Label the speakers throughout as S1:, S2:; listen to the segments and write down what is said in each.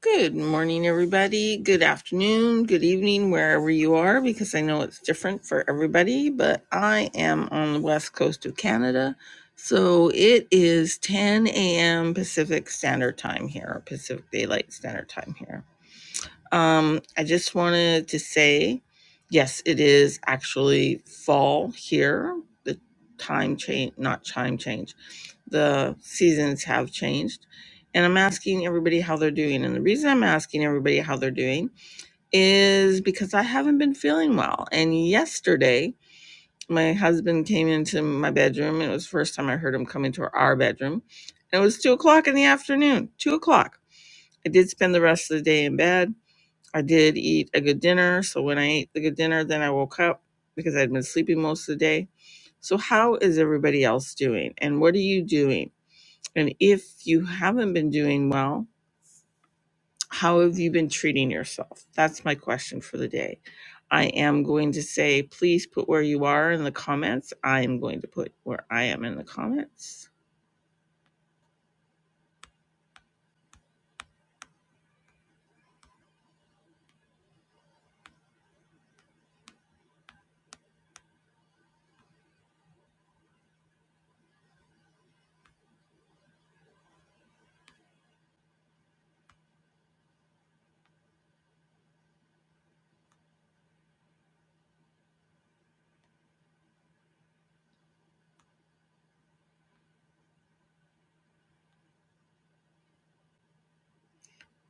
S1: Good morning, everybody. Good afternoon, good evening, wherever you are, because I know it's different for everybody, but I am on the west coast of Canada. So it is 10 a.m. Pacific Standard Time here, or Pacific Daylight Standard Time here. Um, I just wanted to say, yes, it is actually fall here. The time change, not time change the seasons have changed. And I'm asking everybody how they're doing. And the reason I'm asking everybody how they're doing is because I haven't been feeling well. And yesterday, my husband came into my bedroom. It was the first time I heard him come into our bedroom. And it was two o'clock in the afternoon, two o'clock. I did spend the rest of the day in bed. I did eat a good dinner. So when I ate the good dinner, then I woke up because I'd been sleeping most of the day. So, how is everybody else doing? And what are you doing? And if you haven't been doing well, how have you been treating yourself? That's my question for the day. I am going to say, please put where you are in the comments. I am going to put where I am in the comments.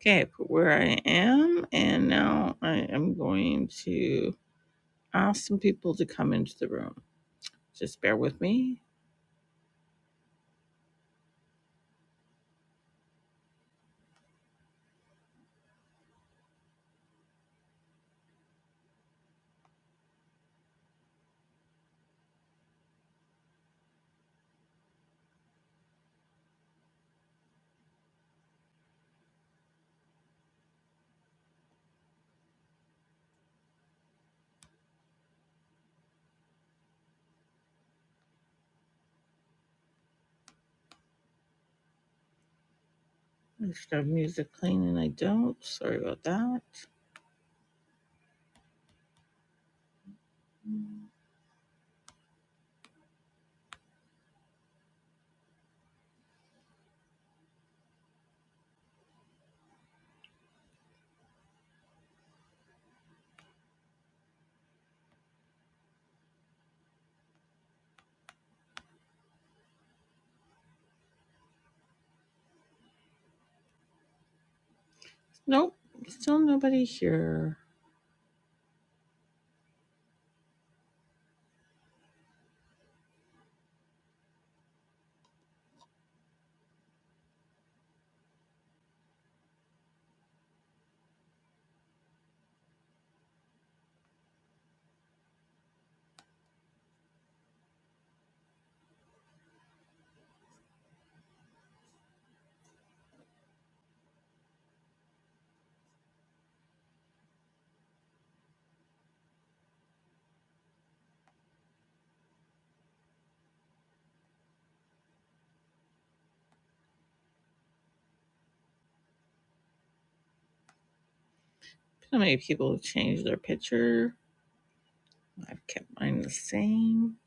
S1: Okay, I put where I am. And now I am going to ask some people to come into the room. Just bear with me. I should have music playing and I don't, sorry about that. Nope, still nobody here. So many people have changed their picture. I've kept mine the same.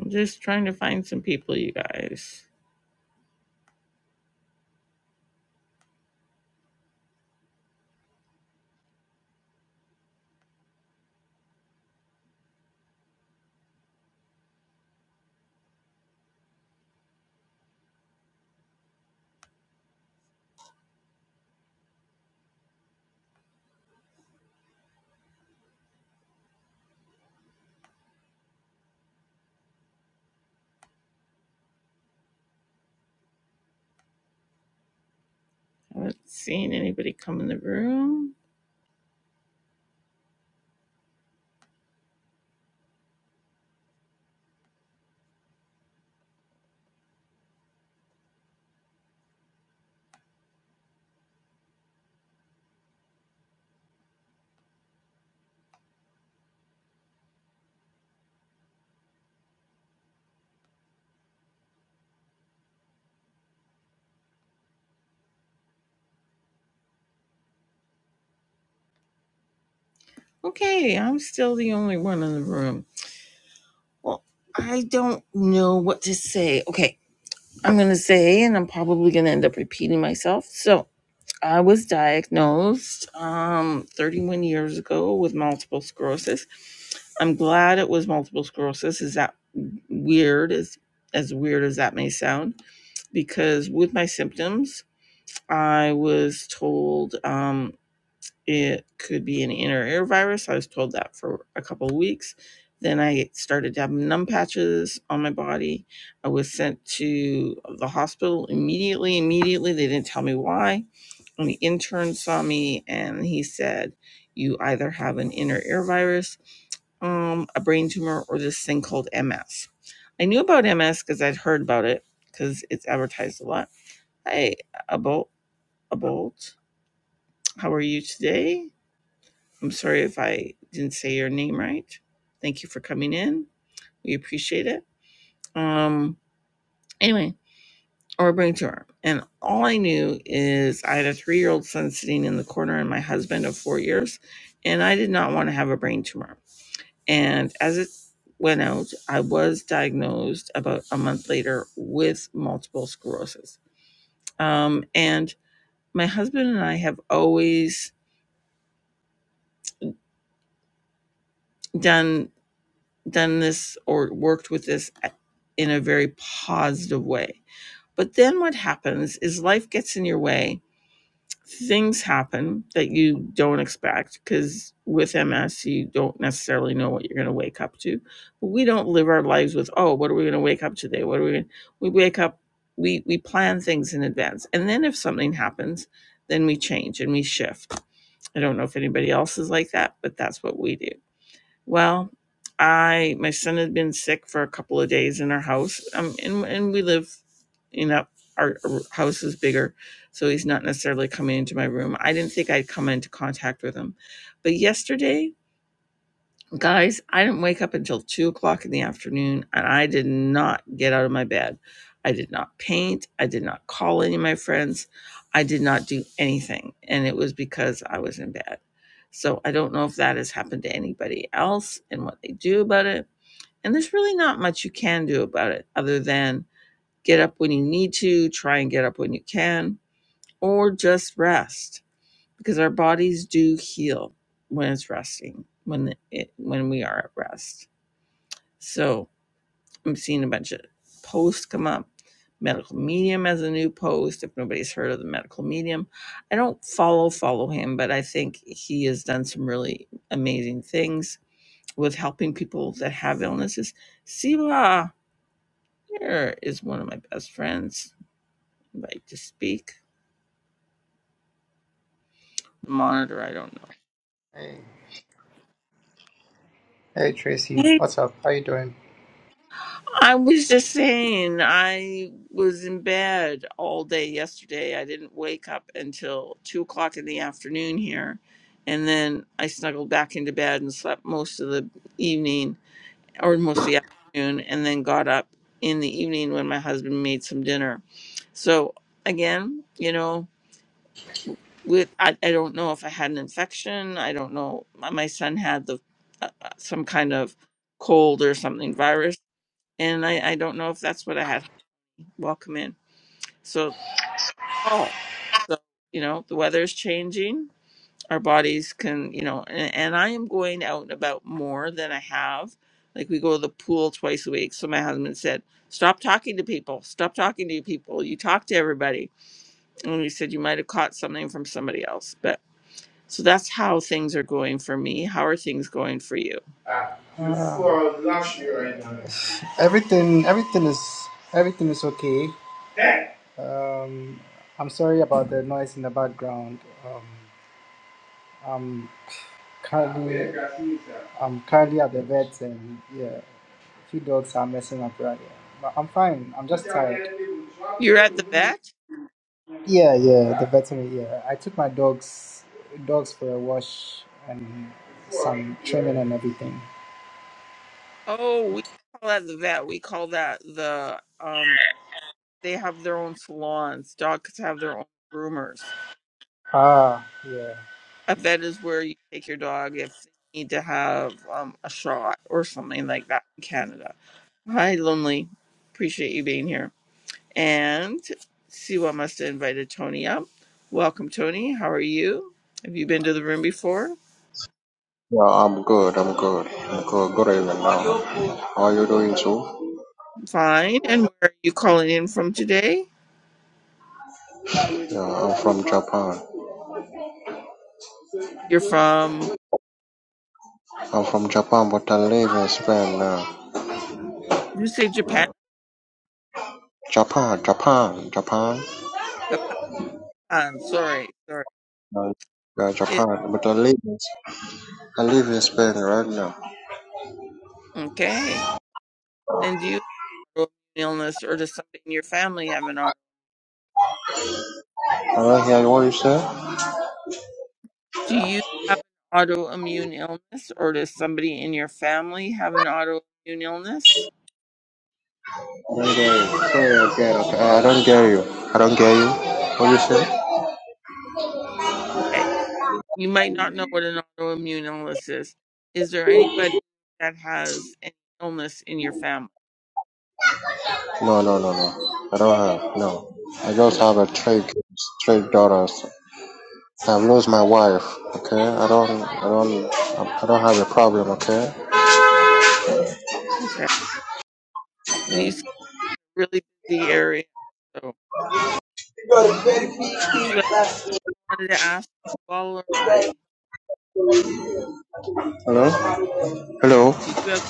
S1: I'm just trying to find some people, you guys. Haven't seen anybody come in the room. Okay, I'm still the only one in the room. Well, I don't know what to say. Okay, I'm going to say, and I'm probably going to end up repeating myself. So, I was diagnosed um, 31 years ago with multiple sclerosis. I'm glad it was multiple sclerosis. Is that weird? As as weird as that may sound, because with my symptoms, I was told um, it could be an inner ear virus. I was told that for a couple of weeks. Then I started to have numb patches on my body. I was sent to the hospital immediately. Immediately, they didn't tell me why. And the intern saw me and he said, You either have an inner ear virus, um, a brain tumor, or this thing called MS. I knew about MS because I'd heard about it because it's advertised a lot. I, a bolt, a bolt. How are you today? I'm sorry if I didn't say your name right. Thank you for coming in. We appreciate it. Um, anyway, or bring to her. And all I knew is I had a three year old son sitting in the corner and my husband of four years, and I did not want to have a brain tumor. And as it went out, I was diagnosed about a month later with multiple sclerosis. Um, and my husband and I have always done done this or worked with this in a very positive way. But then what happens is life gets in your way. Things happen that you don't expect because with MS, you don't necessarily know what you're going to wake up to. But we don't live our lives with, oh, what are we going to wake up today? What are we going to? We wake up, we, we plan things in advance. And then if something happens, then we change and we shift. I don't know if anybody else is like that, but that's what we do. Well, I my son had been sick for a couple of days in our house, um, and and we live, you know, our our house is bigger, so he's not necessarily coming into my room. I didn't think I'd come into contact with him, but yesterday Guys, I didn't wake up until two o'clock in the afternoon and I did not get out of my bed. I did not paint. I did not call any of my friends. I did not do anything. And it was because I was in bed. So I don't know if that has happened to anybody else and what they do about it. And there's really not much you can do about it other than get up when you need to, try and get up when you can, or just rest because our bodies do heal when it's resting, when it, when we are at rest. So I'm seeing a bunch of posts come up. Medical Medium as a new post. If nobody's heard of the Medical Medium, I don't follow follow him, but I think he has done some really amazing things with helping people that have illnesses. Siva here is one of my best friends. I'd Like to speak. Monitor. I don't
S2: Hey, hey
S1: know.
S2: Tracy, what's up? How you doing?
S1: I was just saying, I was in bed all day yesterday. I didn't wake up until two o'clock in the afternoon here. And then I snuggled back into bed and slept most of the evening or most of the afternoon, and then got up in the evening when my husband made some dinner. So, again, you know, with I, I don't know if I had an infection. I don't know. My, my son had the uh, uh, some kind of cold or something virus and I, I don't know if that's what I had welcome in. So, oh, so you know, the weather is changing. Our bodies can, you know, and, and I am going out and about more than I have. Like we go to the pool twice a week. So my husband said, "Stop talking to people. Stop talking to people. You talk to everybody." And we said, "You might have caught something from somebody else." But so that's how things are going for me. How are things going for you?
S2: Ah, you Uh, for right now. everything, everything is, everything is okay. Eh? Um, I'm sorry about the noise in the background. Um, I'm Ah, currently, I'm currently at the vet, and yeah, a few dogs are messing up right here. But I'm fine. I'm just tired.
S1: You're at the vet.
S2: Yeah, yeah, the veterinary. Yeah, I took my dogs dogs for a wash and some trimming and everything.
S1: Oh, we call that the vet. We call that the um they have their own salons. Dogs have their own groomers.
S2: Ah, yeah.
S1: A vet is where you take your dog if they need to have um, a shot or something like that in Canada. Hi, Lonely. Appreciate you being here. And Siwa must have invited Tony up. Welcome, Tony. How are you? Have you been to the room before?
S3: Yeah, I'm good. I'm good. I'm good. Good evening now. How are you doing too?
S1: Fine. And where are you calling in from today?
S3: Yeah, I'm from Japan.
S1: You're from,
S3: I'm from Japan, but I live in Spain now.
S1: you say Japan?
S3: Japan, Japan, Japan.
S1: Japan. Sorry, sorry.
S3: Uh, Yeah,
S1: It,
S3: Japan, but I live in, I live in Spain right now.
S1: okay. And do you have an autoimmune illness or does somebody in your family have an auto?
S3: I don't hear what you say. I
S1: Do you have an autoimmune illness or does somebody in your family have an autoimmune illness?
S3: don't get you. Say it again. Okay. I I don't get you. I don't get you. What you say?
S1: Okay. You might not know what an autoimmune illness is. Is there anybody that has an illness in your family?
S3: No, no, no, no. I don't have. No. I
S1: Oh,
S3: just
S1: that-
S3: have a three kids, three daughters. I've lost my wife. Okay, I don't, I don't, I don't have a problem. Okay.
S1: okay.
S3: Yeah.
S1: You sound really busy area. So did you have wanted to ask Paul or I?
S3: Hello. Hello.
S1: Did you have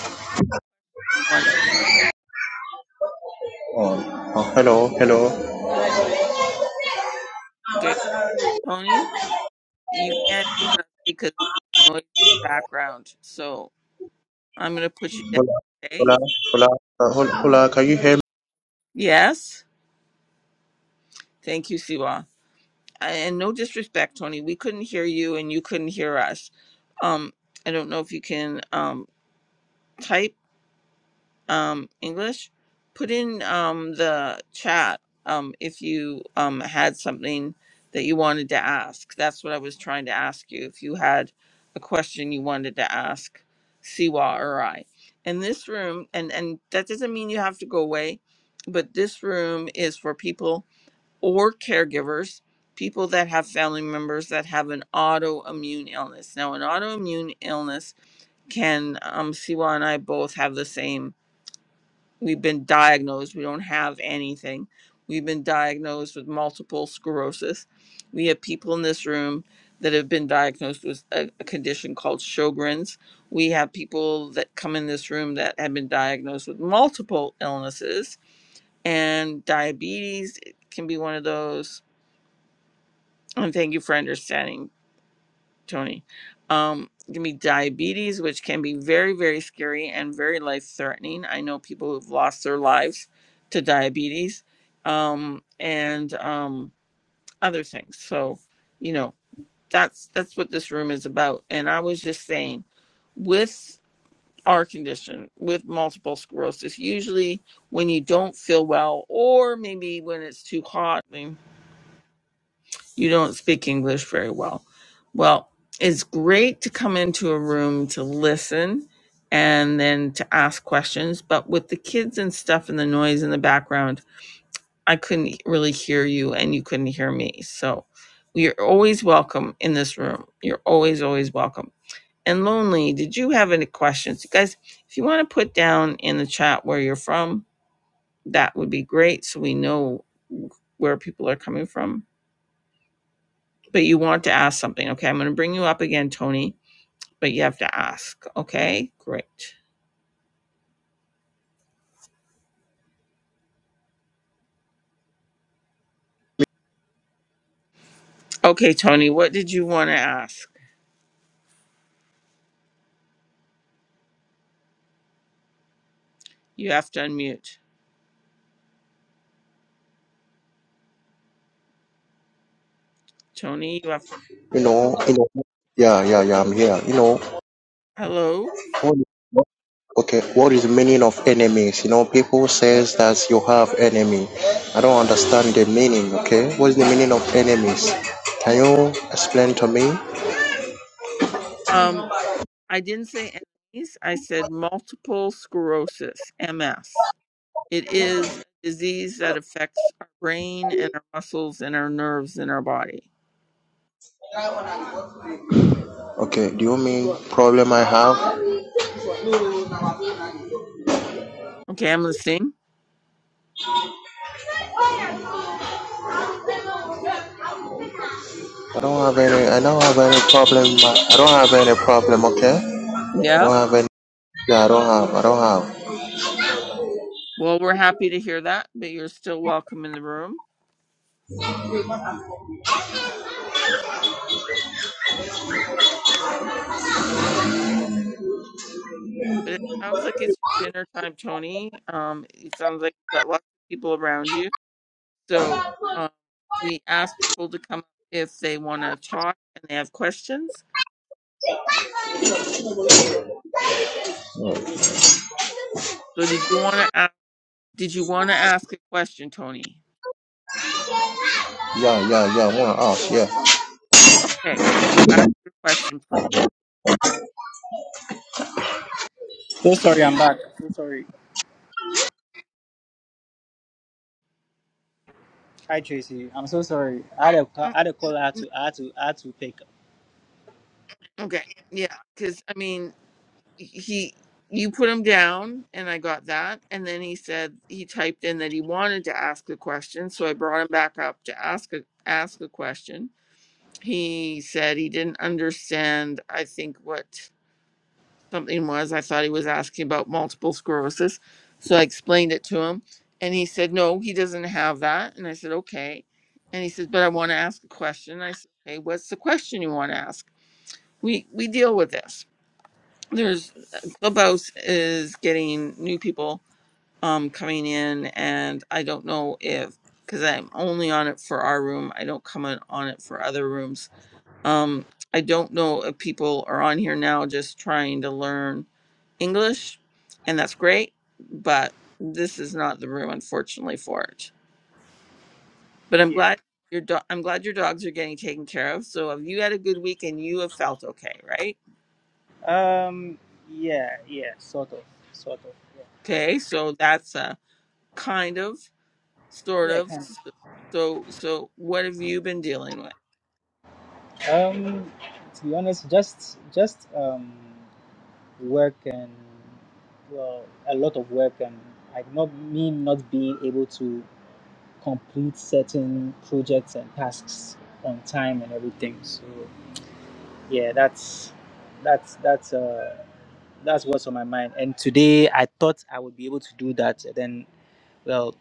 S1: wanted?
S3: Oh, oh. Hello. Hello.
S1: Okay, Tony, you can't hear us because of the noise in the background. So I'm going to put you down.
S3: Hola.
S1: Okay.
S3: Hola. Hola. Uh, hol- hola. Can you hear me?
S1: Yes. Thank you, Siwa. And no disrespect, Tony. We couldn't hear you and you couldn't hear us. Um, I don't know if you can um, type. um, English, put in um, the chat um, if you um, had something that you wanted to ask. That's what I was trying to ask you. If you had a question you wanted to ask Siwa or I. And this room, and, and that doesn't mean you have to go away, but this room is for people or caregivers, people that have family members that have an autoimmune illness. Now, an autoimmune illness can, um, Siwa and I both have the same we've been diagnosed we don't have anything we've been diagnosed with multiple sclerosis we have people in this room that have been diagnosed with a, a condition called sjogren's we have people that come in this room that have been diagnosed with multiple illnesses and diabetes can be one of those and thank you for understanding Tony. Um, give me diabetes, which can be very, very scary and very life threatening. I know people who've lost their lives to diabetes um, and um, other things. So, you know, that's that's what this room is about. And I was just saying, with our condition, with multiple sclerosis, usually when you don't feel well, or maybe when it's too hot. You don't speak English very well. Well, it's great to come into a room to listen and then to ask questions. But with the kids and stuff and the noise in the background, I couldn't really hear you and you couldn't hear me. So you're always welcome in this room. You're always, always welcome. And Lonely, did you have any questions? You guys, if you want to put down in the chat where you're from, that would be great so we know where people are coming from but you want to ask something. Okay, I'm going to bring you up again, Tony, but you have to ask. Okay, great. Okay, Tony, what did you want to ask? You have to unmute. Tony, you have
S3: You know. You know. Yeah. Yeah. Yeah. I'm here. You know.
S1: hello.
S3: What is- Okay. What is the meaning of enemies? You know, people says that you have enemy. I don't understand the meaning. Okay. What is the meaning of enemies? Can you explain to me?
S1: Um, I didn't say MS. I said multiple sclerosis, MS. It is a disease that affects our brain and our muscles and our nerves in our body.
S3: Okay. Do you mean problem I have?
S1: Okay, I'm listening.
S3: I don't have any. I don't have any problem. I don't have any problem. Okay.
S1: Yeah.
S3: I don't have any. Yeah, I don't have. I don't have.
S1: Well, we're happy to hear that, but you're still welcome in the room. But it sounds like it's your dinner time, Tony. Um, it sounds like you've got lots of people around you. So um, we ask people to come if they want to talk and they have questions. So did you want to ask? Did you want to ask a question, Tony?
S3: Yeah, yeah, yeah. One off. Yeah.
S1: Okay, so ask your question, please.
S2: So sorry, I'm back. So sorry. Hi Tracy, I'm so sorry. I had a ca-
S1: Oh,
S2: I had a call. I had
S1: n-
S2: to I had to I had to pick up.
S1: Okay, yeah, because I mean, he you put him down, and I got that, and then he said he typed in that he wanted to ask a question, so I brought him back up to ask a ask a question he said he didn't understand i think what something was i thought he was asking about multiple sclerosis so i explained it to him and he said no he doesn't have that and i said okay and he says but i want to ask a question and i said okay what's the question you want to ask we we deal with this there's clubhouse is getting new people um coming in and i don't know if because i'm only on it for our room i don't come on on it for other rooms um, I don't know if people are on here now just trying to learn English, and that's great, but this is not the room, unfortunately, for it. But I'm
S2: Yeah.
S1: glad your do- I'm glad your dogs are getting taken care of. So have you had a good week and you have felt okay, right?
S2: Um. Yeah. Yeah. Sort of. Sort of. Yeah.
S1: Okay, so that's a kind of, sort
S2: Yeah.
S1: of.
S2: Kind of.
S1: So so what have you been dealing with?
S2: Um. To be honest, just just um work and well a lot of work and like not me not being able to complete certain projects and tasks on time and everything. So yeah, that's that's that's uh that's what's on my mind. And today I thought I would be able to do that. And then well,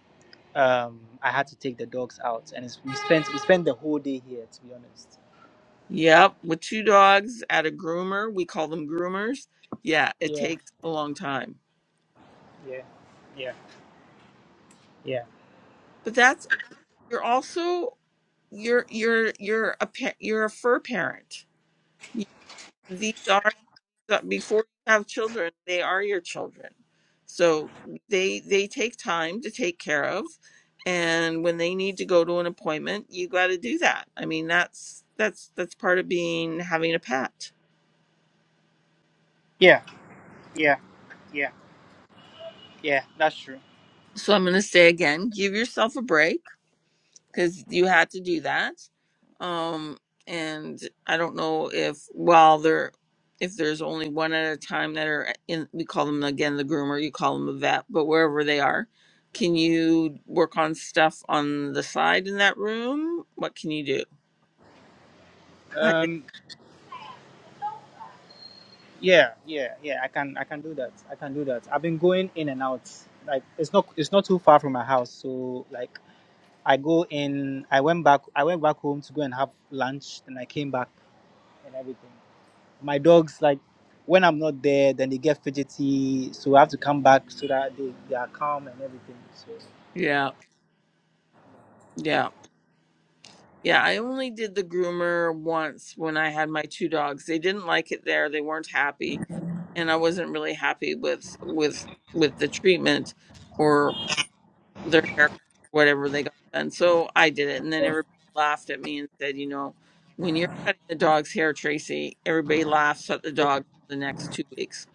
S2: um, I had to take the dogs out, and it's, we spent we spent the whole day here. To be honest.
S1: Yep, with two dogs at a groomer, we call them groomers. Yeah, it
S2: Yeah.
S1: takes a long time,
S2: Yeah. Yeah. Yeah.
S1: but that's you're also you're you're you're a pa- you're a fur parent. You- These are that before you have children, they are your children. So they they take time to take care of, and when they need to go to an appointment, you got to do that. I mean, that's that's that's part of being having a pet.
S2: Yeah. Yeah. Yeah. Yeah. That's true.
S1: So I'm going to say again, give yourself a break because you had to do that. Um, and I don't know if while they're if there's only one at a time that are eh, in, we call them again the groomer, you call them a vet, but wherever they are, can you work on stuff on the side in that room? What can you do? I think,
S2: Um, Yeah, yeah, yeah. I can I can do that. I can do that. I've been going in and out. Like it's not it's not too far from my house. So like I go in I went back I went back home to go and have lunch and I came back and everything. My dogs like when I'm not there then they get fidgety so I have to come back so that they, they are calm and everything. So
S1: yeah, yeah, yeah. I only did the groomer once when I had my two dogs. They didn't like it there. They weren't happy, and I wasn't really happy with with with the treatment or. their haircut, whatever they got done. So I did it, and then everybody laughed at me and said, "You know, when you're cutting the dog's hair, Tracy, everybody laughs at the dog for the next two weeks.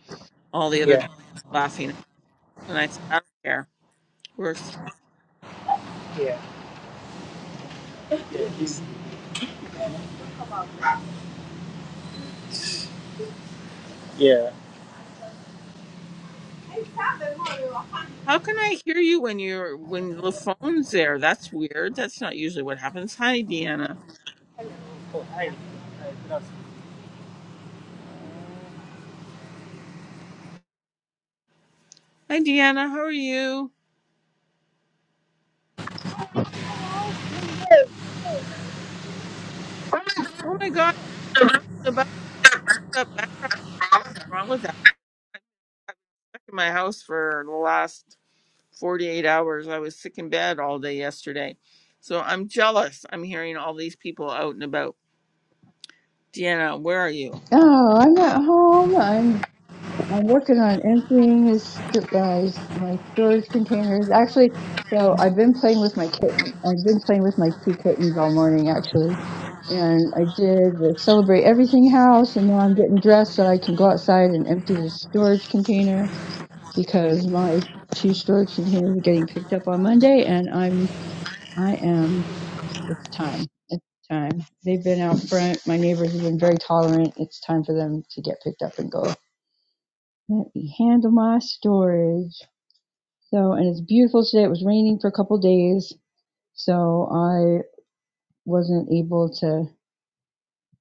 S1: All the other
S2: yeah,
S1: dogs were laughing." And I said, "I don't care. we
S2: yeah, yeah.
S1: how can I hear you when you're when the phone's there? That's weird. That's not usually what happens." Hi, Deanna.
S2: Oh hi. Hi, good afternoon.
S1: Hi, Deanna. How are you? Oh my God, about that background. Nothing wrong with that. I've been stuck in my house for the last 48 hours. I was sick in bed all day yesterday. So I'm jealous. I'm hearing all these people out and about. Deanna, where are you?
S4: No, I'm at home. I'm I'm working on emptying his st- my my storage containers. Actually, so I've been playing with my kitten. I've been playing with my two kittens all morning, actually. And I did the celebrate everything house, and now I'm getting dressed so I can go outside and empty the storage container because my two storage containers are getting picked up on Monday, and I'm I am it's time. It's time. They've been out front. My neighbors have been very tolerant. It's time for them to get picked up and go. Let me handle my storage. So, and it's beautiful today. It was raining for a couple of days, so I wasn't able to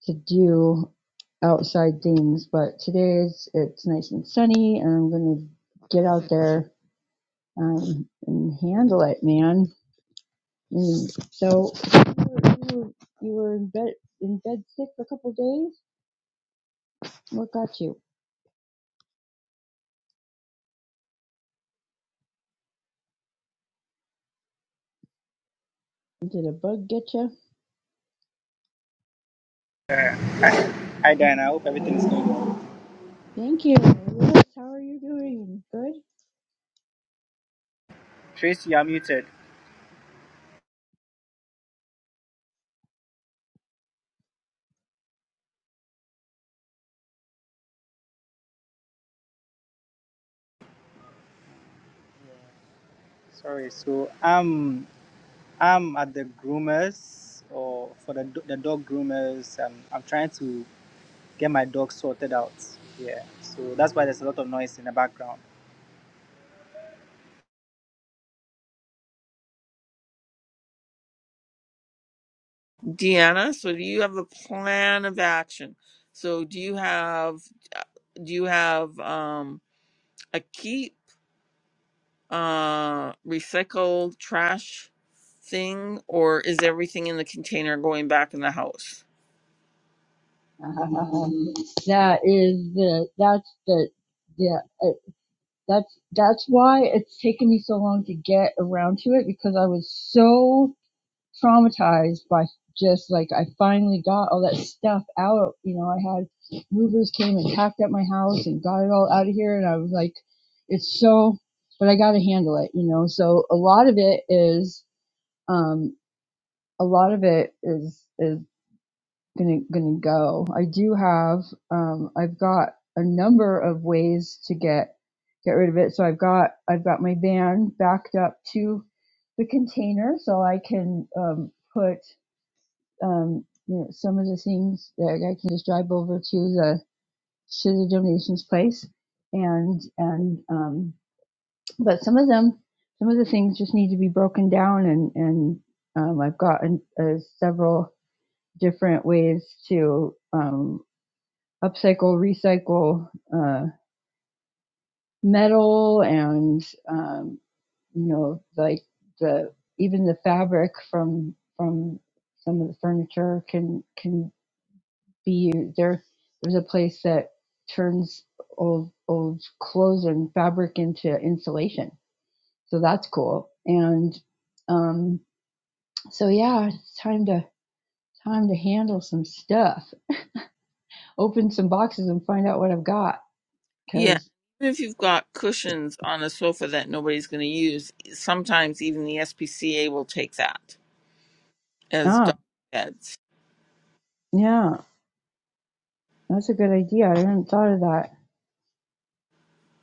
S4: to do outside things. But today it's it's nice and sunny, and I'm gonna get out there um, and handle it, man. And so you were, you were, in bed in bed sick for a couple of days. What got you? Did a bug get you?
S2: hi Diana, I hope everything's going well.
S4: Thank you. Yes, how are you doing? Good?
S2: Tracy, you're muted. Sorry, so um I'm at the groomers or for the do- the dog groomers. Um, I'm trying to get my dog sorted out. Yeah, so that's why there's a lot of noise in the background.
S1: Deanna, so do you have a plan of action? So do you have do you have um a keep uh recycle trash thing or is everything in the container going back in the house?
S4: Um, that is the, that's the, yeah, uh, that's, that's why it's taken me so long to get around to it because I was so traumatized by just like, I finally got all that stuff out. You know, I had movers came and packed up my house and got it all out of here. And I was like, it's so, but I got to handle it, you know? So a lot of it is, um. a lot of it is is gonna gonna go. I do have um, I've got a number of ways to get get rid of it. So I've got I've got my van backed up to the container, so I can um, put um, you know, some of the things that I can just drive over to the to the donations place, and and um, but some of them some of the things just need to be broken down and and um, I've got an, uh, several different ways to um, upcycle, recycle uh, metal, and um, you know, like the even the fabric from from some of the furniture can can be used. there. There's a place that turns old old clothes and fabric into insulation, so that's cool. And um, so yeah, it's time to time to handle some stuff, open some boxes, and find out what I've got.
S1: Yeah.
S4: Because,
S1: Even if you've got cushions on a sofa that nobody's going to use, sometimes even the SPCA will take that. as
S4: ah,
S1: dog beds.
S4: yeah, that's a good idea. I hadn't thought of that.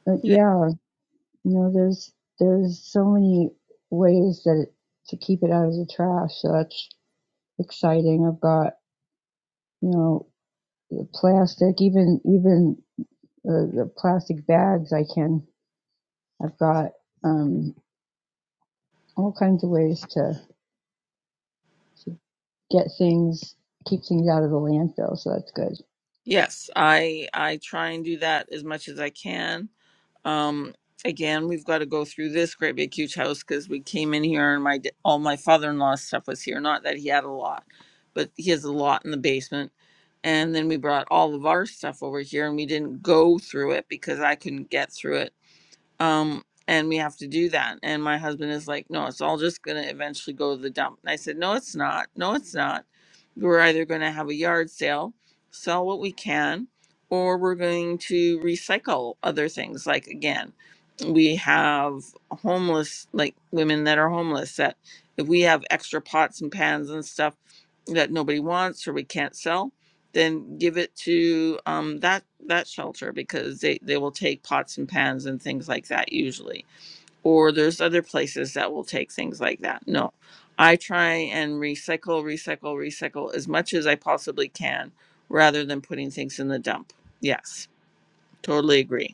S4: But
S1: Yeah.
S4: yeah, you know, there's there's so many ways that it, to keep it out of the trash. So that's exciting. I've got you know the plastic, even even uh, the plastic bags. I can. I've got um, all kinds of ways to to get things, keep things out of the landfill. So that's good.
S1: Yes, I I try and do that as much as I can. Um again, we've got to go through this great big huge house cuz we came in here and my d- all my father-in-law stuff was here, not that he had a lot, but he has a lot in the basement. And then we brought all of our stuff over here and we didn't go through it because I couldn't get through it um and we have to do that and my husband is like no it's all just going to eventually go to the dump and i said no it's not no it's not we're either going to have a yard sale sell what we can or we're going to recycle other things like again we have homeless like women that are homeless that if we have extra pots and pans and stuff that nobody wants or we can't sell then give it to um, that that shelter because they, they will take pots and pans and things like that usually or there's other places that will take things like that no i try and recycle recycle recycle as much as i possibly can rather than putting things in the dump yes totally agree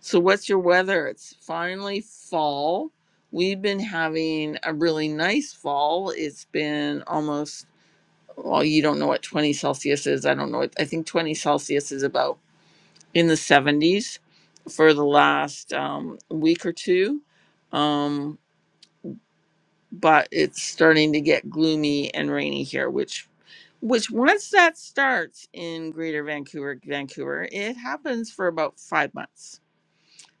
S1: So, what's your weather? It's finally fall. We've been having a really nice fall. It's been almost, well, you don't know what 20 Celsius is. I don't know. What, I think 20 Celsius is about in the 70s for the last um, week or two. Um, but it's starting to get gloomy and rainy here, which which once that starts in greater vancouver vancouver it happens for about five months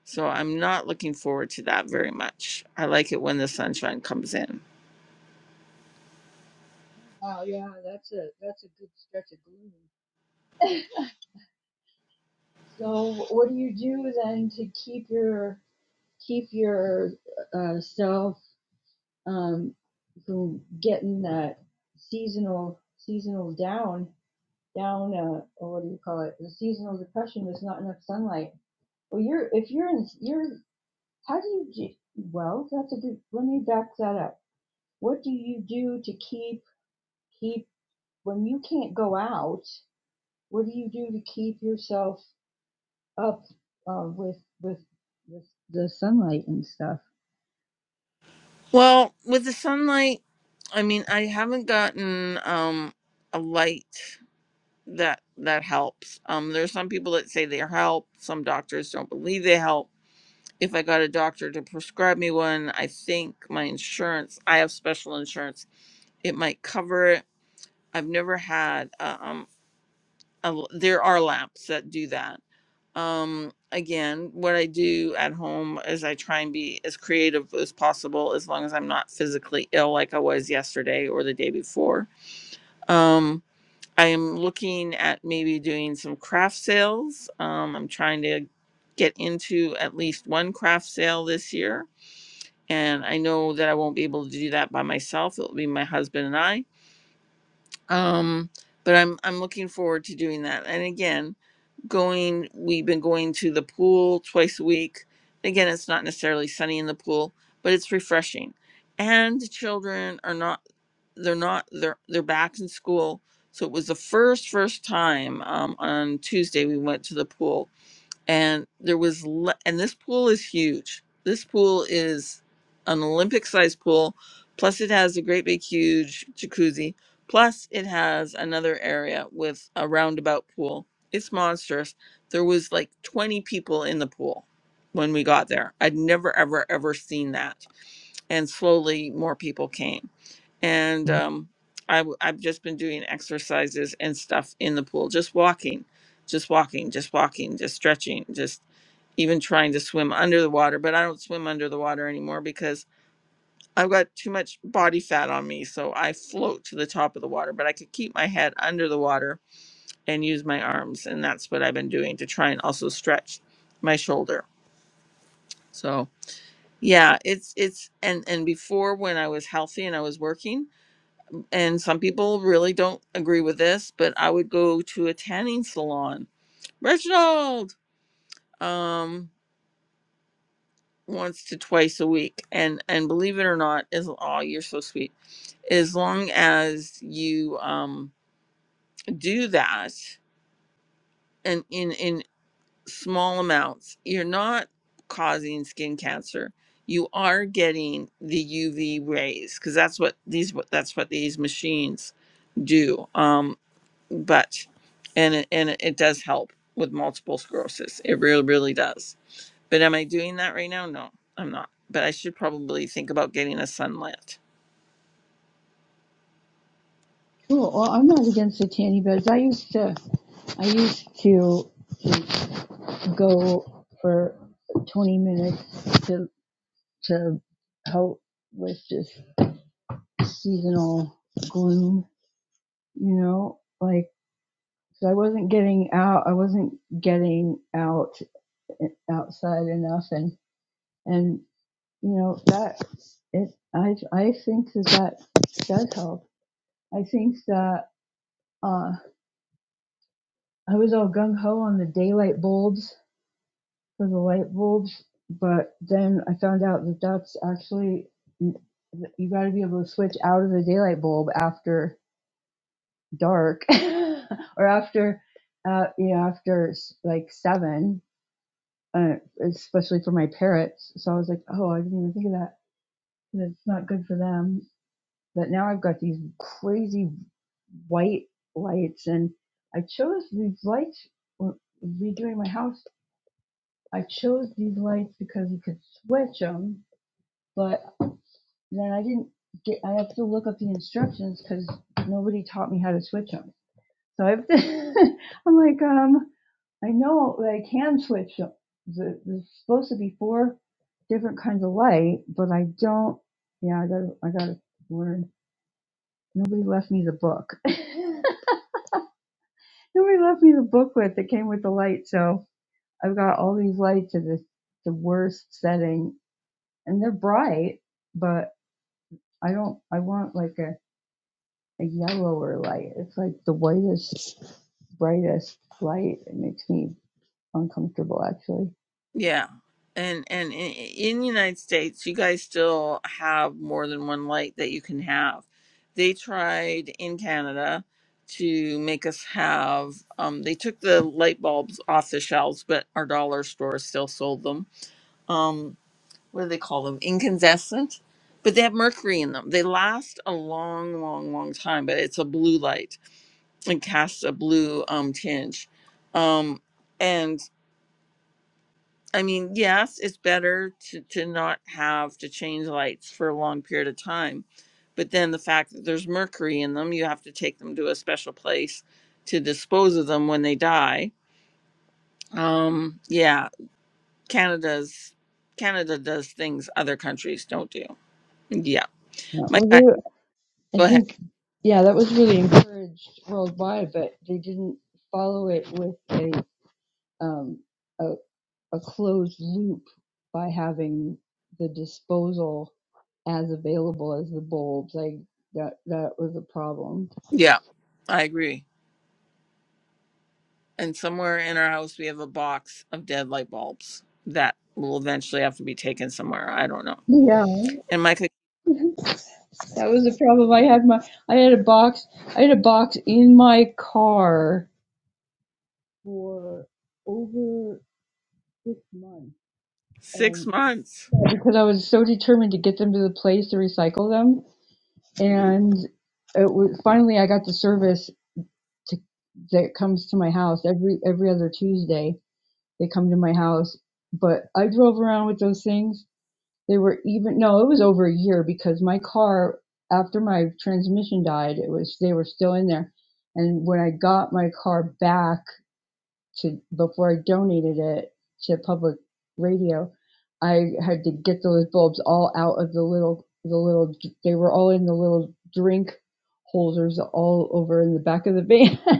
S1: so I'm not looking forward to that very much. I like it when the sunshine comes in.
S4: Wow, yeah, that's a that's a good stretch of gloom. So what do you do then to keep your keep your uh, self um, from getting that seasonal seasonal down down uh, or what do you call it the seasonal depression there's not enough sunlight well you're if you're in you're how do you do, well that's a good let me back that up what do you do to keep keep when you can't go out what do you do to keep yourself up uh, with with with the sunlight and stuff.
S1: Well, with the sunlight, I mean, I haven't gotten um a light that that helps. Um there are some people that say they help, some doctors don't believe they help. If I got a doctor to prescribe me one, I think my insurance, I have special insurance, it might cover it. I've never had uh, um a, there are lamps that do that um again what i do at home is i try and be as creative as possible as long as i'm not physically ill like i was yesterday or the day before um i am looking at maybe doing some craft sales um i'm trying to get into at least one craft sale this year and i know that i won't be able to do that by myself it will be my husband and i um, but I'm I'm looking forward to doing that. And again, going we've been going to the pool twice a week. Again, it's not necessarily sunny in the pool, but it's refreshing. And the children are not they're not they're they're back in school. So it was the first first time um, on Tuesday we went to the pool and there was le- and this pool is huge this pool is an olympic sized pool plus it has a great big huge jacuzzi plus it has another area with a roundabout pool it's monstrous there was like 20 people in the pool when we got there i'd never ever ever seen that and slowly more people came and um, I, w- I've just been doing exercises and stuff in the pool, just walking, just walking, just walking, just stretching, just even trying to swim under the water. But I don't swim under the water anymore because I've got too much body fat on me, so I float to the top of the water. But I could keep my head under the water and use my arms, and that's what I've been doing to try and also stretch my shoulder. So yeah, it's it's and and before when I was healthy and I was working. and some people really don't agree with this, but I would go to a tanning salon. Reginald um once to twice a week and and believe it or not is oh you're so sweet as long as you um do that and in in small amounts you're not causing skin cancer you are getting the uv rays because that's what these that's what these machines do Um, but and it, and it it does help with multiple sclerosis. It really really does. But am I doing that right now? No, I'm not. But I should probably think about getting a sunlit.
S4: Cool. Well, I'm not against the tanning beds. I used to I used to to go for 20 minutes to to help with this seasonal gloom. You know, like so I wasn't getting out. I wasn't getting out eh, outside enough, and and you know that it. I I think that that does help. I think that. Uh, I was all gung ho on the daylight bulbs for the light bulbs, but then I found out that that's actually you got to be able to switch out of the daylight bulb after dark or after uh you know after like seven uh, especially for my parrots so i was like oh i didn't even think of that It's not good for them but now i've got these crazy white lights and i chose these lights w- redoing my house I chose these lights because you could switch them, but then I didn't get. I have to look up the instructions because nobody taught me how to switch them. So I have to, I'm like, um, I know that I can switch them. There's supposed to be four different kinds of light, but I don't. Yeah, I gotta, I gotta learn. Nobody left me the book. nobody left me the booklet that came with the light, so I've got all these lights at the the worst setting and they're bright, but I don't. I want like a a yellower light. It's like the whitest, brightest light. It makes me uncomfortable, actually.
S1: Yeah. And and i- in the United States, you guys still have more than one light that you can have. They tried in Canada to make us have um they took the light bulbs off the shelves, but our dollar store still sold them. Um what do they call them incandescent but they have mercury in them they last a long long long time but it's a blue light and casts a blue um tinge um and i mean yes it's better to to not have to change lights for a long period of time but then the fact that there's mercury in them you have to take them to a special place to dispose of them when they die um yeah canada's canada does things other countries don't do yeah
S4: Yeah,
S1: Mike, I
S4: well, I
S1: Go ahead.
S4: think yeah, that was really encouraged worldwide, but they didn't follow it with a um a, a closed loop by having the disposal as available as the bulbs. Like that that was a problem.
S1: Yeah, I agree. And somewhere in our house, we have a box of dead light bulbs that will eventually have to be taken somewhere. I don't know.
S4: Yeah.
S1: And Micah,
S4: That was the problem. I had my I had a box I had a box in my car for over six months.
S1: six
S4: And
S1: months.
S4: yeah, because I was so determined to get them to the place to recycle them and it was finally I got the service to that comes to my house every every other Tuesday. They come to my house. But I drove around with those things They were even no, it was over a year because my car after my transmission died, it was they were still in there. And when I got my car back to before I donated it to public radio, I had to get those bulbs all out of the little the little they were all in the little drink holders all over in the back of the van.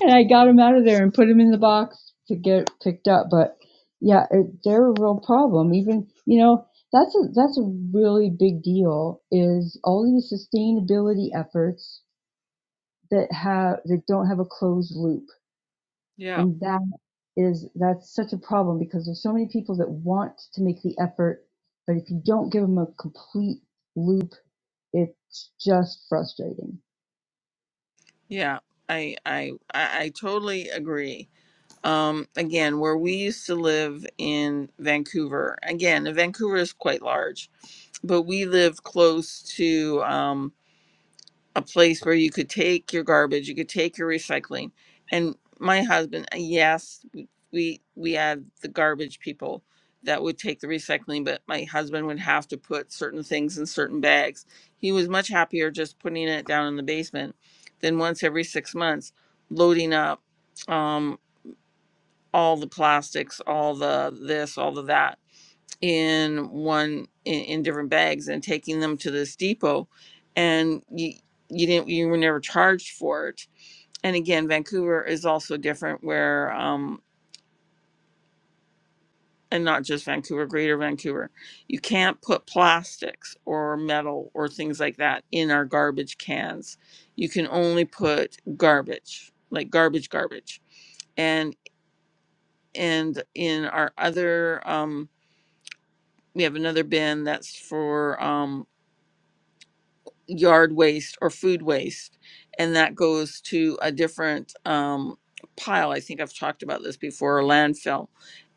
S4: and I got them out of there and put them in the box to get picked up. But yeah, it, they're a real problem. Even you know that's a that's a really big deal. Is all these sustainability efforts that have that don't have a closed loop,
S1: Yeah,
S4: and that is that's such a problem because there's so many people that want to make the effort, but if you don't give them a complete loop, it's just frustrating.
S1: yeah. I, I, I, I totally agree. Um, again, where we used to live in Vancouver, again, Vancouver is quite large, but we live close to. um, a place where you could take your garbage, you could take your recycling. And my husband, uh, yes, w- we we had the garbage people that would take the recycling, but my husband would have to put certain things in certain bags. He was much happier just putting it down in the basement than once every six months loading up um, all the plastics, all the this, all the that in one in, in different bags and taking them to this depot and you you didn't you were never charged for it and again vancouver is also different where um and not just vancouver greater vancouver you can't put plastics or metal or things like that in our garbage cans you can only put garbage like garbage garbage and and in our other um we have another bin that's for um yard waste or food waste and that goes to a different um, pile i think i've talked about this before a landfill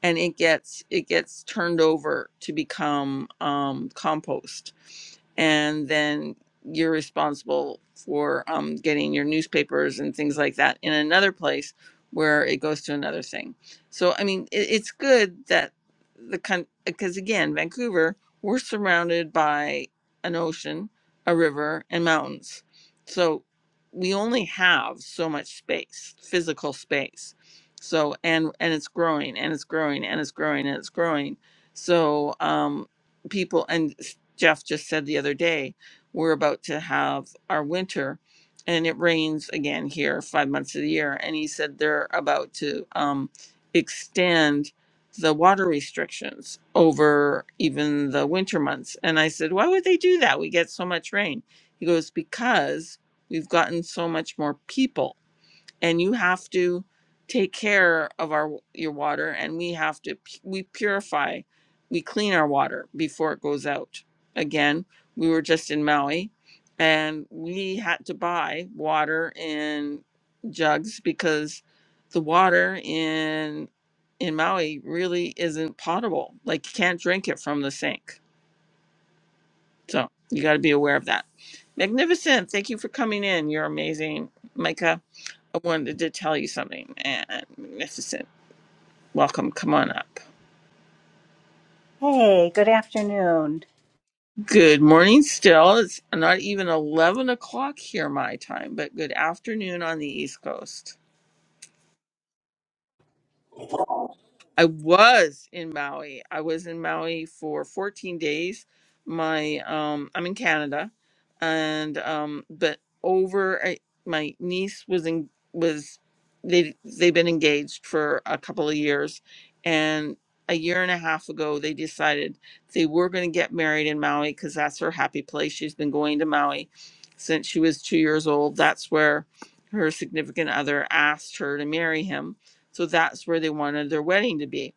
S1: and it gets it gets turned over to become um, compost and then you're responsible for um, getting your newspapers and things like that in another place where it goes to another thing. So I mean, it, it's good that the because again, Vancouver, we're surrounded by an ocean a river and mountains. So we only have so much space, physical space. So and and it's growing and it's growing and it's growing and it's growing. So um people and Jeff just said the other day, we're about to have our winter and it rains again here 5 months of the year and he said they're about to um extend the water restrictions over even the winter months. And I said, Why would they do that? We get so much rain. He goes, Because we've gotten so much more people and you have to take care of our your water and we have to we purify we clean our water before it goes out again we were just in maui and we had to buy water in jugs because the water in in maui really isn't potable like you can't drink it from the sink so you got to be aware of that magnificent thank you for coming in you're amazing micah I wanted to tell you something. And magnificent. Welcome. Come on up.
S5: Hey, good afternoon.
S1: Good morning still. It's not even 11 o'clock here, my time, but good afternoon on the East Coast. I was in Maui. I was in Maui for 14 days. My um I'm in Canada and um but over I, my niece was in was they they've been engaged for a couple of years and a year and a half ago they decided they were going to get married in Maui cuz that's her happy place. She's been going to Maui since she was 2 years old. That's where her significant other asked her to marry him so that's where they wanted their wedding to be.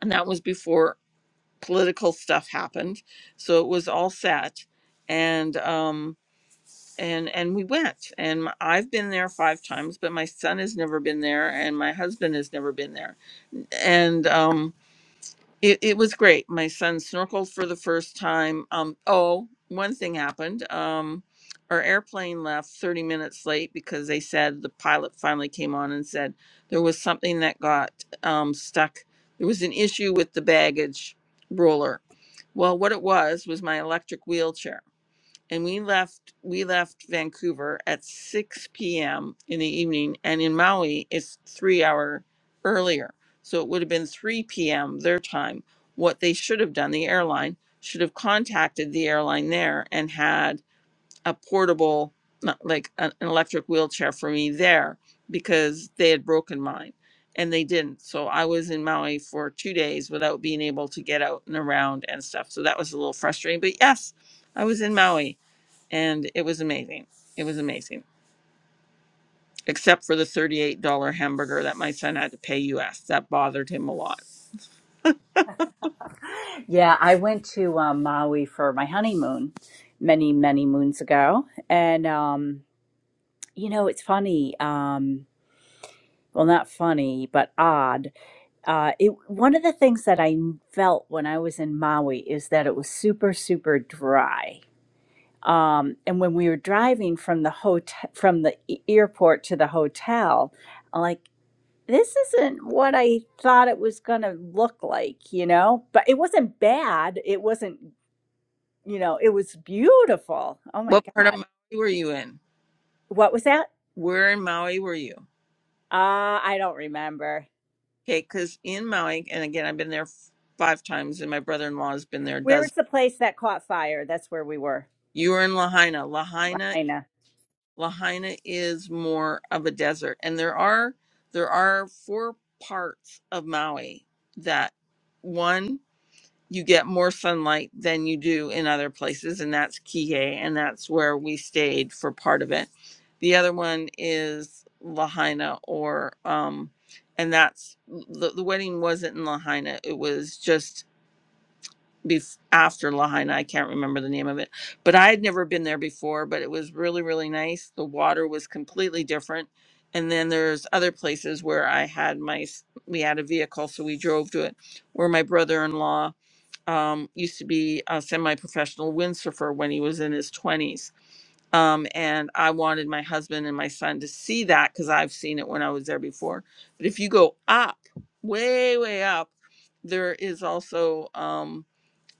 S1: And that was before political stuff happened. So it was all set. And um and and we went and m- I've been there 5 times but my son has never been there and my husband has never been there. And um it, it was great. My son snorkeled for the first time. Um, oh, one thing happened. Um, our airplane left 30 minutes late because they said the pilot finally came on and said there was something that got um, stuck. There was an issue with the baggage roller. Well, what it was was my electric wheelchair and we left we left Vancouver at 6 p.m. in the evening and in Maui it's 3 hour earlier so it would have been 3 p.m. their time what they should have done the airline should have contacted the airline there and had a portable not like an an electric wheelchair for me there because they had broken mine and they didn't so I was in Maui for 2 days without being able to get out and around and stuff so that was a little frustrating but yes I was in Maui and it was amazing. It was amazing, except for the thirty-eight dollar hamburger that my son had to pay U.S. That bothered him a lot.
S5: Yeah, I went to um, Maui for my honeymoon many, many moons ago. And, um, you know, it's funny. Um, well, not funny, but odd. Uh, it, one of the things that I felt when I was in Maui is that it was super, super dry. Um, and when we were driving from the hotel, from the e-, airport to the hotel, like. this isn't what I thought it was going to look like, you know? But it wasn't bad. It wasn't, you know, it was beautiful. Oh my
S1: What part of
S5: God.
S1: Maui were you in?
S5: What was that?
S1: Where in Maui were you?
S5: Uh, I don't remember.
S1: Okay, because in Maui, and again, I've been there f- five times, and my brother-in-law has been there a
S5: Where was
S1: dozen.
S5: the place that caught fire? That's where we were,
S1: You were in Lahaina. Lahaina,
S5: Lahaina.
S1: Lahaina is more of a desert, and there are there are four parts of Maui that one. you get more sunlight than you do in other places, and that's Kihei, and that's where we stayed for part of it. The other one is Lahaina, or um, and that's the, the wedding wasn't in Lahaina; it was just bef- after Lahaina. I can't remember the name of it, but I had never been there before. But it was really, really nice. The water was completely different, and then there's other places where I had my s- we had a vehicle, so we drove to it, where my brother-in-law um, used to be a semi-professional windsurfer when he was in his 20s um, and i wanted my husband and my son to see that because i've seen it when i was there before but if you go up way way up there is also um,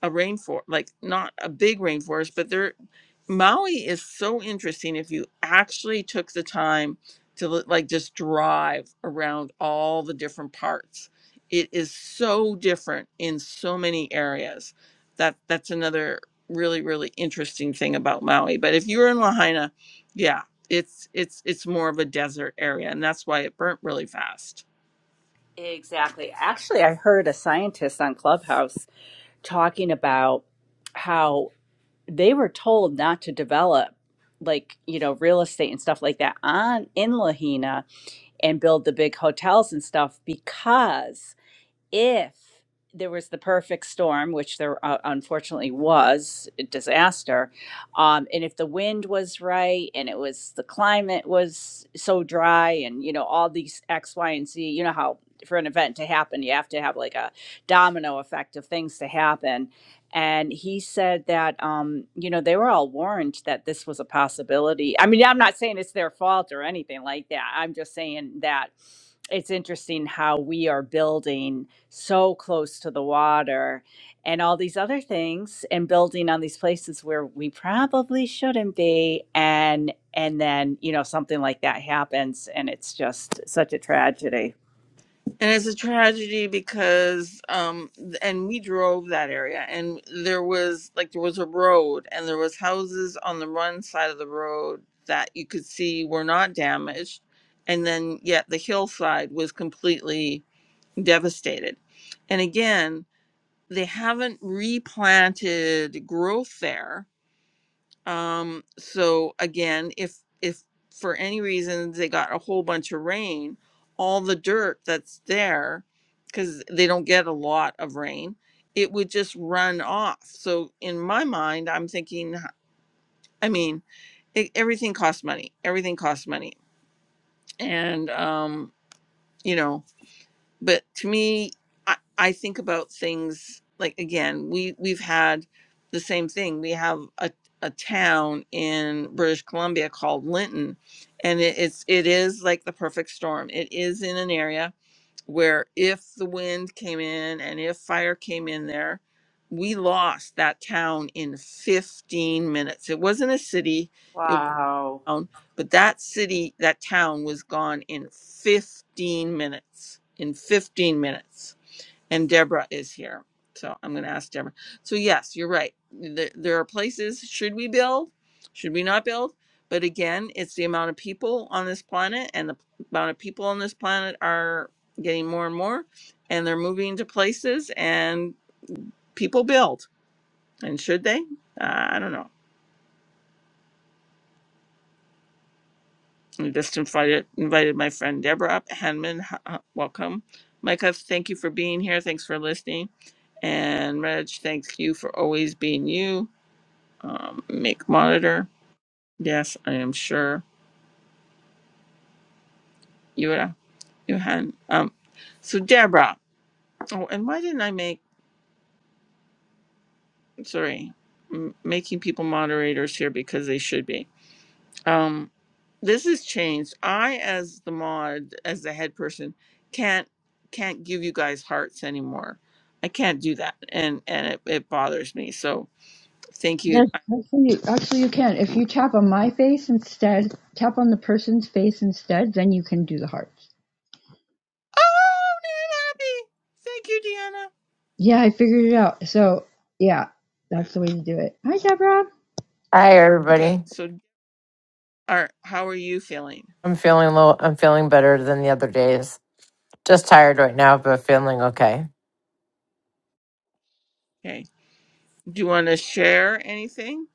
S1: a rainforest like not a big rainforest but there Maui is so interesting if you actually took the time to li- like just drive around all the different parts. It is so different in so many areas. That that's another really really interesting thing about Maui. But if you're in Lahaina, yeah, it's it's it's more of a desert area and that's why it burnt really fast.
S5: Exactly. Actually, I heard a scientist on Clubhouse talking about how they were told not to develop like, you know, real estate and stuff like that on in Lahaina and build the big hotels and stuff because if there was the perfect storm, which there uh, unfortunately was a disaster, um, and if the wind was right and it was the climate was so dry and you know all these X, Y, and Z, you know how for an event to happen you have to have like a domino effect of things to happen. And he said that um, you know they were all warned that this was a possibility. I mean, I'm not saying it's their fault or anything like that. I'm just saying that it's interesting how we are building so close to the water and all these other things and building on these places where we probably shouldn't be and and then you know something like that happens and it's just such a tragedy
S1: And it's a tragedy because, um, th- and we drove that area, and there was like there was a road, and there was houses on the one side of the road that you could see were not damaged, and then yet the hillside was completely devastated. And again, they haven't replanted growth there um, so again, if if for any reason they got a whole bunch of rain, all the dirt that's there, because they don't get a lot of rain, it would just run off. So in my mind, I'm thinking, h- I mean, it, everything costs money. Everything costs money, and um, you know but to me I, I think about things like again we we've had the same thing we have a, a town in british columbia called linton and it, it's it is like the perfect storm it is in an area where if the wind came in and if fire came in there we lost that town in 15 minutes it wasn't a city
S5: Wow.
S1: town, but that city, that town was gone in 15 minutes. In 15 minutes. And Deborah is here. So I'm going to ask Deborah. So, yes, you're right. There, there are places, should we build? Should we not build? But again, it's the amount of people on this planet, and the amount of people on this planet are getting more and more, and they're moving to places, and people build. And should they? Uh, I don't know. I just invited invited my friend Deborah up. Hanman, h- h- welcome. Micah, thank you for being here. Thanks for listening. And Reg, thanks you for always being you. Um, make monitor. Yes, I am sure. Yura, Johan. Um, so Deborah. Oh, and why didn't I make sorry, m- making people moderators here because they should be. Um, this has changed. I, as the mod, as the head person, can't can't give you guys hearts anymore. I can't do that, and and it, it bothers me. So thank
S4: Yes,
S1: you. I-
S4: actually, actually, you can. If you tap on my face instead, tap on the person's face instead, then you can do the hearts.
S1: oh, Nana Happy. Thank you, Deanna.
S4: Yeah, I figured it out. So, yeah, that's the way to do it. Hi, Deborah.
S6: Hi,
S1: Okay,
S6: everybody.
S1: so are how are you feeling?
S6: I'm feeling low. I'm feeling better than the other days. Just tired right now, but feeling okay.
S1: Okay, do you want to share anything?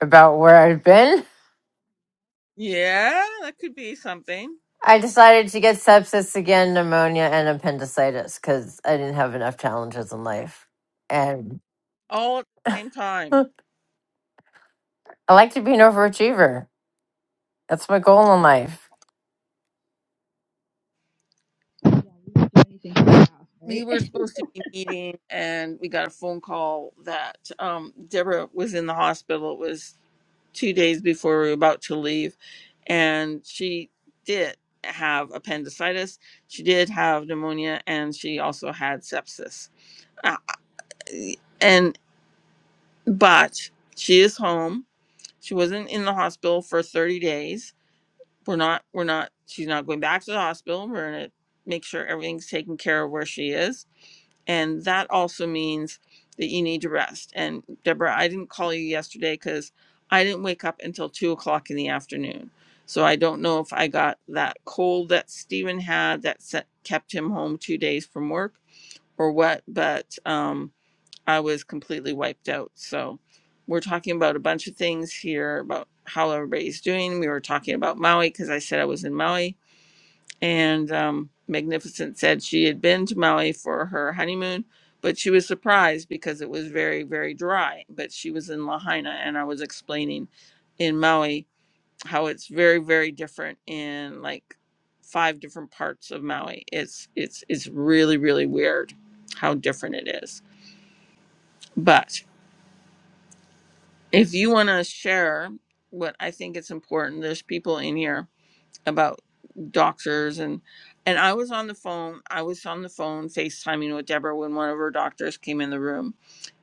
S6: About where I've been,
S1: Yeah, that could be something.
S6: I decided to get sepsis again, pneumonia, and appendicitis because I didn't have enough challenges in life. And
S1: All at the same time.
S6: I like to be an overachiever. That's my goal in life.
S4: Do anything for the
S1: Yeah,
S4: house,
S1: we
S4: right?
S1: were supposed to be meeting, and we got a phone call that um, Deborah was in the hospital. It was two days before we were about to leave, and she did have appendicitis. She did have pneumonia, and she also had sepsis. Uh, and but she is home. She wasn't in the hospital for 30 days. We're not. We're not. She's not going back to the hospital. We're gonna make sure everything's taken care of where she is and that also means that you need to rest. And Deborah, I didn't call you yesterday because I didn't wake up until two o'clock in the afternoon. So I don't know if I got that cold that Stephen had that set, kept him home two days from work or what, but um, I was completely wiped out. So we're talking about a bunch of things here about how everybody's doing. We were talking about Maui because I said I was in Maui and um, Magnificent said she had been to Maui for her honeymoon, but she was surprised because it was very, very dry. But she was in Lahaina, and I was explaining in Maui how it's very, very different in like five different parts of Maui. It's it's it's really, really weird how different it is. But if you want to share what I think it's important, there's people in here about doctors and and I was on the phone. I was on the phone FaceTiming with Deborah when one of her doctors came in the room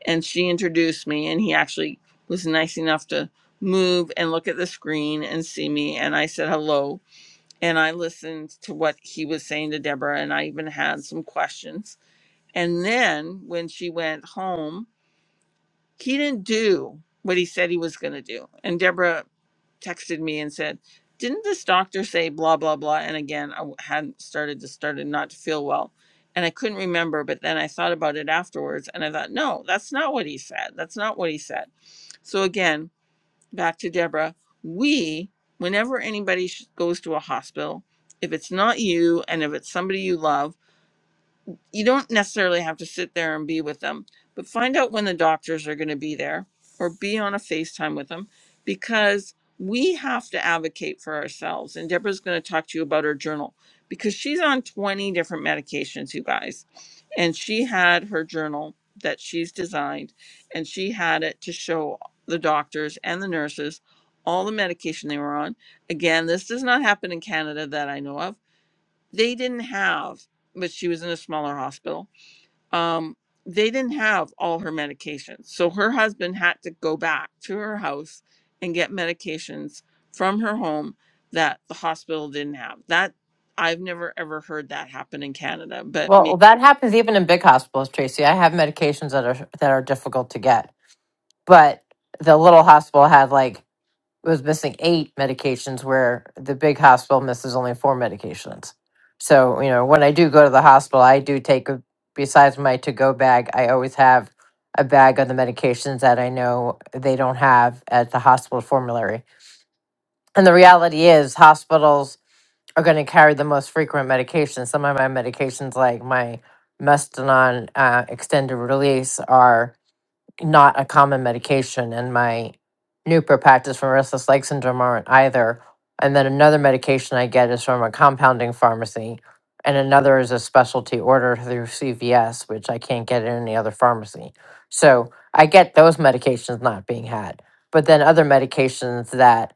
S1: and she introduced me and he actually was nice enough to move and look at the screen and see me and I said hello and I listened to what he was saying to Deborah and I even had some questions. And then when she went home he didn't do what he said he was going to do. And Deborah texted me and said, Didn't this doctor say blah, blah, blah? And again, I w- hadn't started to started not to feel well. And I couldn't remember, but then I thought about it afterwards and I thought, no, that's not what he said. That's not what he said. So again, back to Deborah, we, whenever anybody sh- goes to a hospital, if it's not you and if it's somebody you love, you don't necessarily have to sit there and be with them, but find out when the doctors are going to be there or be on a FaceTime with them because we have to advocate for ourselves. And Deborah's going to talk to you about her journal because she's on 20 different medications, you guys. And she had her journal that she's designed and she had it to show the doctors and the nurses all the medication they were on. Again, this does not happen in Canada that I know of. They didn't have but she was in a smaller hospital um, they didn't have all her medications. So her husband had to go back to her house and get medications from her home that the hospital didn't have. That I've never ever heard that happen in Canada, but me.
S6: Well, that happens even in big hospitals, Tracy. I have medications that are that are difficult to get, but the little hospital had like was missing eight medications where the big hospital misses only four medications. So, you know, when I do go to the hospital, I do take, a- besides my to go bag, I always have a bag of the medications that I know they don't have at the hospital formulary. And the reality is, hospitals are going to carry the most frequent medications. Some of my medications, like my Mestinon uh, extended release, are not a common medication, and my new practice from restless leg syndrome aren't either. And then another medication I get is from a compounding pharmacy, and another is a specialty order through CVS, which I can't get in any other pharmacy. So I get those medications not being had, but then other medications that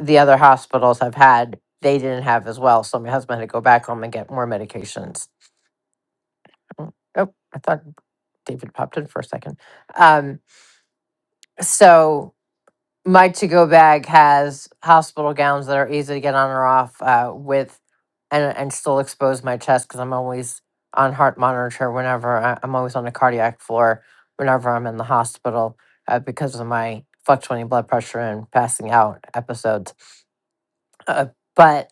S6: the other hospitals have had, they didn't have as well. So my husband had to go back home and get more medications. Oh, I thought David popped in for a second. Um, so my to go bag has hospital gowns that are easy to get on or off uh, with and and still expose my chest because I'm always on heart monitor whenever I, I'm always on the cardiac floor whenever I'm in the hospital uh, because of my fluctuating blood pressure and passing out episodes. Uh, but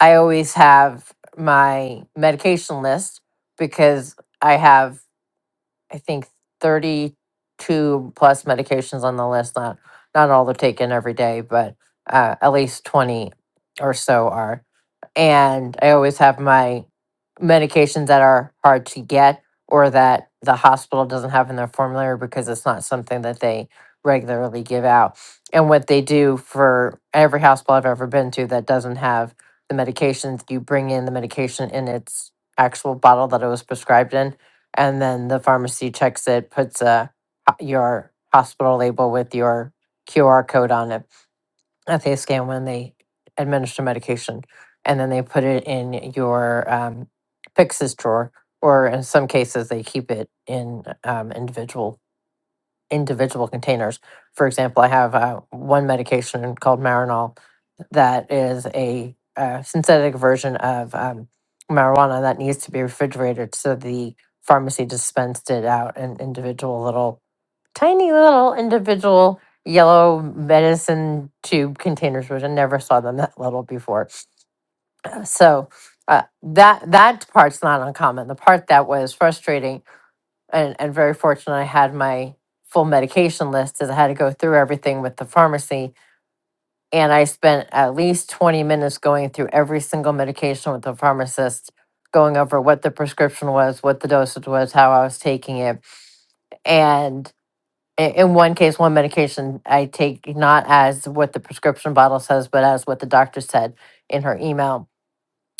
S6: I always have my medication list because I have I think, 32 plus medications on the list. Not not all they are taken every day, but uh, at least 20 or so are. And I always have my medications that are hard to get or that the hospital doesn't have in their formulary because it's not something that they regularly give out. And what they do for every hospital I've ever been to that doesn't have the medications, you bring in the medication in its actual bottle that it was prescribed in and then the pharmacy checks it, puts a your hospital label with your QR code on it that they scan when they administer medication, and then they put it in your um, Pixis drawer, or in some cases they keep it in um, individual individual containers. For example, I have uh, one medication called Marinol that is a, uh synthetic version of um, marijuana that needs to be refrigerated. So the pharmacy dispensed it out in individual little, tiny little individual yellow medicine tube containers, which I never saw them that little before. So uh, that that part's not uncommon. The part that was frustrating and, and very fortunate I had my full medication list as I had to go through everything with the pharmacy. And I spent at least 20 minutes going through every single medication with the pharmacist, going over what the prescription was, what the dosage was, how I was taking it. And i- in one case, one medication I take not as what the prescription bottle says, but as what the doctor said in her email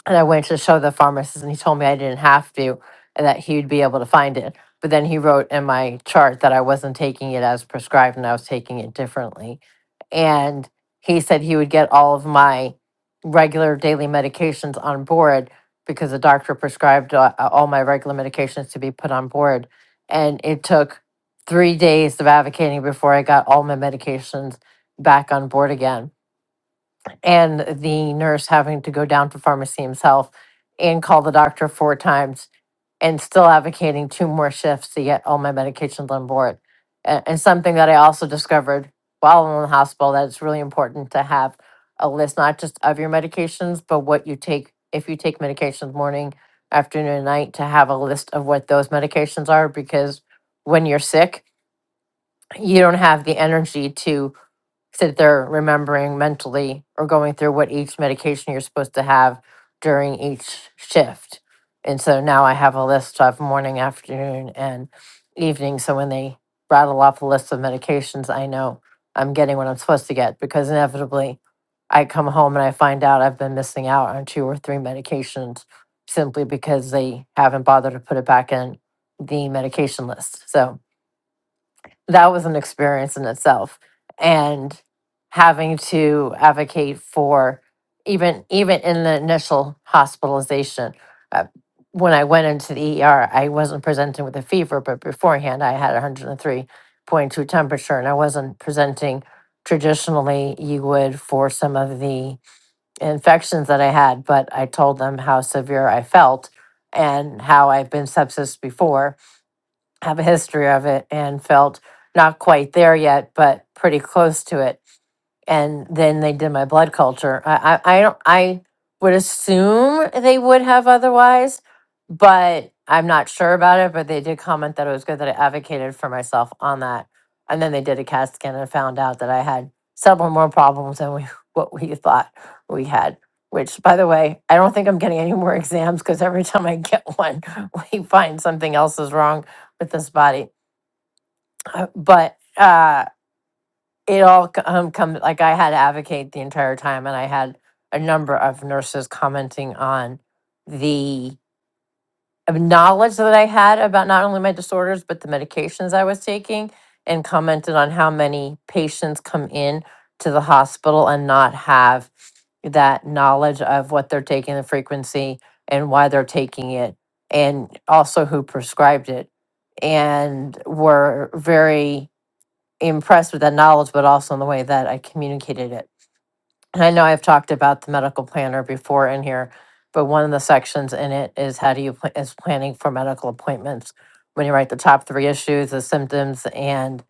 S6: and I went to show the pharmacist, and he told me I didn't have to, and that he would be able to find it. But then he wrote in my chart that I wasn't taking it as prescribed, and I was taking it differently. And he said he would get all of my regular daily medications on board because the doctor prescribed uh, uh, all my regular medications to be put on board. And it took three days of advocating before I got all my medications back on board again and the nurse having to go down to pharmacy himself and call the doctor four times and still advocating two more shifts to get all my medications on board. A- And something that I also discovered while in the hospital that it's really important to have a list not just of your medications, but what you take if you take medications morning, afternoon, and night to have a list of what those medications are because when you're sick, you don't have the energy to sit there remembering mentally or going through what each medication you're supposed to have during each shift. And so now I have a list of morning, afternoon, and evening. So when they rattle off a list of medications, I know I'm getting what I'm supposed to get because inevitably I come home and I find out I've been missing out on two or three medications simply because they haven't bothered to put it back in the medication list. So that was an experience in itself and having to advocate for even even in the initial hospitalization uh, when i went into the er i wasn't presenting with a fever but beforehand i had 103.2 temperature and i wasn't presenting traditionally you would for some of the infections that i had but i told them how severe i felt and how i've been sepsis before have a history of it and felt not quite there yet, but pretty close to it and then they did my blood culture. I, I, I don't. I would assume they would have otherwise, but I'm not sure about it. But they did comment that it was good that I advocated for myself on that, and then they did a CAT scan and found out that I had several more problems than we what we thought we had. Which, by the way, I don't think I'm getting any more exams because every time I get one, we find something else is wrong with this body. Uh, But uh, it all c- um comes like I had to advocate the entire time, and I had a number of nurses commenting on the of knowledge that I had about not only my disorders but the medications I was taking, and commented on how many patients come in to the hospital and not have that knowledge of what they're taking, the frequency, and why they're taking it, and also who prescribed it, and were very impressed with that knowledge, but also in the way that I communicated it. And I know I've talked about the medical planner before in here, but one of the sections in it is how do you pl- is planning for medical appointments when you write the top three issues, the symptoms, and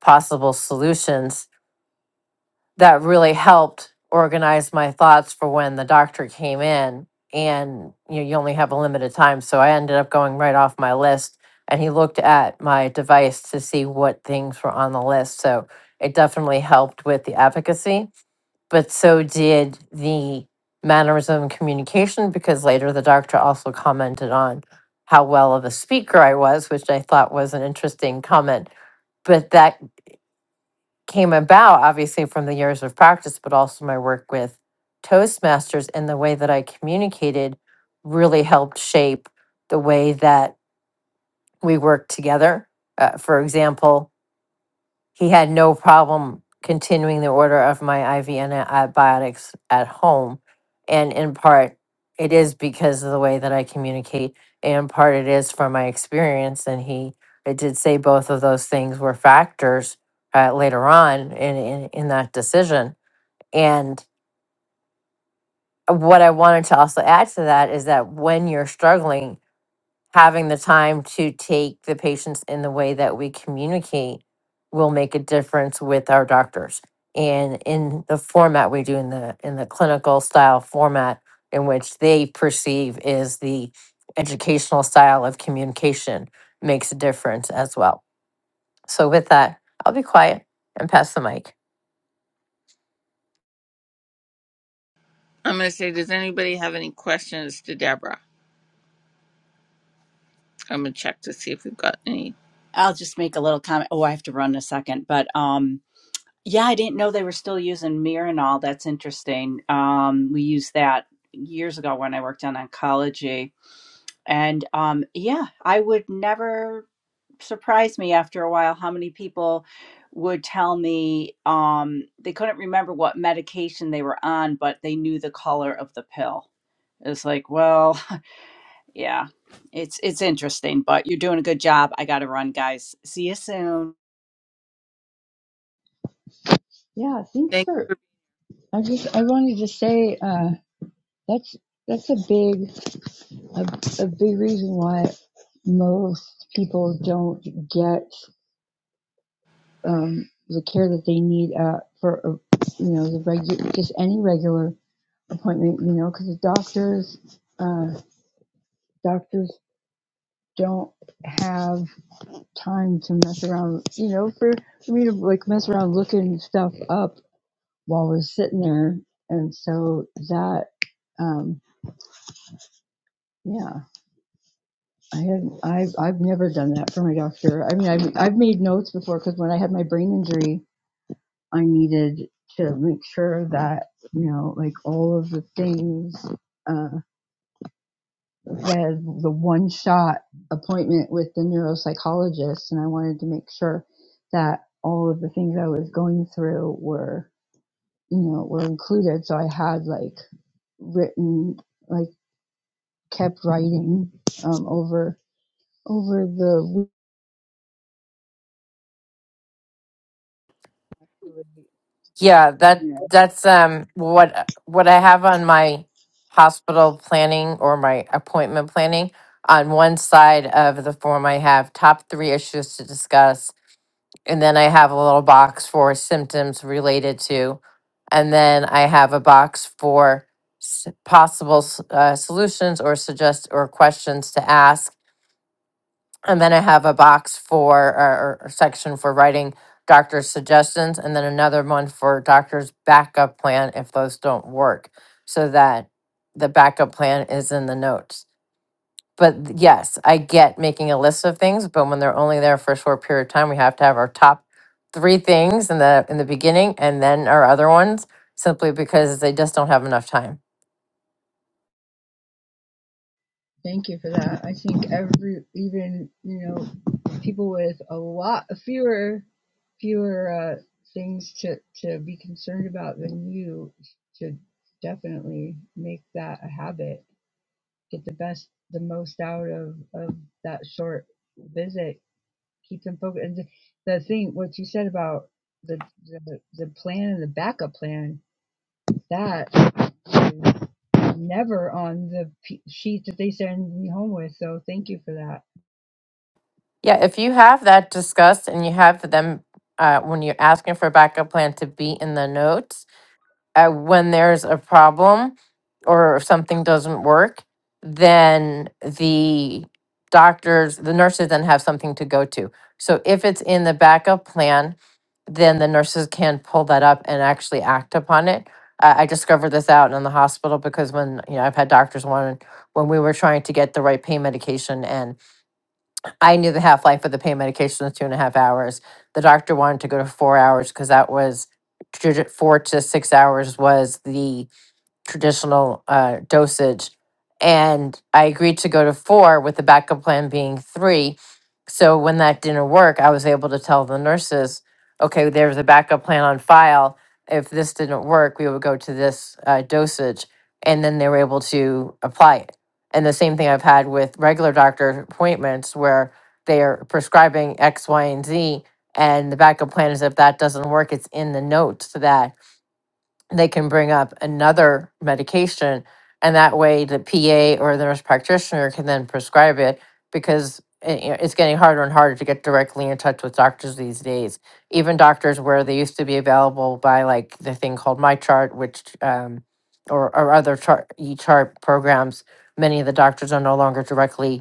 S6: possible solutions that really helped organize my thoughts for when the doctor came in and you know, you only have a limited time so i ended up going right off my list and he looked at my device to see what things were on the list so it definitely helped with the advocacy but so did the mannerism communication because later the doctor also commented on how well of a speaker i was which i thought was an interesting comment but that came about obviously from the years of practice, but also my work with Toastmasters and the way that I communicated really helped shape the way that we worked together. Uh, for example, he had no problem continuing the order of my IV antibiotics at home. And in part, it is because of the way that I communicate. And in part, it is from my experience. And he, it did say both of those things were factors uh, later on in, in, in that decision. And what I wanted to also add to that is that when you're struggling, having the time to take the patients in the way that we communicate will make a difference with our doctors and in the format we do in the in the clinical style format in which they perceive is the educational style of communication makes a difference as well so with that i'll be quiet and pass the mic
S1: I'm going to say, does anybody have any questions to Deborah? I'm going to check to see if we've got any.
S5: i'll just make a little comment oh i have to run in a second but um yeah i didn't know they were still using mirinol that's interesting um we used that years ago when i worked on oncology and um yeah i would never surprised me after a while how many people would tell me um, they couldn't remember what medication they were on, but they knew the color of the pill. It's like, well, yeah, it's it's interesting, but you're doing a good job. I got to run, guys. See you soon.
S4: Yeah, thanks
S1: Thank
S4: for.
S1: you.
S4: I just I wanted to say uh, that's that's a big. a, a big reason why most people don't get um, the care that they need uh, for uh, you know the regular just any regular appointment you know because doctors uh, doctors don't have time to mess around you know for, for me to like mess around looking stuff up while we're sitting there and so that um, yeah I have I've, I've never done that for my doctor. I mean, I've, I've made notes before because when I had my brain injury, I needed to make sure that, you know, like all of the things, uh, had the one shot appointment with the neuropsychologist. And I wanted to make sure that all of the things I was going through were, you know, were included. So I had like written, like kept writing, um, over, over the
S6: Yeah, that
S4: week
S6: that's um what what I have on my hospital planning or my appointment planning. On one side of the form, I have top three issues to discuss, and then I have a little box for symptoms related to, and then I have a box for s- possible s- uh, solutions or suggest or questions to ask. And then I have a box for, or, or section for writing doctor's suggestions, and then another one for doctor's backup plan if those don't work, so that the backup plan is in the notes. But th- yes, I get making a list of things, but when they're only there for a short period of time, we have to have our top three things in the, in the beginning and then our other ones, simply because they just don't have enough time.
S4: Thank you for that. I think every, even, you know, people with a lot fewer, fewer uh, things to, to be concerned about than you should definitely make that a habit. Get the best, the most out of, of that short visit. Keep them focused. And the thing, what you said about the, the, the plan and the backup plan, that is never on the p- sheet that they send me home with. So thank you for that.
S6: Yeah, if you have that discussed and you have them uh, when you're asking for a backup plan to be in the notes, uh, when there's a problem or if something doesn't work, then the doctors, the nurses then have something to go to. So if it's in the backup plan, then the nurses can pull that up and actually act upon it. I I discovered this out in the hospital because when you know I've had doctors want when we were trying to get the right pain medication and. I knew the half life of the pain medication was two and a half hours. The doctor wanted to go to four hours because that was two to- four to six hours was the traditional uh, dosage. And I agreed to go to four with the backup plan being three. So when that didn't work, I was able to tell the nurses, okay, there's a backup plan on file. If this didn't work, we would go to this uh, dosage. And then they were able to apply it. And the same thing I've had with regular doctor appointments where they are prescribing X, Y, and Z. And the backup plan is if that doesn't work, it's in the notes that they can bring up another medication and that way the PA or the nurse practitioner can then prescribe it because it, you know, it's getting harder and harder to get directly in touch with doctors these days. Even doctors where they used to be available by like the thing called MyChart, which um, or, or other chart e chart programs, many of the doctors are no longer directly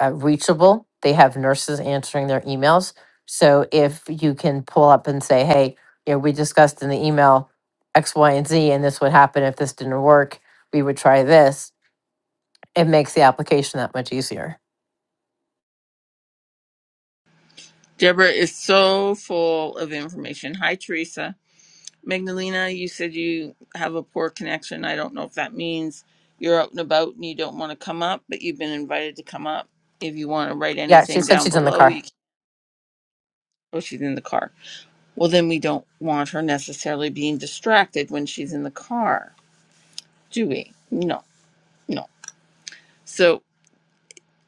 S6: uh, reachable. They have nurses answering their emails. So if you can pull up and say, hey, you know, we discussed in the email X, Y, and Z, and this would happen if this didn't work, we would try this. It makes the application that much easier.
S1: Deborah is so full of information. Hi, Teresa. Magdalena, you said you have a poor connection. I don't know if that means you're out and about and you don't want to come up, but you've been invited to come up. If you want to write
S6: Yeah, she
S1: anything
S6: said
S1: down
S6: she's in the
S1: below,
S6: car.
S1: you can. Oh, she's in the car. Well, then we don't want her necessarily being distracted when she's in the car, do we? No, no. So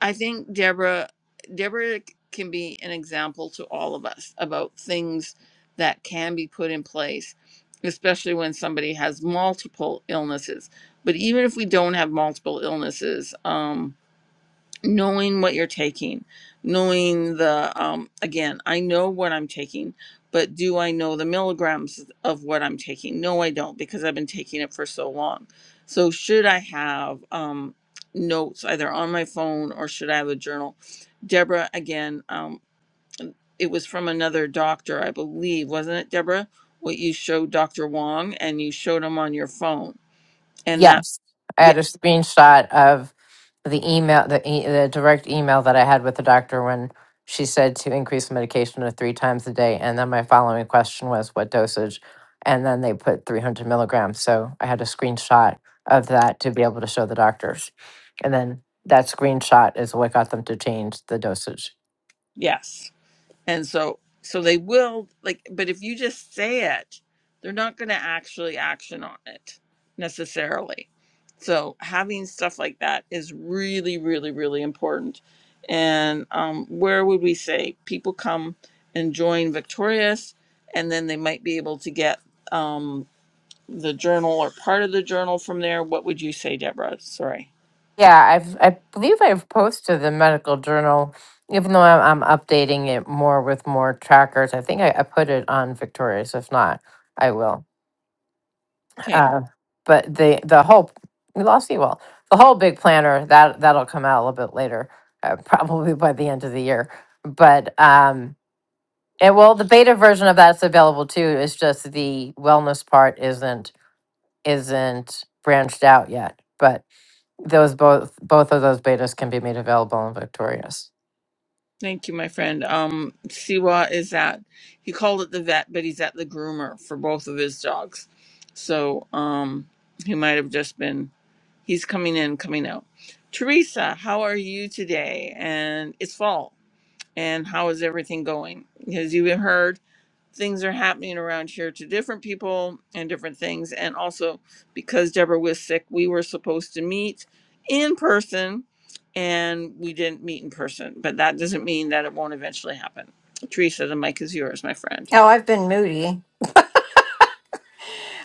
S1: I think Deborah Deborah c- can be an example to all of us about things that can be put in place, especially when somebody has multiple illnesses. But even if we don't have multiple illnesses, um, knowing what you're taking knowing the um again i know what i'm taking but do i know the milligrams of what i'm taking no i don't because i've been taking it for so long so should i have um notes either on my phone or should i have a journal deborah again um it was from another doctor i believe wasn't it deborah what you showed dr wong and you showed him on your phone and that
S6: Yes, I
S1: yeah
S6: had a screenshot of the email, the e- the direct email that I had with the doctor when she said to increase medication to three times a day, and then my following question was what dosage, and then they put three hundred milligrams. So I had a screenshot of that to be able to show the doctors, and then that screenshot is what got them to change the dosage.
S1: yes And so so they will like but if you just say it, they're not going to actually action on it necessarily. So having stuff like that is really really really important. And um where would we say people come and join Victorious and then they might be able to get um the journal or part of the journal from there. What would you say, Deborah? Sorry.
S6: Yeah, I've I believe I've posted the medical journal, even though I'm, I'm updating it more with more trackers. I think I, I put it on Victorious. If not, I will.
S1: Okay.
S6: Uh, but the the whole we lost Ewell. The whole big planner that that'll come out a little bit later, uh, probably by the end of the year. But um, and well, the beta version of that's available too. It's just the wellness part isn't isn't branched out yet. But those both both of those betas can be made available in Victorious.
S1: Thank you, my friend. Um, Siwa is at, he called it the vet, but he's at the groomer for both of his dogs. So um, he might have just been, he's coming in, coming out. Teresa, how are you today? And it's fall. And how is everything going? Because you heard? things are happening around here to different people and different things. And also because Deborah was sick, we were supposed to meet in person and we didn't meet in person. But that doesn't mean that it won't eventually happen. Teresa, the mic is yours, my friend.
S7: Oh, I've been moody.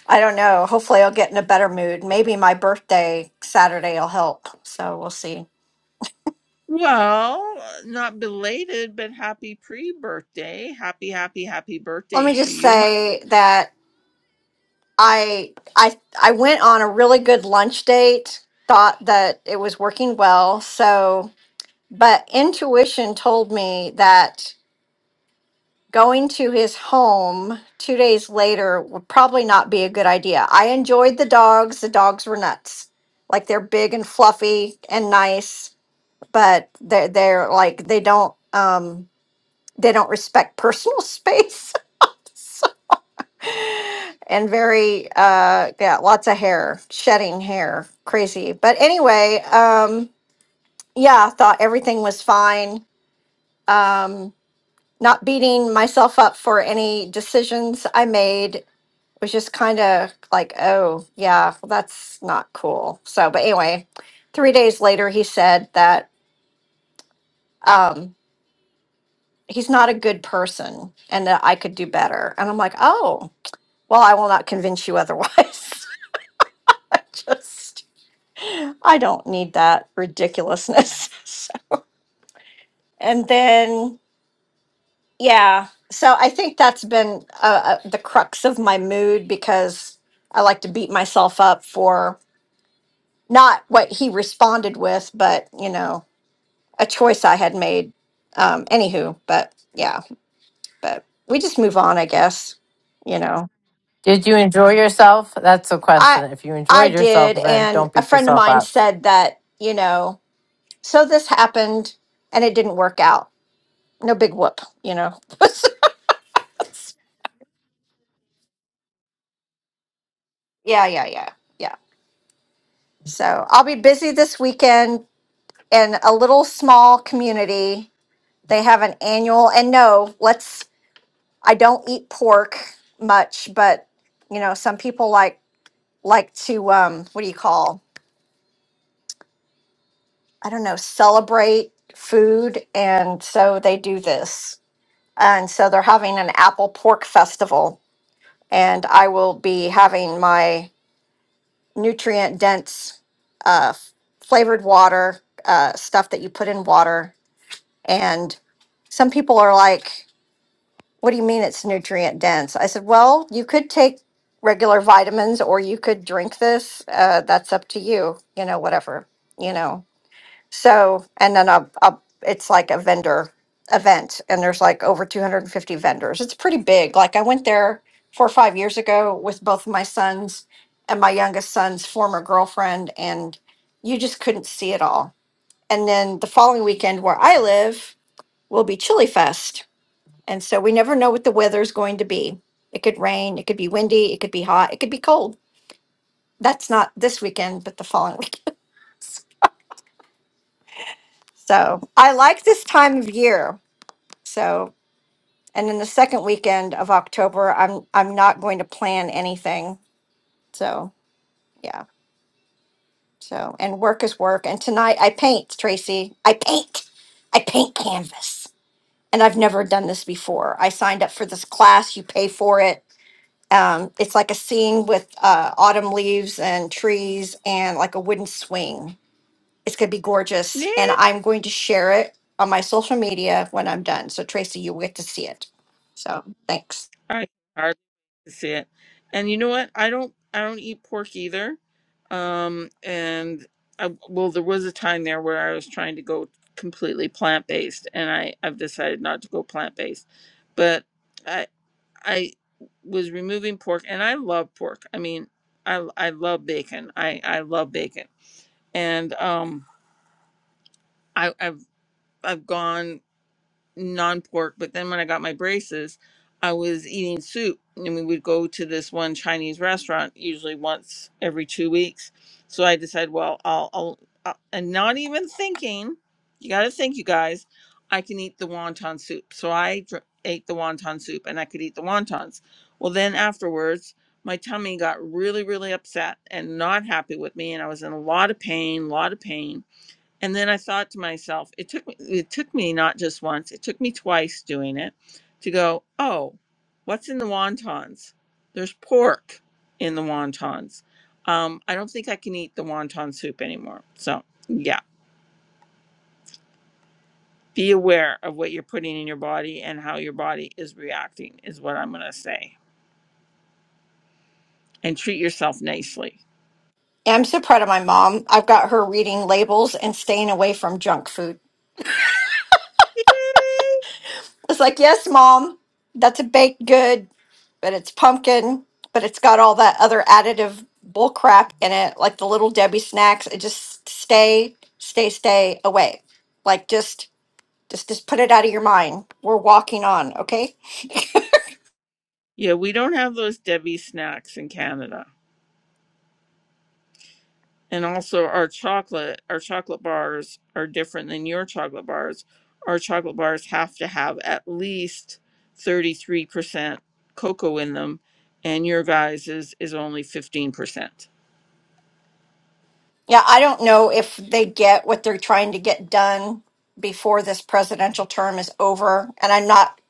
S7: I don't know. Hopefully, I'll get in a better mood. Maybe my birthday Saturday will help. So we'll see.
S1: Well, not belated, but happy pre birthday. Happy, happy, happy
S7: Let
S1: birthday
S7: me
S1: to
S7: just
S1: you.
S7: say that I I I went on a really good lunch date. Thought that it was working well. So, but intuition told me that going to his home two days later would probably not be a good idea. I enjoyed the dogs. The dogs were nuts. Like they're big and fluffy and nice but they're they're like they don't um they don't respect personal space So- and very uh yeah lots of hair shedding hair crazy but anyway um yeah I thought everything was fine um not beating myself up for any decisions i made It was just kind of like oh yeah well, that's not cool so but anyway three days later he said that Um he's not a good person and that I could do better. And I'm like, oh, well, I will not convince you otherwise. I just, I don't need that ridiculousness. So- and then, yeah. So I think that's been uh, uh, the crux of my mood because I like to beat myself up for not what he responded with, but, you know, a choice I had made. Um, anywho, but yeah, but we just move on, I guess, you know.
S6: Did you enjoy yourself? That's the question.
S7: I
S6: If you
S7: I
S6: enjoyed yourself,
S7: did,
S6: then
S7: and
S6: don't
S7: a
S6: beat
S7: friend of
S6: yourself
S7: mine
S6: up.
S7: said that you know, so this happened, and it didn't work out. No big whoop, you know. yeah, yeah, yeah, yeah. So I'll be busy this weekend in a little small community. They have an annual, and no, let's. I don't eat pork much, but you know, some people like like to um, what do you call? I don't know, celebrate food, and so they do this. And so they're having an apple pork festival. And I will be having my nutrient dense uh, f- flavored water, uh, stuff that you put in water. And some people are like, What do you mean it's nutrient dense? I said, Well, you could take regular vitamins or you could drink this. Uh, that's up to you, you know, whatever, you know. So, and then a, a, it's like a vendor event, and there's like over 250 vendors. It's pretty big. Like I went there four or five years ago with both of my sons and my youngest son's former girlfriend, and you just couldn't see it all. And then the following weekend, where I live, will be Chili Fest, and so we never know what the weather's going to be. It could rain, it could be windy, it could be hot, it could be cold. That's not this weekend, but the following weekend. So I like this time of year. So And then the second weekend of October, I'm I'm not going to plan anything. So yeah. So and work is work. And tonight I paint, Tracy. I paint. I paint canvas. And I've never done this before. I signed up for this class. You pay for it. Um, it's like a scene with uh, autumn leaves and trees and like a wooden swing. It's gonna be gorgeous.
S1: My-
S7: And I'm going to share it on my social media when I'm done. So Tracy, you will get to see it. So thanks.
S1: I hardly wait to see it. And you know what? I don't I don't eat pork either. Um and I, well there was a time there where I was trying to go completely plant based and I I've decided not to go plant based. But I I was removing pork and I love pork. I mean, I I love bacon. I I love bacon. And um I I've I've gone non pork, but then when I got my braces, I was eating soup, and we would go to this one Chinese restaurant usually once every two weeks. So I decided, well, I'll, I'll, I'll and not even thinking, you got to think, you guys, I can eat the wonton soup. So I dr- ate the wonton soup, and I could eat the wontons. Well, then afterwards, my tummy got really, really upset and not happy with me, and I was in a lot of pain, a lot of pain and then I thought to myself, it took me it took me not just once, it took me twice doing it to go, oh, what's in the wontons? There's pork in the wontons. Um, I don't think I can eat the wonton soup anymore. So yeah, be aware of what you're putting in your body and how your body is reacting is what I'm gonna say. And treat yourself nicely.
S7: Yeah, I'm so proud of my mom. I've got her reading labels and staying away from junk food.
S1: Yay!
S7: It's like, yes, mom, that's a baked good, but it's pumpkin, but it's got all that other additive bull crap in it, like the little Debbie snacks. It just stay, stay, stay away. Like just just just put it out of your mind. We're walking on, okay?
S1: Yeah, we don't have those Debbie snacks in Canada. and also our chocolate our chocolate bars are different than your chocolate bars our chocolate bars have to have at least 33% cocoa in them and your guys is, is only 15%
S7: Yeah, I don't know if they get what they're trying to get done before this presidential term is over. And I'm not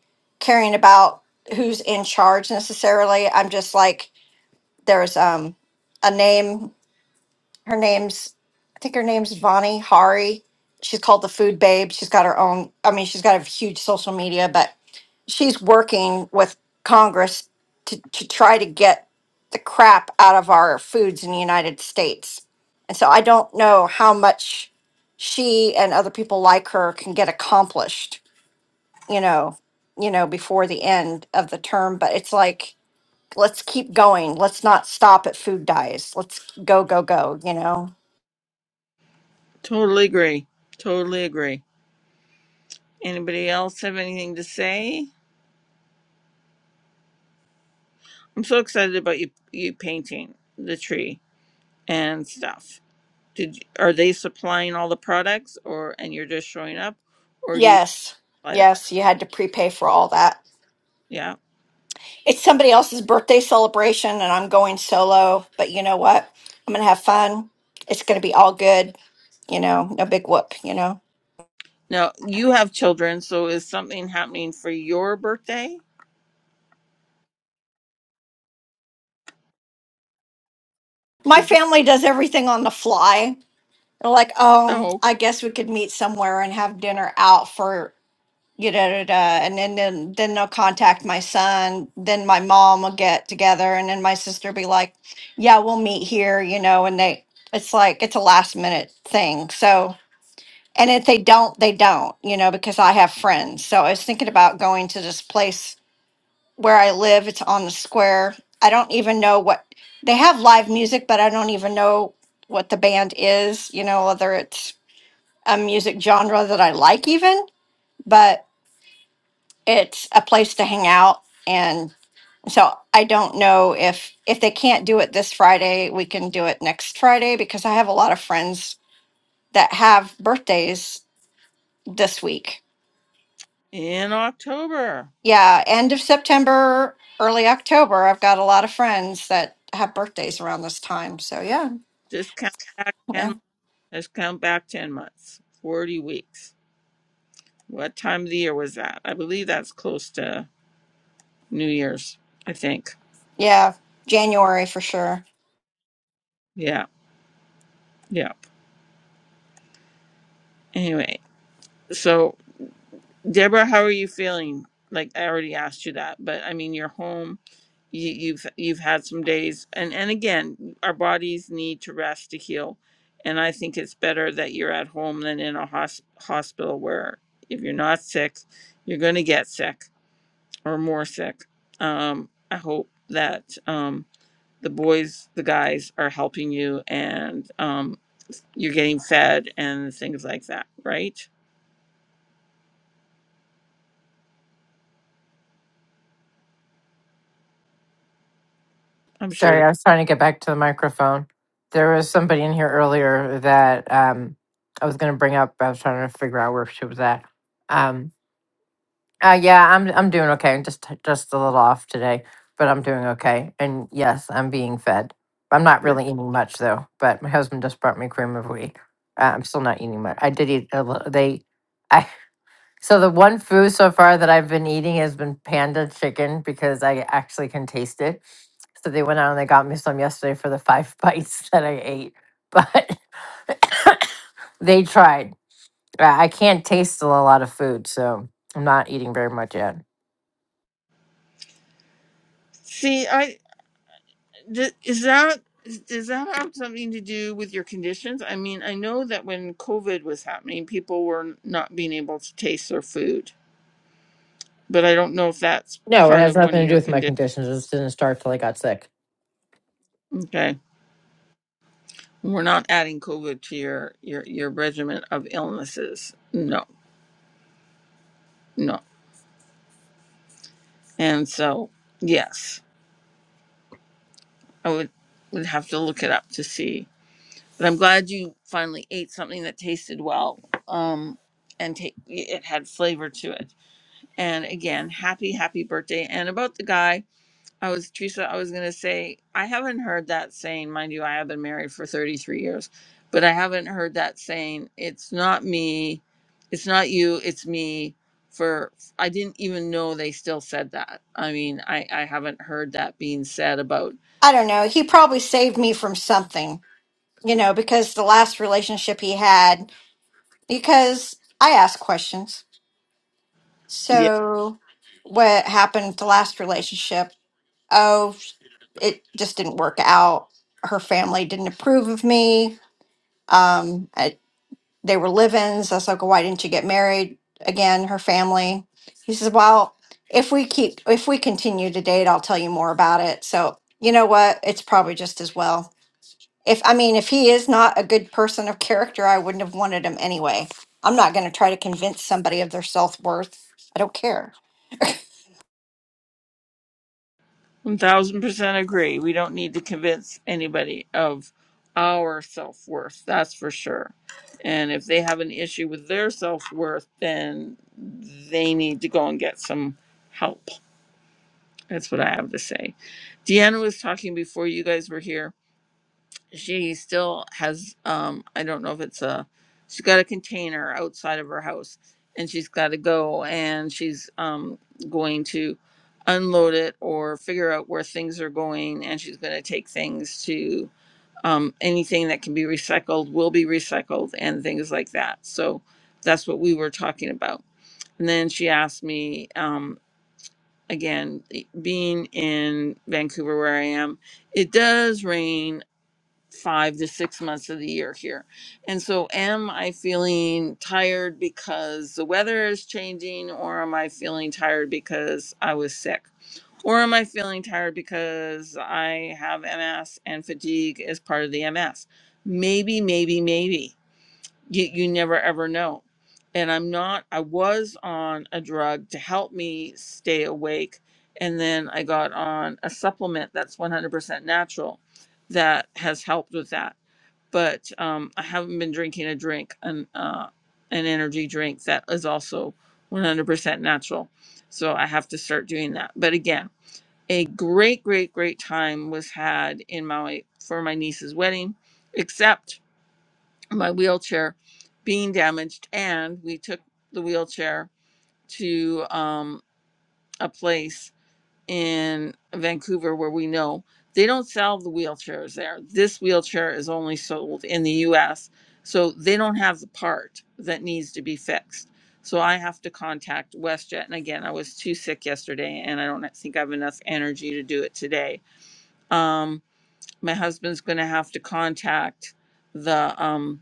S7: caring about who's in charge necessarily. I'm just like, there's um a name, her name's I think her name's Vani Hari. She's called the food babe. She's got her own I mean, she's got a huge social media, but she's working with Congress to, to try to get the crap out of our foods in the United States. And so I don't know how much she and other people like her can get accomplished, you know, you know, before the end of the term. But it's like, let's keep going. Let's not stop at food dyes. Let's go, go, go, you know?
S1: totally agree totally agree anybody else have anything to say i'm so excited about you you painting the tree and stuff did you, are they supplying all the products or and you're just showing up or do you
S7: Yes.
S1: buy the product
S7: Yes, you had to prepay for all that.
S1: yeah
S7: It's somebody else's birthday celebration, and I'm going solo. But you know what? I'm going to have fun. It's going to be all good. You know, no big whoop. You know,
S1: Now you have children, so is something happening for your birthday?
S7: my
S1: They don't-
S7: family does everything on the fly. They're like, oh,
S1: Oh, okay.
S7: I guess we could meet somewhere and have dinner out for you know, da, da, da," and then, then then they'll contact my son. Then my mom will get together, and then my sister be like, yeah, we'll meet here. You know, and they, it's like it's a last minute thing. So And if they don't, they don't, you know, because I have friends. So I was thinking about going to this place where I live. It's on the square. I don't even know what they have live music, but I don't even know what the band is, you know, whether it's a music genre that I like, even, but it's a place to hang out. And so I don't know if if they can't do it this Friday, we can do it next Friday because I have a lot of friends that have birthdays this week
S1: In October,
S7: Yeah, end of September, early October. I've got a lot of friends that have birthdays around this time. So yeah,
S1: just count back ten.
S7: yeah,
S1: months. Just count back ten months, forty weeks. What time of the year was that? I believe that's close to New Year's. I think.
S7: yeah, January for sure.
S1: Yeah, yeah. Anyway, so Deborah, how are you feeling? Like I already asked you that, but I mean, you're home you, you've you've had some days and and again our bodies need to rest to heal and i think it's better that you're at home than in a hos- hospital where if you're not sick you're going to get sick or more sick um, i hope that um, the boys the guys are helping you and um, you're getting fed and things like that right i'm sure
S6: Sorry, I was trying to get back to the microphone. There was somebody in here earlier that um, I was going to bring up. I was trying to figure out where she was at. Um, uh, yeah, I'm I'm doing okay. I'm just just a little off today, but I'm doing okay. And yes, I'm being fed. I'm not
S1: that
S6: really eating much though. But my husband just brought me cream of wheat. Uh, I'm still not eating much. I did eat a little. They, I So the one food so far that I've been eating has been panda chicken because I actually can taste it. So they went out and they got me some yesterday for the five bites that I ate. But they tried. I I can't taste a lot of food, so I'm not eating very much yet.
S1: see i Th- Is that is- does that have something to do with your conditions? I mean, I know that when COVID was happening, people were not being able to taste their food, but I don't know if that's
S6: No, it
S1: part
S6: has
S1: of one
S6: nothing
S1: of
S6: to do
S1: your
S6: with my
S1: conditions.
S6: conditions. It just didn't start till I got sick.
S1: Okay, we're not adding COVID to your your your regimen of illnesses. No, no, and so yes, I would would have to look it up to see. But I'm glad you finally ate something that tasted well, um, and ta- it had flavor to it And again, happy, happy birthday. And about the guy, I was, Teresa, I was going to say, I haven't heard that saying. Mind you, I have been married for 33 years, but I haven't heard that saying, it's not me, it's not you, it's me. For I didn't even know they still said that. I mean, I, I haven't heard that being said about
S7: I don't know. He probably saved me from something, you know, because the last relationship he had, because I asked questions. So what happened at the last relationship? Oh, it just didn't work out. Her family didn't approve of me. Um, They were live-ins. I was like, well, why didn't you get married again? Her family. He says, well, if we keep, if we continue to date, I'll tell you more about it. So you know what? It's probably just as well. If I mean, if he is not a good person of character, I wouldn't have wanted him anyway. I'm not going to try to convince somebody of their self worth. I don't care.
S1: One Thousand percent agree. We don't need to convince anybody of our self worth. That's for sure. And if they have an issue with their self worth, then they need to go and get some help. That's what I have to say. Deanna was talking before you guys were here she still has um i don't know if it's a she's got a container outside of her house and she's got to go and she's um going to unload it or figure out where things are going and she's going to take things to um anything that can be recycled will be recycled and things like that so that's what we were talking about and then she asked me um again being in vancouver where i am it does rain five to six months of the year here. And so, am I feeling tired because the weather is changing, or am I feeling tired because I was sick? Or am I feeling tired because I have MS and fatigue is part of the MS? Maybe, maybe, maybe. You, you never ever know. And I'm not, I was on a drug to help me stay awake. And then I got on a supplement that's 100% natural that has helped with that but um, I haven't been drinking a drink an uh, an energy drink that is also 100% natural. So I have to start doing that. But again, a great, great, great time was had in Maui for my niece's wedding, except my wheelchair being damaged, and we took the wheelchair to um, a place in Vancouver where we know they don't sell the wheelchairs there. This wheelchair is only sold in the US. So they don't have the part that needs to be fixed. So I have to contact WestJet. And again, I was too sick yesterday and I don't think I have enough energy to do it today. Um, my husband's going to have to contact the um,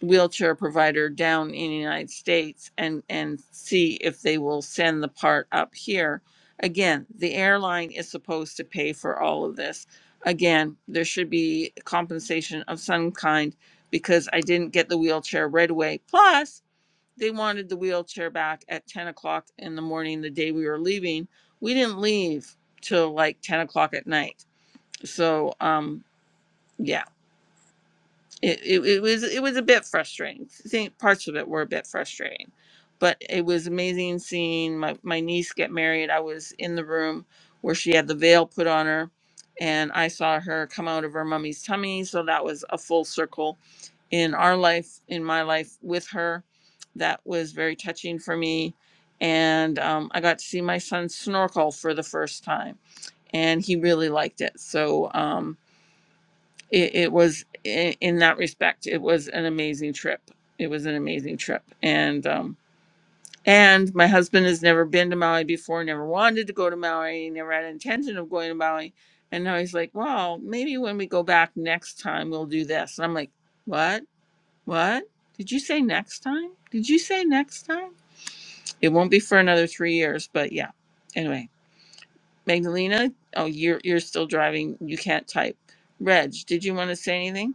S1: wheelchair provider down in the United States and and see if they will send the part up here. Again, the airline is supposed to pay for all of this. Again, there should be compensation of some kind because I didn't get the wheelchair right away. Plus, they wanted the wheelchair back at 10 o'clock in the morning the day we were leaving. We didn't leave till like 10 o'clock at night. So, um, yeah it, it, it was it was a bit frustrating. I think parts of it were a bit frustrating, but it was amazing seeing my, my niece get married. I was in the room where she had the veil put on her, and I saw her come out of her mummy's tummy. So that was a full circle in our life, in my life with her. That was very touching for me, and um, I got to see my son snorkel for the first time, and he really liked it. So. Um, it, it was in, in that respect it was an amazing trip it was an amazing trip and um and my husband has never been to maui before never wanted to go to maui never had intention of going to maui and now he's like well maybe when we go back next time we'll do this and i'm like what what did you say next time did you say next time it won't be for another three years but yeah anyway magdalena oh you're you're still driving you can't type reg did you want to say anything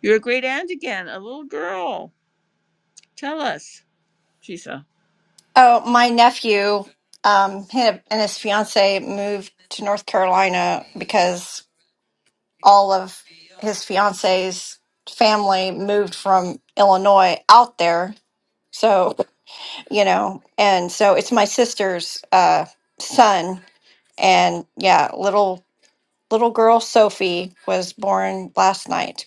S1: You're a great aunt again, a little girl. Tell us. She said,
S7: Oh, my nephew um, him and his fiance moved to North Carolina because all of his fiance's family moved from Illinois out there. So, you know, and so it's my sister's uh, son. And yeah, little little girl Sophie was born last night.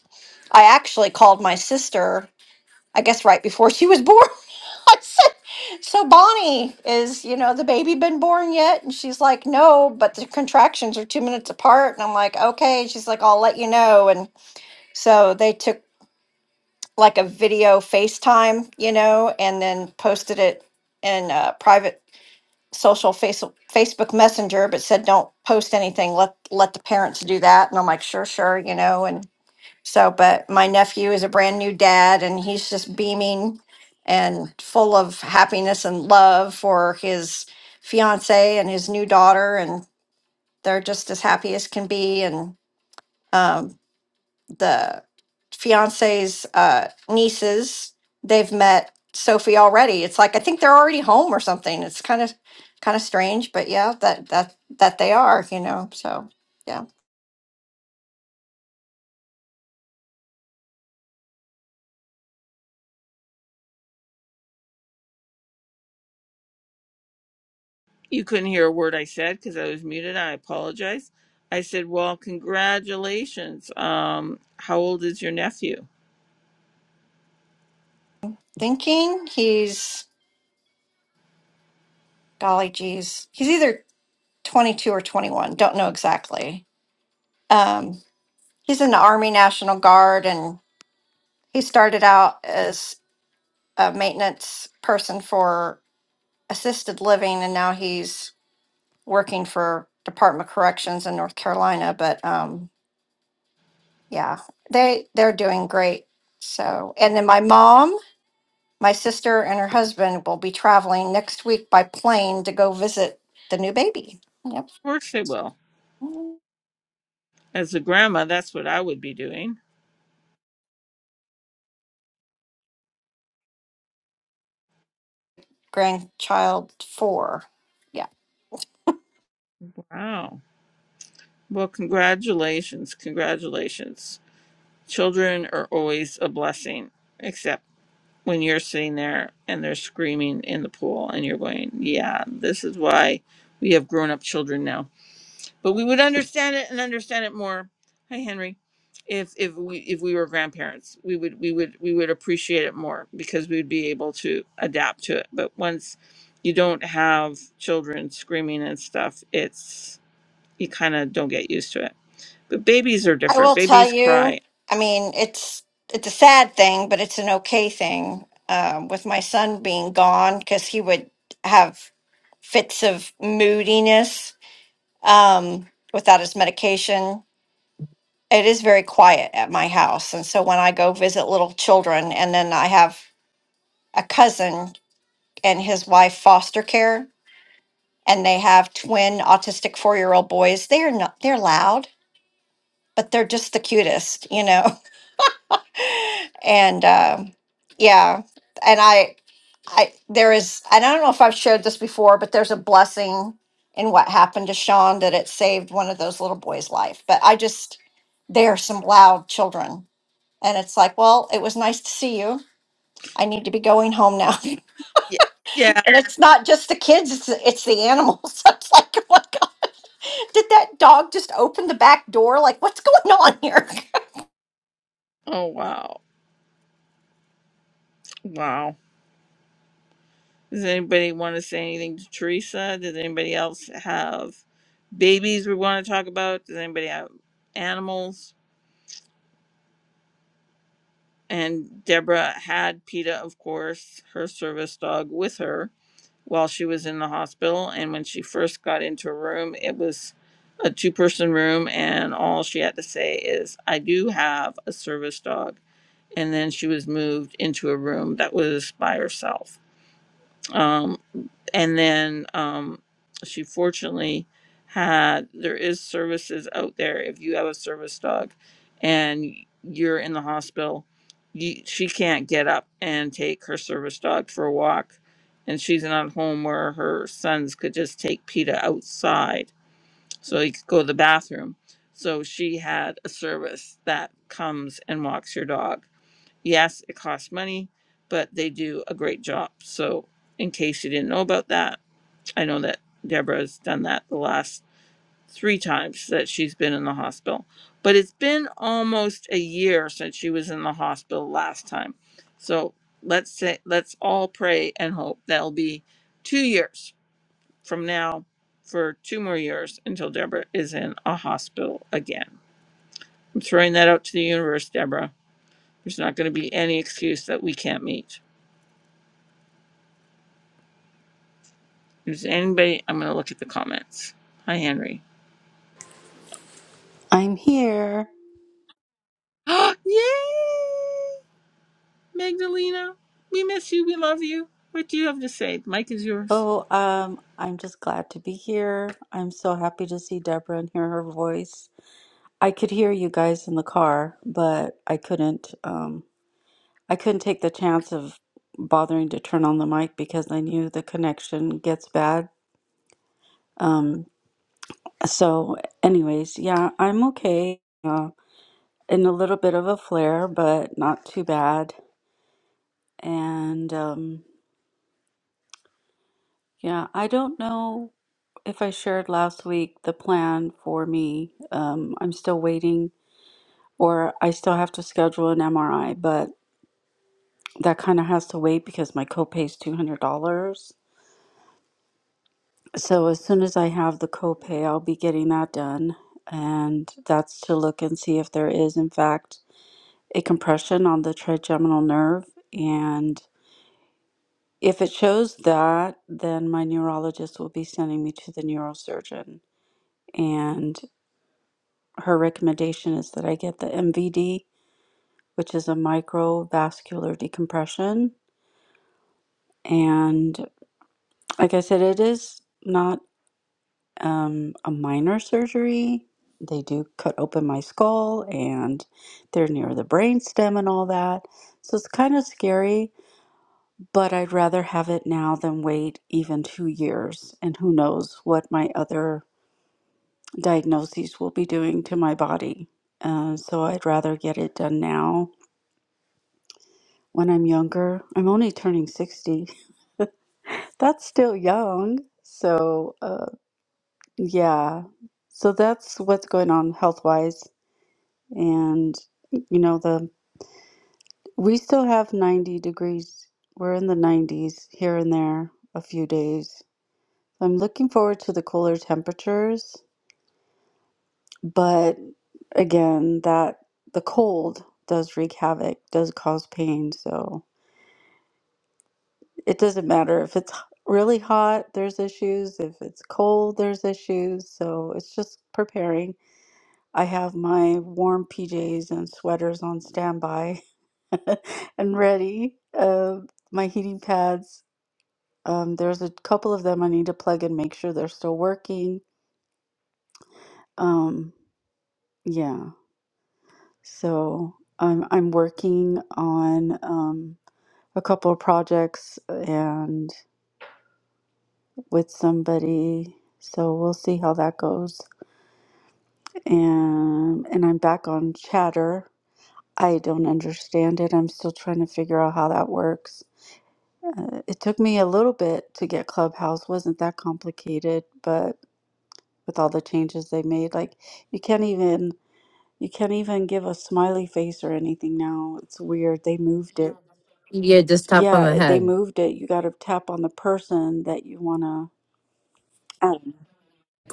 S7: I actually called my sister, I guess right before she was born. I said, so Bonnie, is, you know, the baby been born yet? And she's like, no, but the contractions are two minutes apart. And I'm like, okay. She's like, I'll let you know. And so they took like a video FaceTime, you know, and then posted it in a private social face, Facebook Messenger, but said don't post anything. Let let the parents do that. And I'm like, sure, sure, you know. And so, but my nephew is a brand new dad, and he's just beaming and full of happiness and love for his fiance and his new daughter, and they're just as happy as can be. And um, the fiance's uh, nieces. They've met Sophie already. It's like I think they're already home or something. It's kind of kind of strange, but yeah, that that that they are, you know. So yeah,
S1: You couldn't hear a word I said because I was muted. I apologize. I said, Well, congratulations. Um, how old is your nephew?
S7: thinking he's golly geez, he's either twenty two or twenty one. Don't know exactly. Um, he's in the Army National Guard, and he started out as a maintenance person for assisted living, and now he's working for Department of Corrections in North Carolina, but um, yeah, they they're doing great. So, and then my mom, my sister, and her husband will be traveling next week by plane to go visit the new baby. Yep,
S1: Of course they will.
S7: Mm.
S1: As a grandma, that's what I would be doing.
S7: grandchild four. Yeah,
S1: Wow. Well, congratulations. Congratulations. Children are always a blessing, except when you're sitting there and they're screaming in the pool and you're going, Yeah, this is why we have grown up children now but we would understand it and understand it more hi henry if if we if we were grandparents we would we would we would appreciate it more because we would be able to adapt to it but once you don't have children screaming and stuff it's you kind of don't get used to it but babies are
S7: I
S1: different
S7: will tell
S1: babies cry
S7: you. I mean, it's it's a sad thing, but it's an okay thing um, with my son being gone because he would have fits of moodiness um, without his medication. It is very quiet at my house. And so when I go visit little children, and then I have a cousin and his wife foster care, and they have twin autistic four year old boys, they are not, they're loud, but they're just the cutest, you know? And um yeah. And I, I there is and I don't know if I've shared this before, but there's a blessing in what happened to Sean that it saved one of those little boys' life. But I just they're some loud children. And it's like, well, it was nice to see you. I need to be going home now. and
S1: yeah yeah
S7: it's not just the kids, it's the, it's the animals. it's like, oh my God, did that dog just open the back door? Like, what's going on here?
S1: oh wow wow does anybody want to say anything to teresa does anybody else have babies we want to talk about does anybody have animals And Deborah had PETA, of course, her service dog, with her while she was in the hospital. And when she first got into a room, it was a two person room. And all she had to say is, I do have a service dog. And then she was moved into a room that was by herself. Um, and then um, she fortunately had there is services out there if you have a service dog and you're in the hospital you, she can't get up and take her service dog for a walk and she's in a home where her sons could just take PETA outside so he could go to the bathroom so she had a service that comes and walks your dog yes it costs money but they do a great job so in case you didn't know about that I know that Deborah's done that the last three times that she's been in the hospital. But it's been almost a year since she was in the hospital last time. So let's say let's all pray and hope that'll be two years from now for two more years until Deborah is in a hospital again. I'm throwing that out to the universe, Deborah. There's not going to be any excuse that we can't meet. If there's anybody, I'm going to look at the comments. Hi, Henry.
S8: I'm here.
S1: Yay! Magdalena, we miss you. We love you. What do you have to say? Mike is yours.
S8: Oh, um, I'm just glad to be here. I'm so happy to see Deborah and hear her voice. I could hear you guys in the car, but I couldn't. Um, I couldn't take the chance of bothering to turn on the mic because I knew the connection gets bad. Um, so, anyways, yeah, I'm okay. Uh, in a little bit of a flare, but not too bad. And um, yeah, I don't know If I shared last week the plan for me, um, I'm still waiting, or I still have to schedule an MRI, but that kind of has to wait because my copay is $200. So as soon as I have the copay, I'll be getting that done. And that's to look and see if there is, in fact, a compression on the trigeminal nerve. And if it shows that, then my neurologist will be sending me to the neurosurgeon. And her recommendation is that I get the MVD, which is a microvascular decompression. And like I said, it is not um, a minor surgery. They do cut open my skull and they're near the brainstem and all that. So it's kind of scary, but I'd rather have it now than wait even two years. And who knows what my other diagnoses will be doing to my body. Uh, so I'd rather get it done now when I'm younger. I'm only turning 60. That's still young. So, uh, yeah. So that's what's going on health wise. And, you know, the we still have 90 degrees. We're in the 90s here and there a few days. I'm looking forward to the cooler temperatures, but again, that the cold does wreak havoc, does cause pain. So, it doesn't matter if it's really hot, there's issues. If it's cold, there's issues. So it's just preparing. I have my warm PJs and sweaters on standby and ready. Uh, my heating pads, um, there's a couple of them I need to plug and make sure they're still working. Um, yeah, so I'm I'm working on um, a couple of projects and. with somebody. So we'll see how that goes. And and I'm back on chatter. I don't understand it. I'm still trying to figure out how that works. Uh, it took me a little bit to get Clubhouse. wasn't that complicated, but with all the changes they made, like you can't even you can't even give a smiley face or anything now. It's weird. They moved it.
S6: Yeah, just tap on the
S8: Yeah, they
S6: head.
S8: moved it. You got to tap on the person that you want to.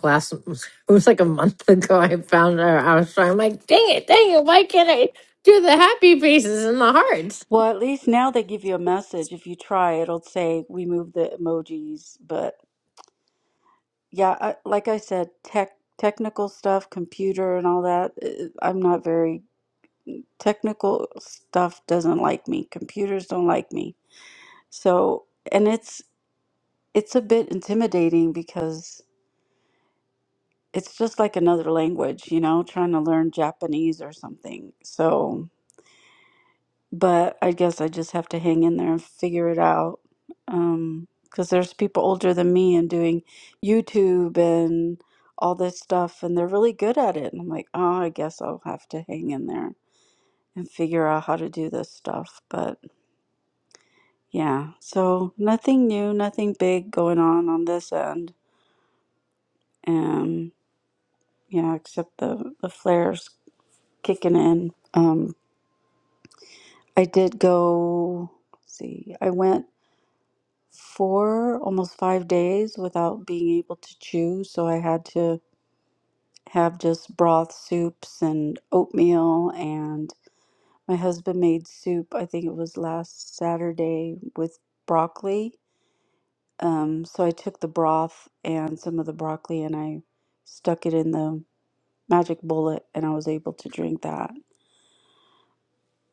S6: last it was like a month ago I found her. I was trying I'm like, dang it, dang it, why can't I do the happy faces and the hearts?
S8: Well, at least now they give you a message. If you try, it'll say we move the emojis. But yeah, I, like I said, tech technical stuff, computer and all that. eh, I'm not very technical stuff doesn't like me. Computers don't like me. So, and it's it's a bit intimidating because it's just like another language, you know, trying to learn Japanese or something. So, but I guess I just have to hang in there and figure it out. Um, 'cause there's people older than me and doing YouTube and all this stuff, and they're really good at it. And I'm like, oh, I guess I'll have to hang in there and figure out how to do this stuff. But yeah, so nothing new, nothing big going on on this end. Um, yeah, except the the flares kicking in. Um, I did go. Let's see, I went. four, almost five days without being able to chew. So I had to have just broth soups and oatmeal. And my husband made soup, I think it was last Saturday, with broccoli. Um, so I took the broth and some of the broccoli and I stuck it in the magic bullet and I was able to drink that.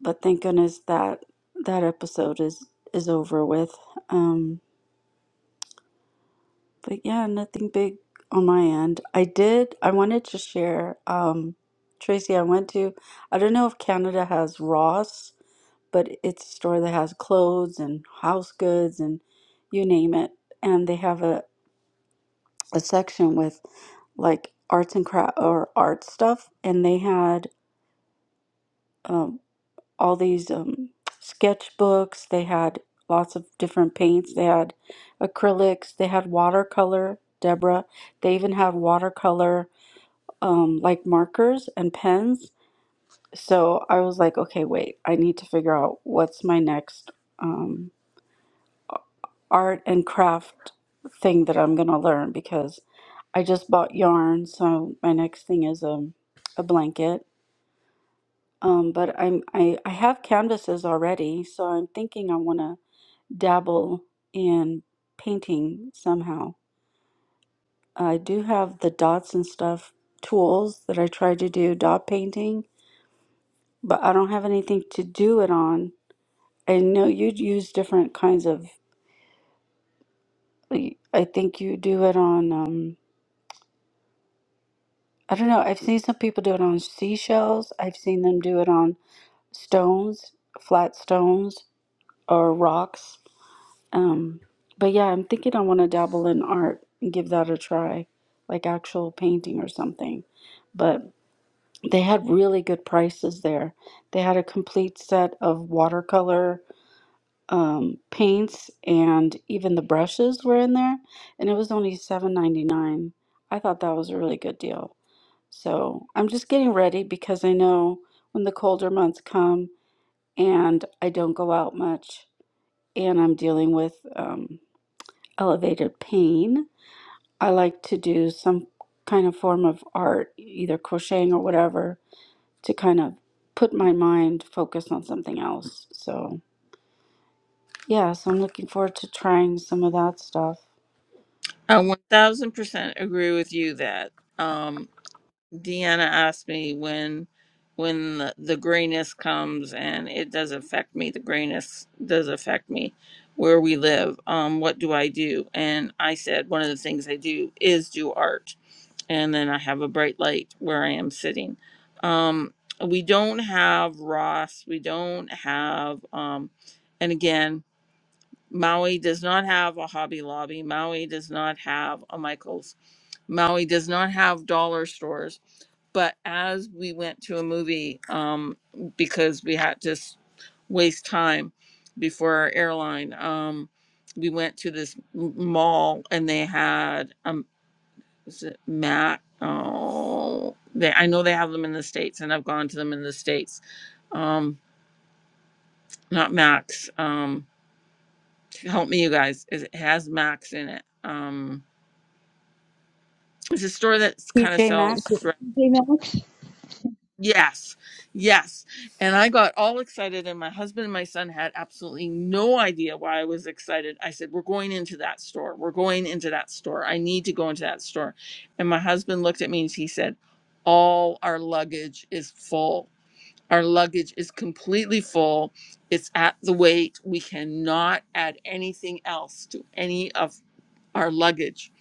S8: But thank goodness that that episode is is over with. Um, But yeah, nothing big on my end. I did, I wanted to share, um, Tracy, I went to, I don't know if Canada has Ross, but it's a store that has clothes and house goods and you name it. And they have a, a section with like arts and craft or art stuff. And they had um, all these um, sketchbooks. They had lots of different paints. They had acrylics. They had watercolor, Deborah. They even had watercolor, um, like markers and pens. So I was like, okay, wait, I need to figure out what's my next um, art and craft thing that I'm gonna learn because I just bought yarn. So my next thing is um, a blanket. Um, but I'm I, I have canvases already, so I'm thinking I want to dabble in painting somehow. I do have the dots and stuff tools that I try to do dot painting, but I don't have anything to do it on. I know you'd use different kinds of, like, I think you do it on, um, I don't know. I've seen some people do it on seashells. I've seen them do it on stones, flat stones, or rocks. Um, but yeah, I'm thinking I want to dabble in art and give that a try, like actual painting or something. But they had really good prices there. They had a complete set of watercolor um, paints, and even the brushes were in there, and it was only $7.99. I thought that was a really good deal. So I'm just getting ready because I know when the colder months come and I don't go out much, and I'm dealing with um, elevated pain. I like to do some kind of form of art, either crocheting or whatever, to kind of put my mind focused on something else. So, yeah, so I'm looking forward to trying some of that stuff.
S1: I 1000% agree with you that um, Deanna asked me when when the, the grayness comes and it does affect me. The grayness does affect me where we live. Um, what do I do? And I said one of the things I do is do art. And then I have a bright light where I am sitting. Um, we don't have Ross. We don't have, um, and again, Maui does not have a Hobby Lobby. Maui does not have a Michaels. Maui does not have dollar stores. But as we went to a movie, um, because we had to s- waste time before our airline, um, we went to this m- mall and they had um, is it Mac? Oh, they I know they have them in the states, and I've gone to them in the states. Um, not Max. um, help me you guys it has max in it um it's a store that kind of
S8: TJ
S1: sells
S8: Maxx.
S1: dress
S4: You know?
S1: yes yes and i got all excited and my husband and my son had absolutely no idea why i was excited i said we're going into that store we're going into that store i need to go into that store and my husband looked at me and he said all our luggage is full our luggage is completely full it's at the weight we cannot add anything else to any of our luggage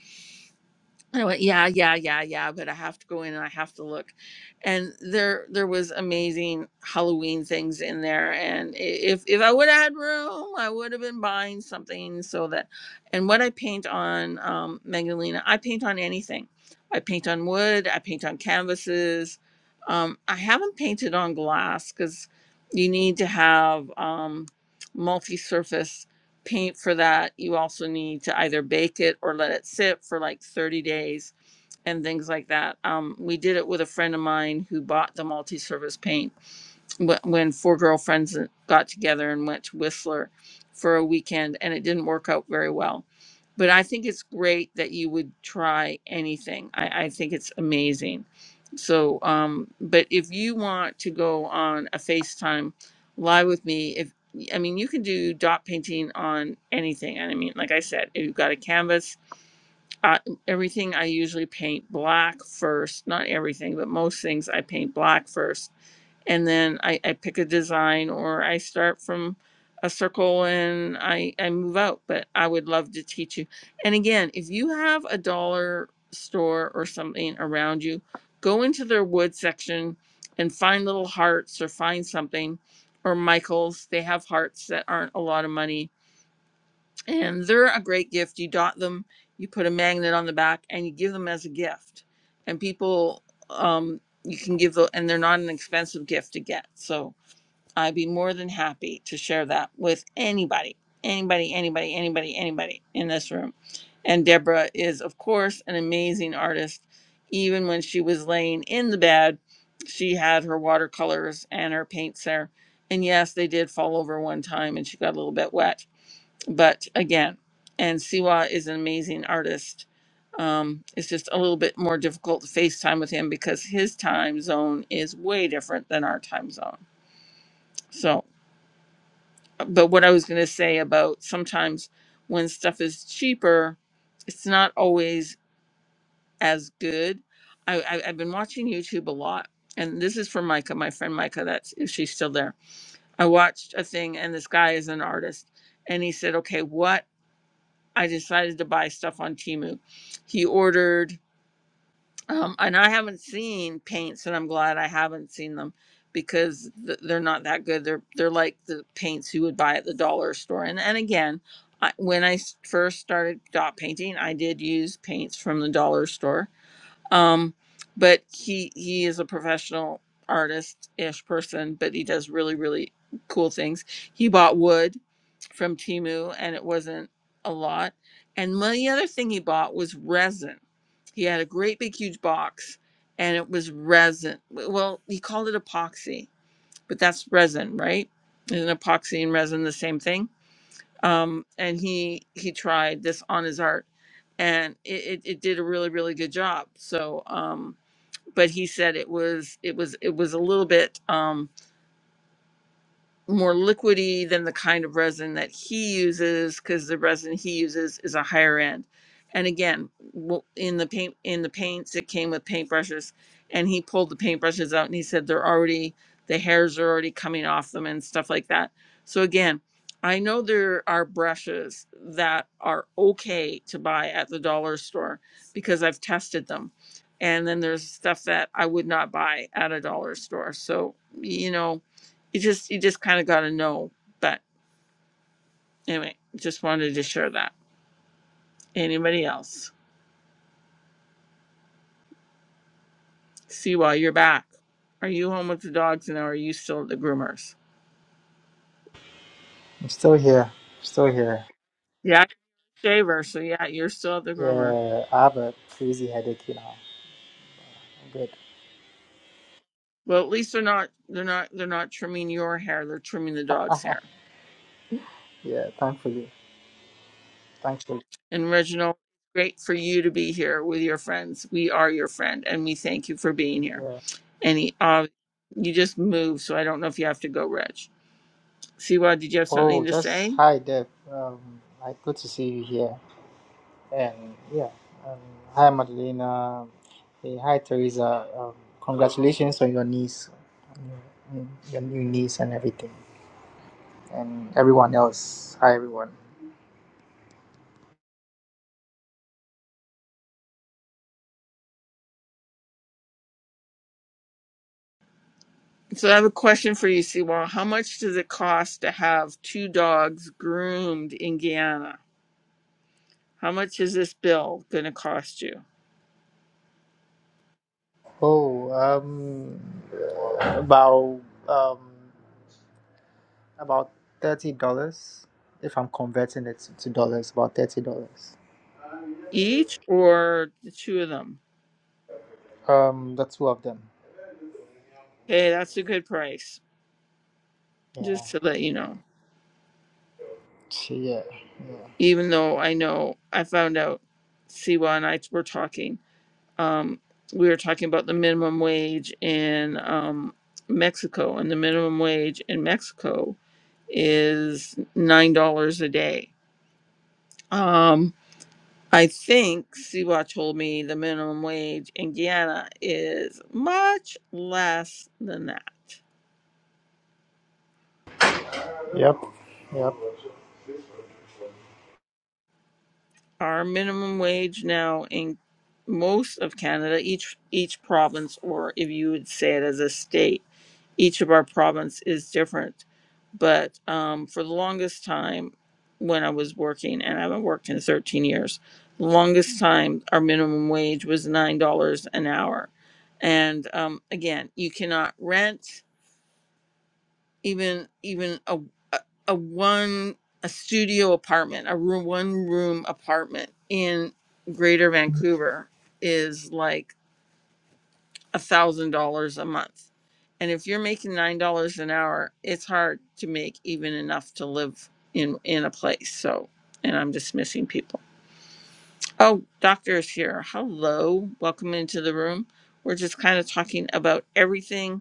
S1: I went, yeah, yeah, yeah, yeah, but I have to go in and I have to look. And there there was amazing Halloween things in there. And i- if if I would have had room, I would have been buying something so that and what I paint on um Magdalena, I paint on anything. I paint on wood, I paint on canvases. Um, I haven't painted on glass because you need to have um multi-surface paint for that you also need to either bake it or let it sit for like 30 days and things like that um, we did it with a friend of mine who bought the multi-surface paint wh- when four girlfriends uh, got together and went to Whistler for a weekend, and it didn't work out very well. But I think it's great that you would try anything. I, I think it's amazing. So, um, but if you want to go on a FaceTime live with me, if I mean, you can do dot painting on anything. And I mean, like I said, if you've got a canvas, uh, everything I usually paint black first. Not everything, but most things I paint black first and then I, I pick a design or I start from a circle and I, I move out. But I would love to teach you. And again, if you have a dollar store or something around you, go into their wood section and find little hearts or find something or Michael's. They have hearts that aren't a lot of money and they're a great gift. You dot them, you put a magnet on the back, and you give them as a gift. And people, um, you can give them, and they're not an expensive gift to get. So I'd be more than happy to share that with anybody, anybody, anybody, anybody, anybody in this room. And Deborah is, of course, an amazing artist. Even when she was laying in the bed, she had her watercolors and her paints there. And yes, they did fall over one time and she got a little bit wet but again, and Siwa is an amazing artist. Um, it's just a little bit more difficult to FaceTime with him because his time zone is way different than our time zone. So, but what I was going to say about sometimes when stuff is cheaper, it's not always as good. I, I, I've been watching YouTube a lot, and this is for Micah, my friend Micah. That's if she's still there. I watched a thing, and this guy is an artist, and he said, "Okay, what?" I decided to buy stuff on Timu. He ordered, um, and I haven't seen paints, and I'm glad I haven't seen them because th- they're not that good. They're they're like the paints you would buy at the dollar store. And and again, I, when I s- first started dot painting, I did use paints from the dollar store um, but he he is a professional artist ish person, but he does really really cool things. He bought wood from Timu, and it wasn't a lot. And one- the other thing he bought was resin. He had a great big huge box, and it was resin. Well, he called it epoxy, but that's resin, right? Isn't epoxy and resin the same thing? um, and he he tried this on his art, and it, it, it did a really really good job. So, um, but he said it was it was it was a little bit. Um, more liquidy than the kind of resin that he uses because the resin he uses is a higher end and again w- in the paint in the paints it came with paintbrushes and he pulled the paintbrushes out and he said they're already the hairs are already coming off them and stuff like that so again i know there are brushes that are okay to buy at the dollar store because i've tested them and then there's stuff that i would not buy at a dollar store so you know you just you just kind of got to know. But anyway, just wanted to share that. Anybody else? See while you're back. Are you home with the dogs now? Or are you still at the groomers?
S2: I'm still here. I'm still here.
S1: Yeah, shaver. So yeah, you're still at the groomer.
S2: Yeah, I have a crazy headache, you know. I'm good.
S1: Well, at least they're not they're not they're not trimming your hair. They're trimming the dog's hair.
S2: Yeah, thankfully. Thankfully.
S1: And Reginald, great for you to be here with your friends. We are your friend, and we thank you for being here.
S2: Yeah.
S1: And he, uh, you just moved, so I don't know if you have to go, Reg. Siwa, did you have something
S2: Oh,
S1: to
S2: just
S1: say?
S2: hi, Deb. Um, I good to see you here. And yeah, um, hi Madalena. Hey, hi Teresa. Um, congratulations on your niece, mm, your new niece and everything, and everyone else. Hi everyone.
S1: So I have a question for you, Siwa. How much does it cost to have two dogs groomed in Guyana? How much is this bill going to cost you?
S2: Oh, um, about um, about thirty dollars. If I'm converting it to dollars, about thirty dollars.
S1: Each or the two of them?
S2: Um, the two of them.
S1: Hey, that's a good price,
S2: Yeah.
S1: just to let you know.
S2: so, Yeah. Yeah.
S1: Even though I know I found out Siwa and I were talking. Um, we were talking about the minimum wage in um, Mexico, and the minimum wage in Mexico is $9 a day. Um, I think Siwa told me the minimum wage in Guyana is much less than that.
S2: Yep. Yep.
S1: Our minimum wage now in most of Canada, each each province, or if you would say it as a state, each of our province is different. But um, for the longest time, when I was working, and I haven't worked in 13 years, the longest time our minimum wage was nine dollars an hour. And um, again, you cannot rent even even a a, a one a studio apartment, a room one room apartment in Greater Vancouver is like a thousand dollars a month. And if you're making nine dollars an hour, it's hard to make even enough to live in in a place. So and I'm dismissing people. Oh, doctor is here. Hello. Welcome into the room. We're just kind of talking about everything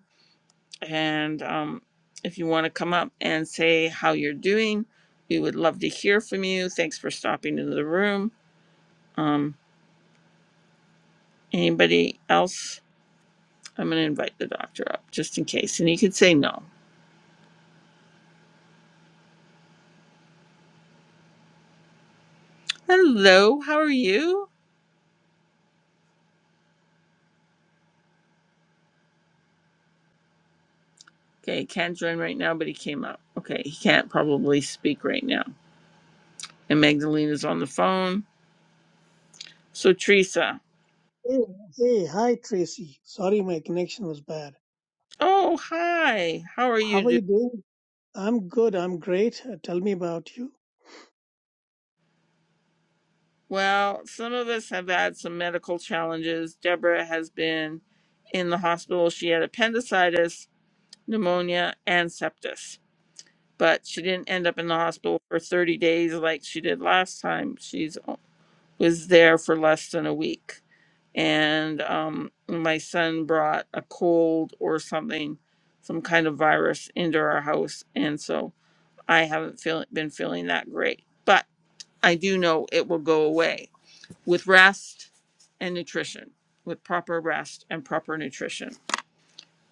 S1: and um, if you want to come up and say how you're doing, we would love to hear from you. Thanks for stopping into the room. Um, anybody else? I'm going to invite the doctor up just in case. And he could say no. Hello, how are you? Okay, he can't join right now, but he came up. Okay, he can't probably speak right now. And Magdalena's on the phone. So, Teresa.
S9: Hey, hey, hi Tracy. Sorry, my connection was bad.
S1: Oh, hi. How are
S9: How
S1: you doing?
S9: are you doing? I'm good. I'm great. Uh, tell me about you.
S1: Well, some of us have had some medical challenges. Deborah has been in the hospital. She had appendicitis, pneumonia, and sepsis, but she didn't end up in the hospital for 30 days like she did last time. She's was there for less than a week, and um, my son brought a cold or something, some kind of virus into our house, and so I haven't feel, been feeling that great, but I do know it will go away with rest and nutrition, with proper rest and proper nutrition.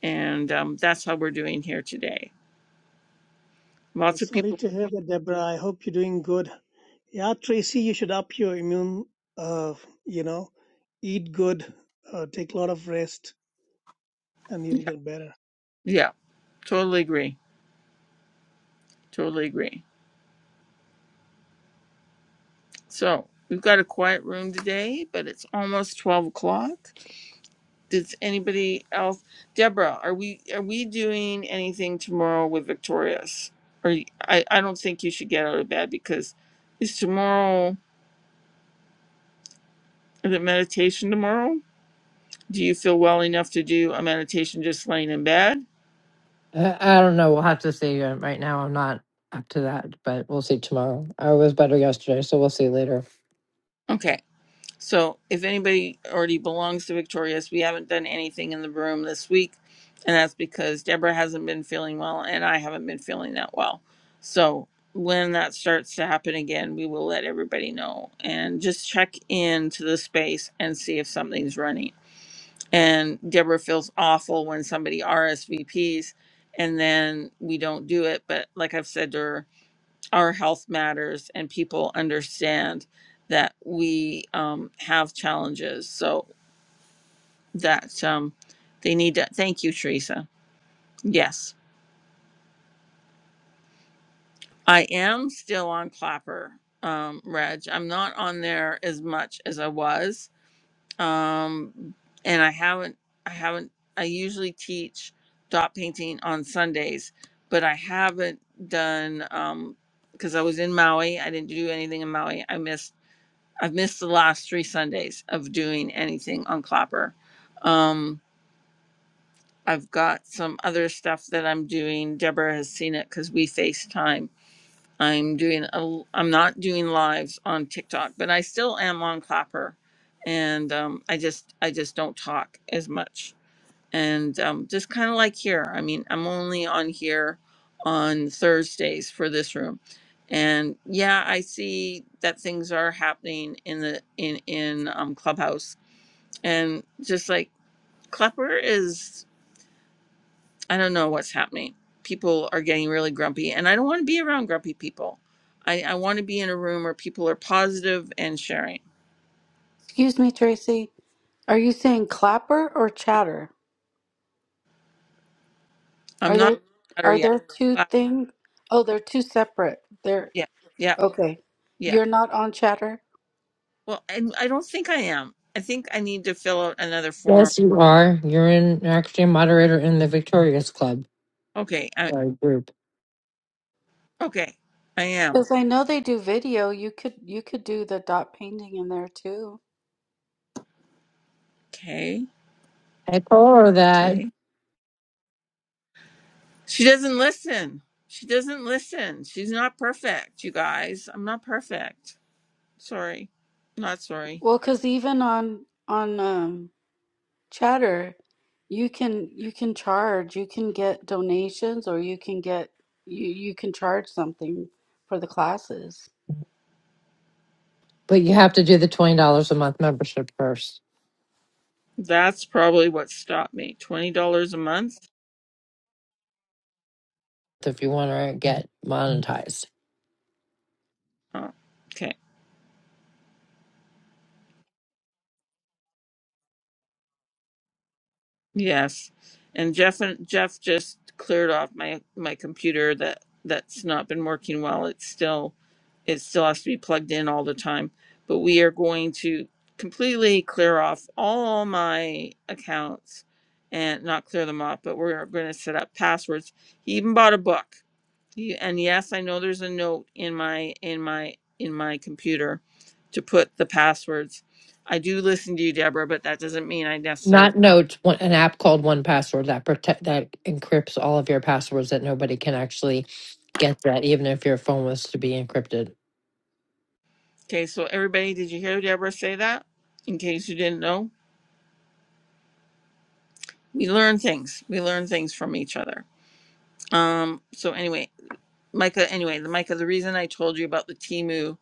S1: And um, that's how we're doing here today.
S9: Yeah,
S1: Lots of
S9: Sorry
S1: people,
S9: to hear that, Deborah. I hope you're doing good. Yeah, Tracy, you should up your immune. Uh, you know, eat good, uh, take a lot of rest, and you'll
S1: yeah,
S9: get better.
S1: yeah, totally agree. Totally agree. So we've got a quiet room today, but it's almost 12 o'clock. Does anybody else? Deborah, are we are we doing anything tomorrow with Victorious? Or y- I, I don't think you should get out of bed because is tomorrow is it meditation tomorrow? Do you feel well enough to do a meditation just laying in bed?
S6: I, I don't know. We'll have to see. Uh, Right now, I'm not up to that, but we'll see tomorrow. I was better yesterday, so we'll see later.
S1: Okay. So, if anybody already belongs to Victorious, we haven't done anything in the room this week. And that's because Deborah hasn't been feeling well and I haven't been feeling that well. So, when that starts to happen again, we will let everybody know and just check into the space and see if something's running. And Deborah feels awful when somebody RSVPs and then we don't do it. But, like I've said to her, our health matters and people understand that we um, have challenges so that um, they need to thank you teresa yes i am still on clapper um, reg i'm not on there as much as i was um, and i haven't i haven't i usually teach dot painting on sundays but i haven't done um because i was in maui i didn't do anything in maui i missed I've missed the last three Sundays of doing anything on Clapper. Um, I've got some other stuff that I'm doing. Deborah has seen it because we FaceTime. I'm doing a, l- I'm not doing lives on TikTok, but I still am on Clapper, and um, I just I just don't talk as much and um, just kind of like here. I mean, I'm only on here on Thursdays for this room, and yeah, I see that things are happening in the in in um, Clubhouse, and just like Klepper is, I don't know what's happening. People are getting really grumpy, and I don't want to be around grumpy people. I, I want to be in a room where people are positive and sharing.
S8: Excuse me, Tracy. Are you saying clapper or chatter?
S1: I'm
S8: Are
S1: not
S8: they
S1: on chatter
S8: are
S1: yet.
S8: there two
S1: Clap,
S8: things? Oh,
S1: clap.
S8: they're two separate. They're
S1: Yeah, yeah,
S8: okay.
S1: yeah.
S8: You're not on chatter?
S1: Well, I I don't think I am. I think I need to fill out another form.
S6: Yes, you are. You're in you're actually a moderator in the Victorious Club
S1: Okay, I
S6: uh, group.
S1: okay, I am.
S8: Because I know they do video. You could you could do the dot painting in there too.
S1: Okay,
S6: I call her that,
S1: okay. She doesn't listen. She doesn't listen. She's not perfect, you guys. I'm not perfect. Sorry, not sorry.
S8: Well, because even on on um, Chatter, you can you can charge, you can get donations, or you can get you you can charge something for the classes.
S6: but you have to do the twenty dollars a month membership first
S1: That's probably what stopped me. Twenty dollars a month.
S6: if you want to get monetized.
S1: Oh, okay. Yes, and Jeff and Jeff just cleared off my my computer that that's not been working well. It's still it still has to be plugged in all the time. But we are going to completely clear off all my accounts and not clear them off, but we're going to set up passwords. He even bought a book. He, and yes, I know there's a note in my in my in my computer to put the passwords. I do listen to you, Deborah, but that doesn't mean I necessarily.
S6: Not Notes, one- an app called One Password that protect that encrypts all of your passwords that nobody can actually get that, even if your phone was to be encrypted.
S1: Okay, so everybody, did you hear Deborah say that? In case you didn't know, we learn things. We learn things from each other. Um, so anyway, Micah, anyway, the Micah, the reason I told you about the Timu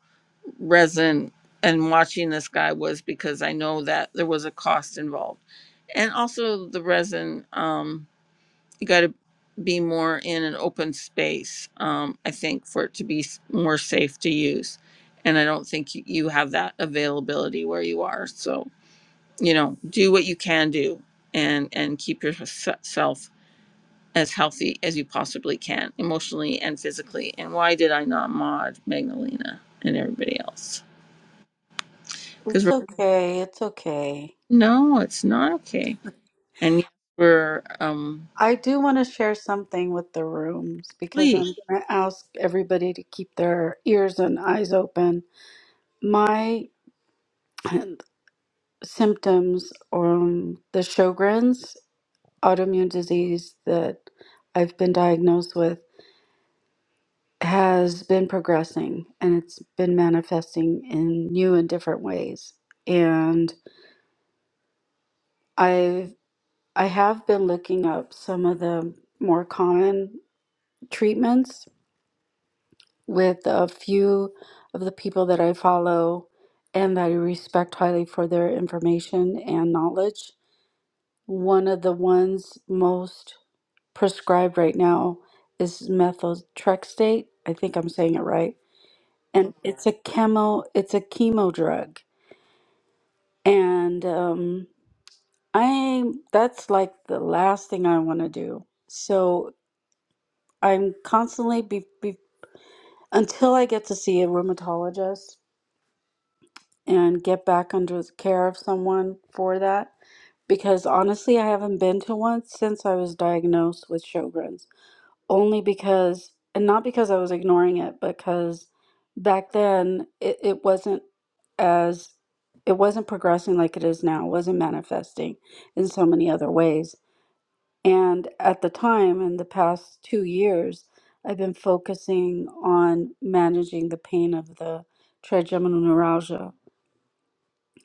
S1: resin and watching this guy was because I know that there was a cost involved. And also the resin, um, you got to be more in an open space, um, I think, for it to be s- more safe to use. And I don't think you you have that availability where you are. So, you know, do what you can do and and keep yourself as healthy as you possibly can, emotionally and physically. And why did I not mod Magdalena and everybody else? Because
S8: It's
S1: we're
S8: Mhm. okay. It's okay.
S1: no, it's not okay. And yes, we're um
S8: I do want to share something with the rooms because I'm
S1: please.
S8: going to ask everybody to keep their ears and eyes open. My symptoms, um, the Sjogren's autoimmune disease that I've been diagnosed with has been progressing and it's been manifesting in new and different ways. And I've I have been looking up some of the more common treatments with a few of the people that I follow and that I respect highly for their information and knowledge. One of the ones most prescribed right now is methotrexate. I think I'm saying it right. And it's a chemo it's a chemo drug And um, I that's like the last thing I want to do. So I'm constantly be, be, until I get to see a rheumatologist and get back under the care of someone for that. Because honestly, I haven't been to one since I was diagnosed with Sjogren's. Only because, and not because I was ignoring it, because back then it, it wasn't as, it wasn't progressing like it is now. It wasn't manifesting in so many other ways. And at the time, in the past two years, I've been focusing on managing the pain of the trigeminal neuralgia.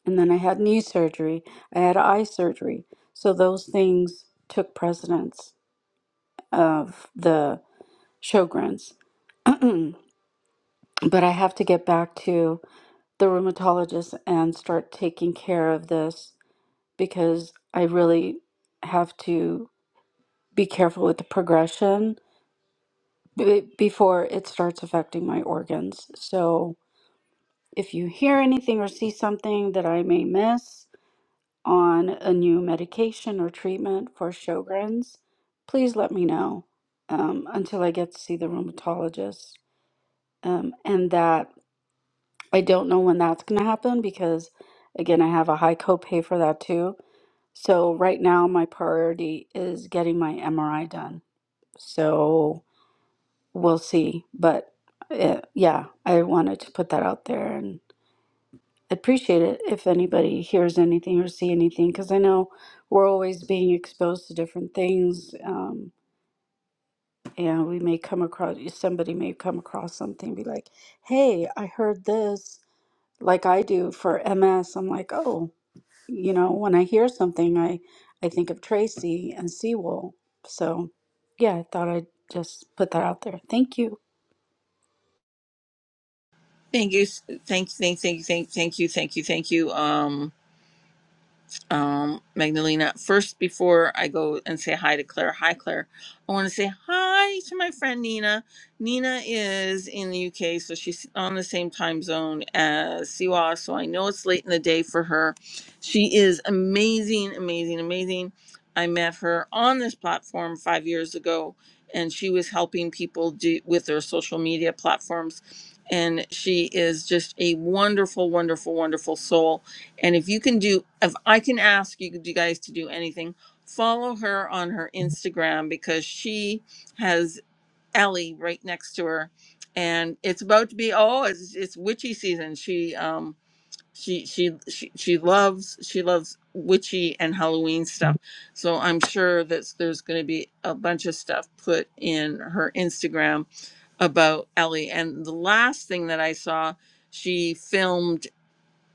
S8: And then I had knee surgery, I had eye surgery. So those things took precedence of the Sjogren's. but I have to get back to the rheumatologist and start taking care of this because I really have to be careful with the progression b- before it starts affecting my organs. So if you hear anything or see something that I may miss on a new medication or treatment for Sjogren's, please let me know um, until I get to see the rheumatologist. Um, and that I don't know when that's going to happen because, again, I have a high copay for that too. So right now, my priority is getting my MRI done. So we'll see. But uh yeah, I wanted to put that out there and I appreciate it if anybody hears anything or see anything because I know we're always being exposed to different things. Um, and we may come across somebody may come across something be like, "Hey, I heard this." Like I do for MS, I'm like, "Oh, you know, when I hear something, I I think of Tracy and Seawall." So, yeah, I thought I'd just put that out there. Thank you.
S1: Thank you, thank, thank, thank you, thank, thank you, thank you, thank you. Um, um, Magdalena. First, before I go and say hi to Claire, hi Claire, I want to say hi to my friend Nina. Nina is in the UK, so she's on the same time zone as Siwa, so I know it's late in the day for her. She is amazing, amazing, amazing. I met her on this platform five years ago, and she was helping people do, with their social media platforms. And she is just a wonderful, wonderful, wonderful soul and if you can do, if I can ask you you guys to do anything, follow her on her Instagram because she has Ellie right next to her, and it's about to be oh, it's, it's witchy season. She um she, she she she loves she loves witchy and Halloween stuff. So I'm sure that there's going to be a bunch of stuff put in her Instagram about Ellie. And the last thing that I saw, she filmed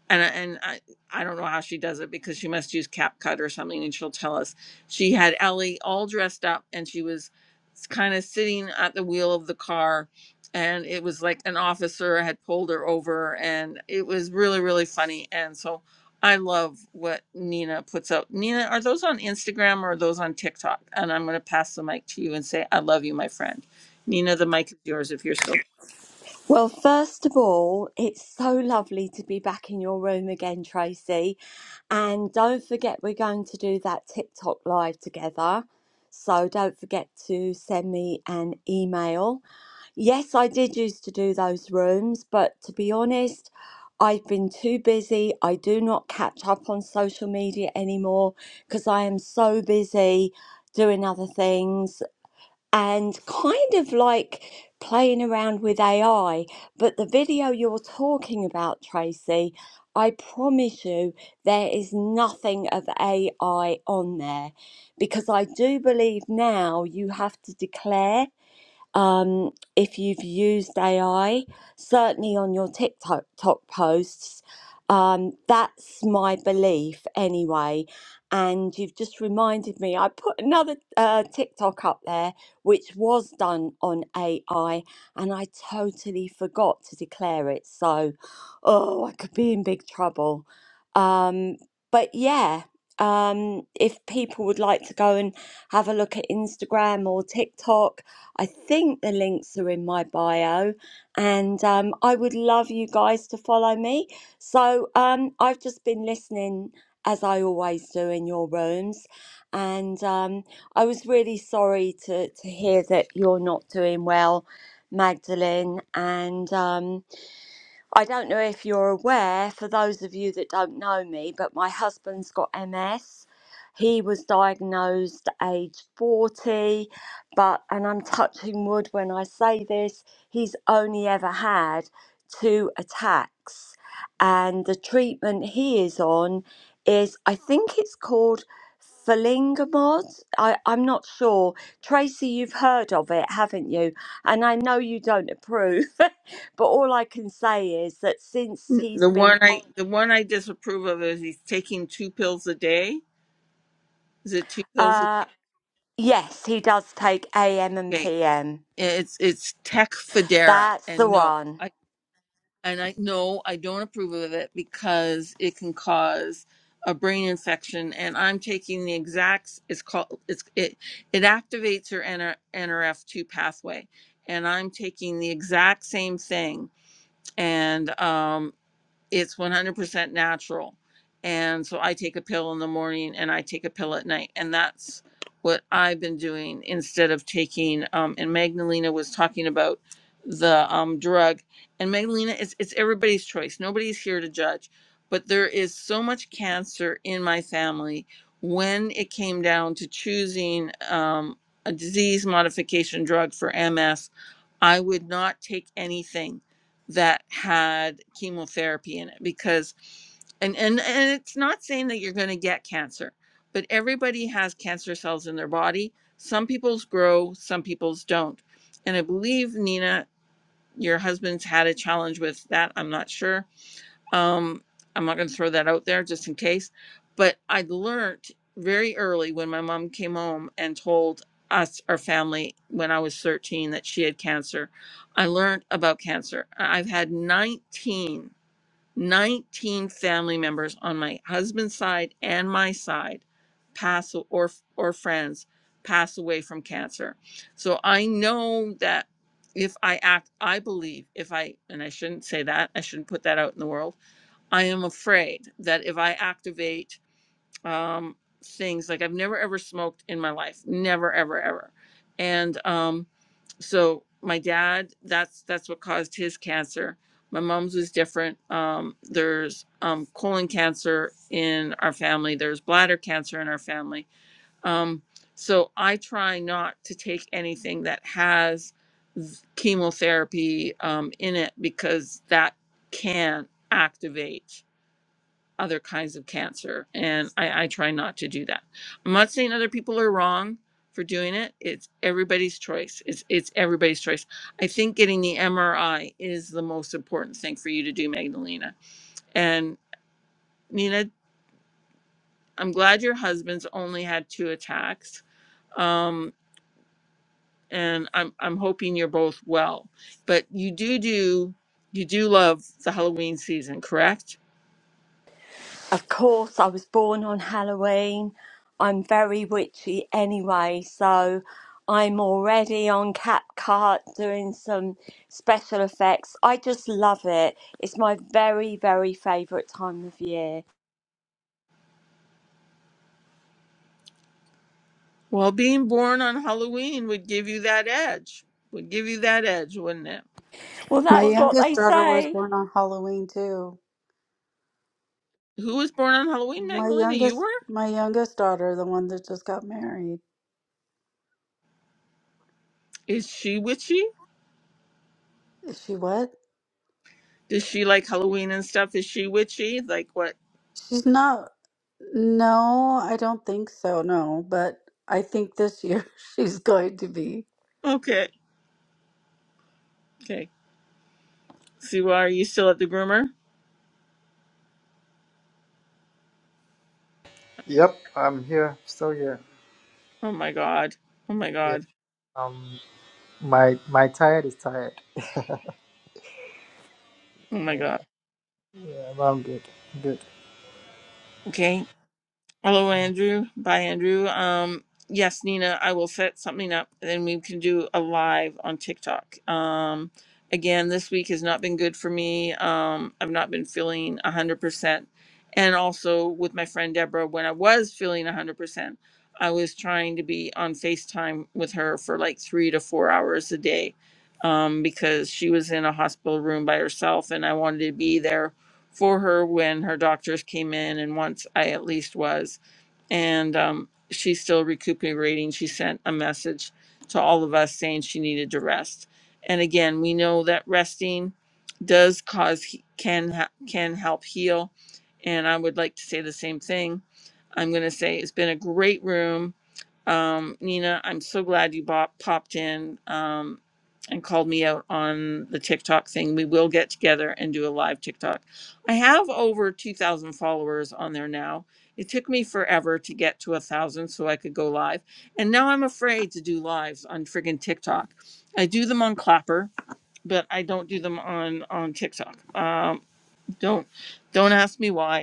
S1: and I- and I I don't know how she does it because she must use CapCut or something, and she'll tell us. She had Ellie all dressed up, and she was kind of sitting at the wheel of the car, and it was like an officer had pulled her over, and it was really really funny, and so. I love what Nina puts out. Nina, are those on Instagram or are those on TikTok? And I'm going to pass the mic to you and say, I love you, my friend. Nina, the mic is yours if you're still
S10: Well, first of all, it's so lovely to be back in your room again, Tracy. And don't forget, we're going to do that TikTok live together. So don't forget to send me an email. Yes, I did used to do those rooms, but to be honest, I've been too busy. I do not catch up on social media anymore because I am so busy doing other things and kind of like playing around with AI. But the video you're talking about, Tracy, I promise you, there is nothing of AI on there because I do believe now you have to declare um, if you've used AI, certainly on your TikTok posts. Um, that's my belief anyway. And you've just reminded me, I put another uh, TikTok up there, which was done on AI, and I totally forgot to declare it. So, oh, I could be in big trouble. Um, but yeah, um, if people would like to go and have a look at Instagram or TikTok, I think the links are in my bio, and um, I would love you guys to follow me. So um, I've just been listening as I always do in your rooms, and um, I was really sorry to to hear that you're not doing well, Magdalene, and. Um, I don't know if you're aware, for those of you that don't know me, but my husband's got MS. He was diagnosed age 40, but, and I'm touching wood when I say this, he's only ever had two attacks. And the treatment he is on is, I think it's called Falingamod. I, I'm not sure. Tracy, you've heard of it, haven't you? And I know you don't approve. But all I can say is that since he's
S1: The one
S10: been
S1: I
S10: on,
S1: the one I disapprove of is he's taking two pills a day. Is it two pills a
S10: uh, yes, he does take AM
S1: day?
S10: and
S1: Okay.
S10: PM.
S1: It's it's Tecfidera,
S10: That's the
S1: and no,
S10: one.
S1: I and I no, I don't approve of it because it can cause a brain infection. And I'm taking the exact. It's called it's it it activates your NR, NRF two pathway, and I'm taking the exact same thing. And um, it's 100% natural. And so I take a pill in the morning and I take a pill at night. And that's what I've been doing instead of taking, um, and Magdalena was talking about the um, drug. And Magdalena, it's, it's everybody's choice. Nobody's here to judge. But there is so much cancer in my family when it came down to choosing um, a disease modification drug for MS. I would not take anything that had chemotherapy in it because and and, and it's not saying that you're going to get cancer but everybody has cancer cells in their body some people's grow some people's don't and i believe nina your husband's had a challenge with that i'm not sure um, I'm not going to throw that out there just in case, but I learned very early when my mom came home and told us, our family, when I was 13, that she had cancer. I learned about cancer. I- I've had 19, 19 family members on my husband's side and my side pass a- or or friends pass away from cancer. So I know that if I act, I believe if I, and I shouldn't say that, I shouldn't put that out in the world I am afraid that if I activate um, things like I've never ever smoked in my life, never ever ever, and um, so my dad, that's that's what caused his cancer. My mom's was different. Um, there's um, colon cancer in our family. There's bladder cancer in our family. Um, so I try not to take anything that has chemotherapy um, in it because that can activate other kinds of cancer. And I, I try not to do that. I'm not saying other people are wrong for doing it. It's everybody's choice. It's it's everybody's choice. I think getting the MRI is the most important thing for you to do, Magdalena. And Nina, I'm glad your husband's only had two attacks. Um, and I'm I'm hoping you're both well. But you do do you do love the Halloween season, correct?
S10: Of course, I was born on Halloween. I'm very witchy anyway, so I'm already on CapCut doing some special effects. I just love it. It's my very, very favourite time of year.
S1: Well, being born on Halloween would give you that edge. Would give you that edge, wouldn't it?
S10: Well,
S8: My
S10: that's what
S8: youngest
S10: they
S8: daughter was
S10: say.
S8: born on Halloween too.
S1: Who was born on Halloween,
S8: My
S1: Magdalena? You
S8: youngest
S1: were?
S8: my youngest daughter, the one that just got married.
S1: Is she witchy?
S8: Is she what?
S1: Does she like Halloween and stuff? Is she witchy? Like what?
S8: She's not no, I don't think so, no, but I think this year she's going to be.
S1: Okay. Okay. See, why are you still at the groomer?
S2: Yep. I'm here. Still here.
S1: Oh my god. Oh my
S2: Yeah.
S1: god.
S2: Um. My my tired is tired.
S1: Oh my god.
S2: Yeah, but I'm good. Good.
S1: Okay. Hello, Andrew. Bye, Andrew. Um, yes, Nina, I will set something up and then we can do a live on TikTok. Um, again, this week has not been good for me. Um, I've not been feeling 100%. And also with my friend Deborah, when I was feeling 100%, I was trying to be on FaceTime with her for like three to four hours a day um, because she was in a hospital room by herself and I wanted to be there for her when her doctors came in and once I at least was. And um, she's still recuperating. She sent a message to all of us saying she needed to rest. And again, we know that resting does cause can ha- can help heal. And I would like to say the same thing. I'm going to say it's been a great room. Um, Nina, I'm so glad you bop- popped in um, and called me out on the TikTok thing. We will get together and do a live TikTok. I have over 2,000 followers on there now. It took me forever to get to a thousand so I could go live. And now I'm afraid to do lives on friggin' TikTok. I do them on Clapper, but I don't do them on on TikTok. Um, don't don't ask me why.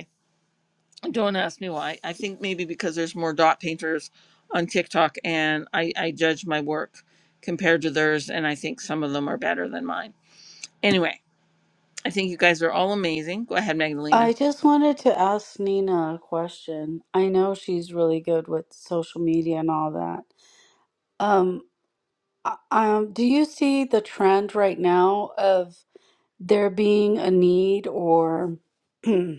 S1: Don't ask me why. I think maybe because there's more dot painters on TikTok and I, I judge my work compared to theirs and I think some of them are better than mine. Anyway, I think you guys are all amazing. Go ahead, Magdalena.
S8: I just wanted to ask Nina a question. I know she's really good with social media and all that. Um, uh, um, do you see the trend right now of there being a need or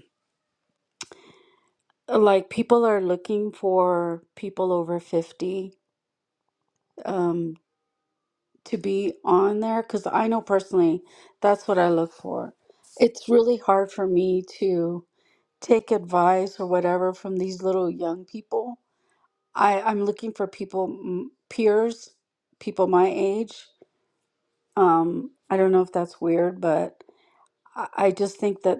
S8: like people are looking for people over 50 um to be on there because I know personally that's what I look for. It's really hard for me to take advice or whatever from these little young people. I I'm looking for people mm, peers, people my age. Um I don't know if that's weird, but I I just think that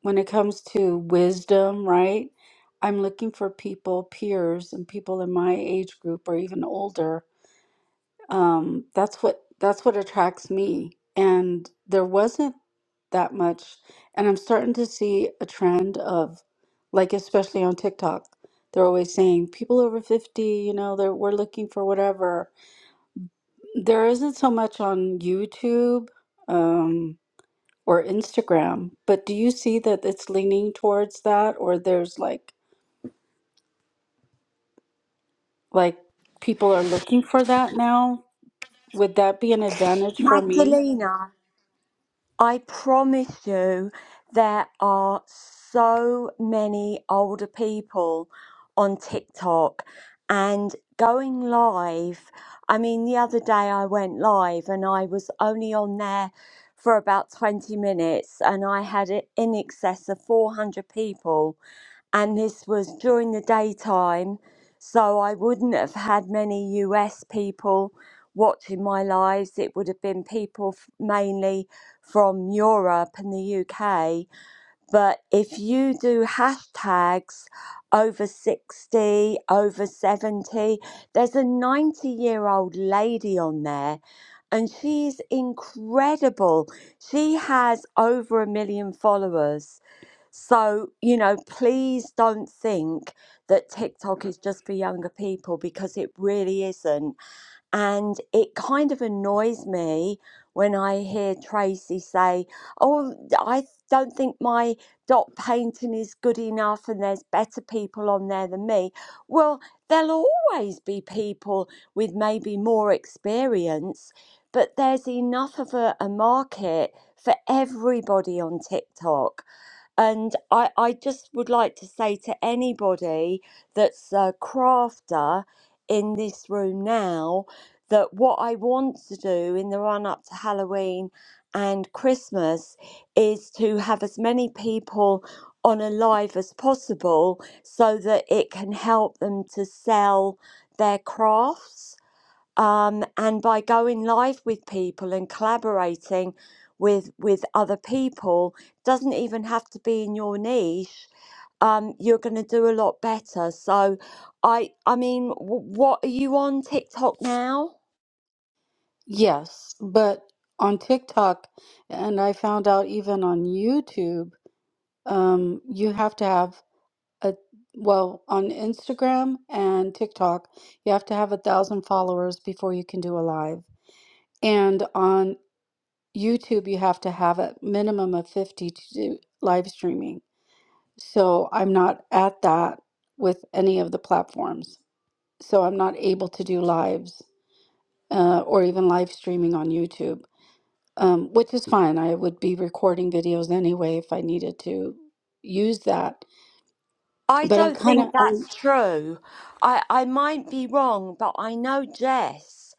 S8: when it comes to wisdom, right? I'm looking for people, peers, and people in my age group or even older. Um, that's what that's what attracts me. And there wasn't that much, and I'm starting to see a trend of, like especially on TikTok, they're always saying people over 50, you know, they're we're looking for whatever. There isn't so much on YouTube. um, or Instagram. But do you see that it's leaning towards that or there's like like people are looking for that now? Would that be an advantage for me?
S10: Magdalena. I promise you, there are so many older people on TikTok and going live. I mean, the other day I went live and I was only on there for about 20 minutes and I had it in excess of 400 people and this was during the daytime, so I wouldn't have had many US people watching my lives. It would have been people f- mainly from Europe and the UK. But if you do hashtags over 60, over 70, there's a 90 year old lady on there. And she's incredible. She has over a million followers so, you know, please don't think that TikTok is just for younger people because it really isn't. And it kind of annoys me when I hear Tracy say, Oh, I don't think my dot painting is good enough and there's better people on there than me. Well, there'll always be people with maybe more experience, but there's enough of a, a market for everybody on TikTok. And I, I just would like to say to anybody that's a crafter in this room now that what I want to do in the run up to Halloween and Christmas is to have as many people on a live as possible so that it can help them to sell their crafts um, and by going live with people and collaborating with with other people doesn't even have to be in your niche um, you're going to do a lot better so i i mean w- what are you on tiktok now
S8: Yes, but on TikTok and I found out even on YouTube, um you have to have a well, on Instagram and TikTok, you have to have a thousand followers before you can do a live. And on YouTube, you have to have a minimum of 50 to do live streaming. So I'm not at that with any of the platforms. So I'm not able to do lives uh, or even live streaming on YouTube, um, which is fine. I would be recording videos anyway if I needed to use that.
S10: I
S8: But I'm
S10: don't
S8: kind of,
S10: think
S8: I'm,
S10: that's true. I, I might be wrong, but I know Jess.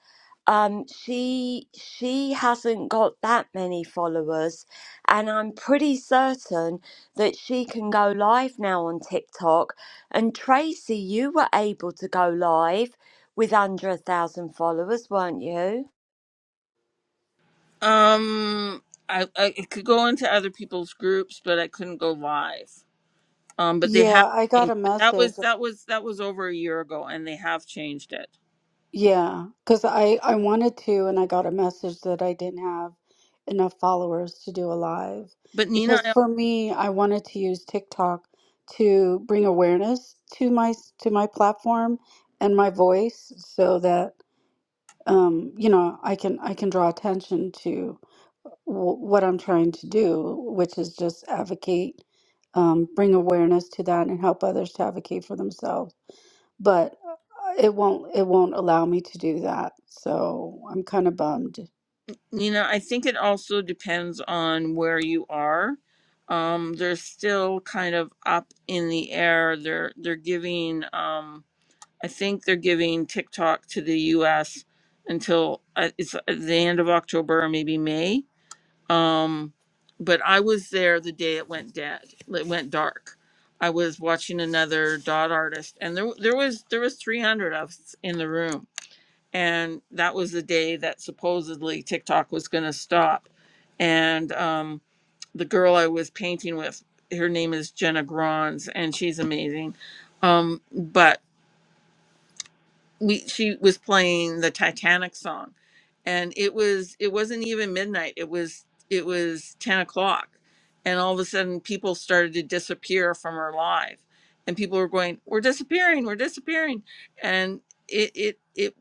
S10: Um, she she hasn't got that many followers, and I'm pretty certain that she can go live now on TikTok. And Tracy, you were able to go live with under a thousand followers, weren't you?
S1: Um I, I it could go into other people's groups, but I couldn't go live. Um but they have
S8: yeah, I got
S1: changed.
S8: a
S1: But that
S8: message.
S1: was that was that was over a year ago and they have changed it.
S8: Yeah, because I I wanted to, and I got a message that I didn't have enough followers to do a live.
S1: But Nina,
S8: Because
S1: I
S8: for me, I wanted to use TikTok to bring awareness to my to my platform and my voice, so that um, you know, I can I can draw attention to w what I'm trying to do, which is just advocate, um, bring awareness to that, and help others to advocate for themselves but it won't it won't allow me to do that. So I'm kind of bummed.
S1: Nina, I think it also depends on where you are. Um, they're still kind of up in the air. They're they're giving. Um, I think they're giving TikTok to the U.S. until uh, it's at the end of October or maybe May. Um, but I was there the day it went dead. It went dark. I was watching another dot artist, and there there was there was 300 of us in the room and that was the day that supposedly TikTok was going to stop. And um, the girl I was painting with, her name is Jenna Grons, and she's amazing. Um, but we she was playing the Titanic song, and it was it wasn't even midnight. It was it was ten o'clock, and all of a sudden people started to disappear from her live, and people were going, "We're disappearing, we're disappearing," and it it it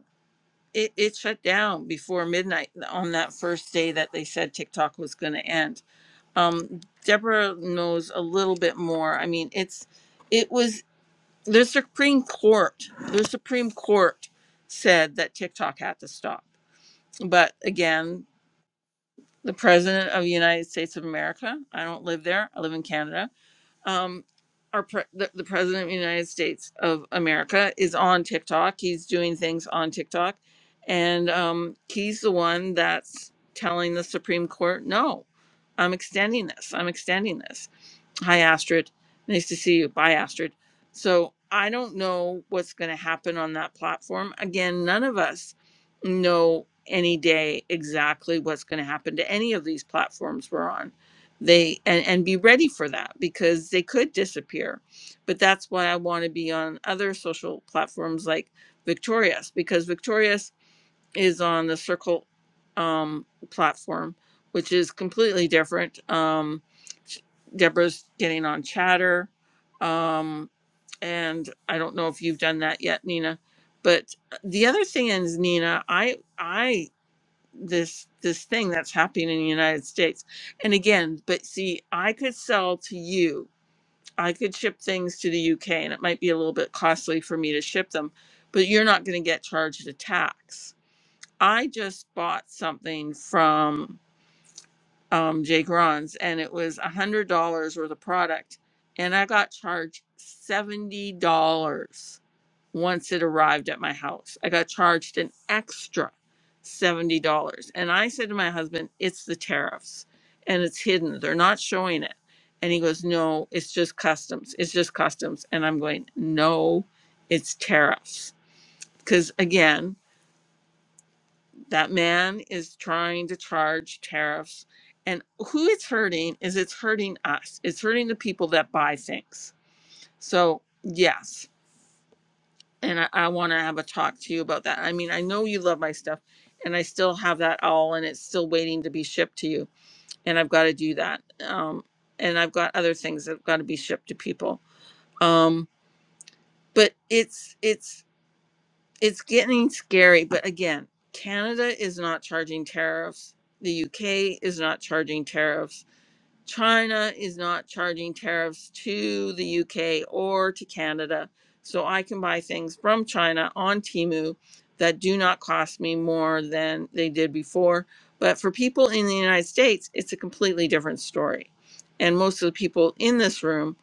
S1: it, it shut down before midnight on that first day that they said TikTok was going to end. Um, Deborah knows a little bit more. I mean, it's it was the Supreme Court. The Supreme Court said that TikTok had to stop. But again, the president of the United States of America. I don't live there. I live in Canada um, our pre- the, the president of the United States of America is on TikTok. He's doing things on TikTok, and um, he's the one that's telling the Supreme Court, "No, I'm extending this. I'm extending this." Hi, Astrid. Nice to see you. Bye, Astrid. So I don't know what's going to happen on that platform. Again, none of us know any day exactly what's going to happen to any of these platforms we're on. They and, and be ready for that because they could disappear. But that's why I want to be on other social platforms like Victorious because Victorious is on the Circle um, platform, which is completely different. Um, Deborah's getting on chatter. Um, and I don't know if you've done that yet, Nina. But the other thing is, Nina, I I this this thing that's happening in the United States. And again, but see, I could sell to you. I could ship things to the UK and it might be a little bit costly for me to ship them, but you're not going to get charged a tax. I just bought something from um, Jay Gron's, and it was a hundred dollars worth of product, and I got charged seventy dollars once it arrived at my house. I got charged an extra seventy dollars, and I said to my husband, "It's the tariffs, and it's hidden. They're not showing it." And he goes, "No, it's just customs. It's just customs." And I'm going, "No, it's tariffs." Because again, that man is trying to charge tariffs. And who it's hurting is it's hurting us. It's hurting the people that buy things. So, yes. And I, I want to have a talk to you about that. I mean, I know you love my stuff, and I still have that all, and it's still waiting to be shipped to you. And I've got to do that. Um, and I've got other things that have got to be shipped to people. Um, but it's it's it's getting scary but again canada is not charging tariffs the uk is not charging tariffs china is not charging tariffs to the uk or to canada so i can buy things from china on Temu that do not cost me more than they did before but for people in the united states it's a completely different story and most of the people in this room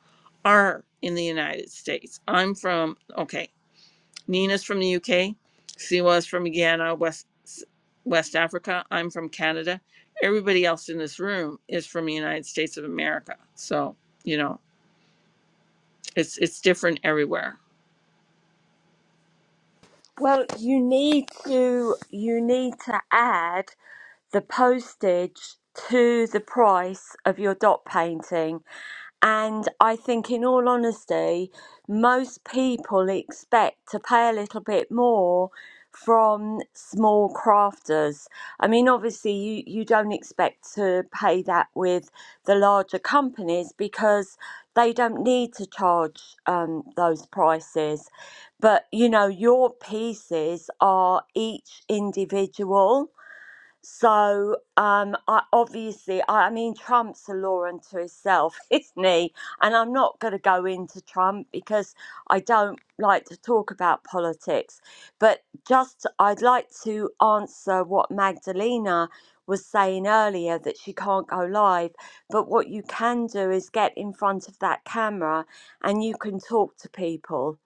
S1: are in the united states i'm from okay Nina's from the UK. Siwa's from Guyana, West West Africa. I'm from Canada. Everybody else in this room is from the United States of America. So, you know, it's it's different everywhere.
S10: Well, you need to you need to add the postage to the price of your dot painting. And I think, in all honesty, most people expect to pay a little bit more from small crafters. I mean, obviously, you, you don't expect to pay that with the larger companies because they don't need to charge um, those prices. But, you know, your pieces are each individual so, um, I, obviously, I, I mean, Trump's a law unto himself, isn't he? And I'm not going to go into Trump because I don't like to talk about politics. But just, I'd like to answer what Magdalena was saying earlier that she can't go live. But what you can do is get in front of that camera and you can talk to people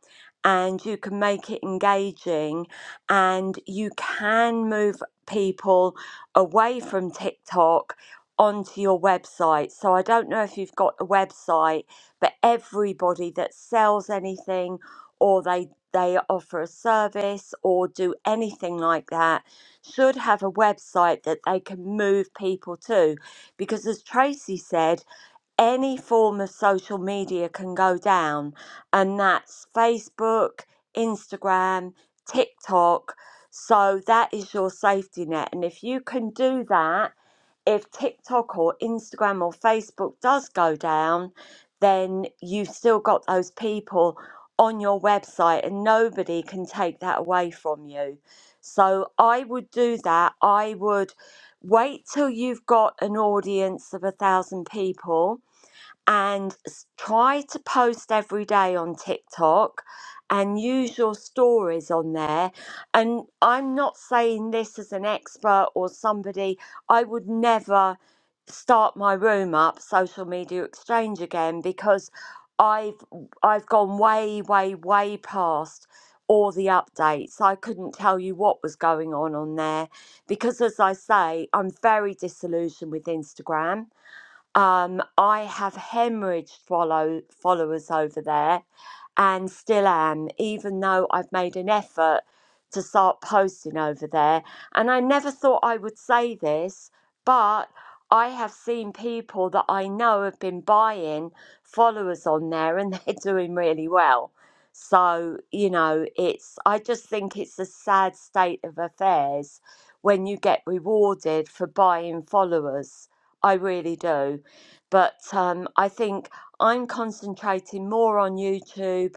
S10: and you can make it engaging and you can move people away from TikTok onto your website. So I don't know if you've got a website, but everybody that sells anything or they they offer a service or do anything like that should have a website that they can move people to because as Tracy said any form of social media can go down, and that's Facebook, Instagram, TikTok. So that is your safety net. And if you can do that, if TikTok or Instagram or Facebook does go down, then you've still got those people on your website and nobody can take that away from you. So I would do that. I would wait till you've got an audience of a thousand people and s- try to post every day on TikTok and use your stories on there. And I'm not saying this as an expert or somebody, I would never start my room up social media exchange again because I've I've gone way way way past all the updates. I couldn't tell you what was going on on there because as I say, I'm very disillusioned with Instagram um, I have hemorrhaged follow followers over there, and still am, even though I've made an effort to start posting over there. And I never thought I would say this, but I have seen people that I know have been buying followers on there, and they're doing really well. So you know, it's I just think it's a sad state of affairs when you get rewarded for buying followers. I really do but um, I think I'm concentrating more on YouTube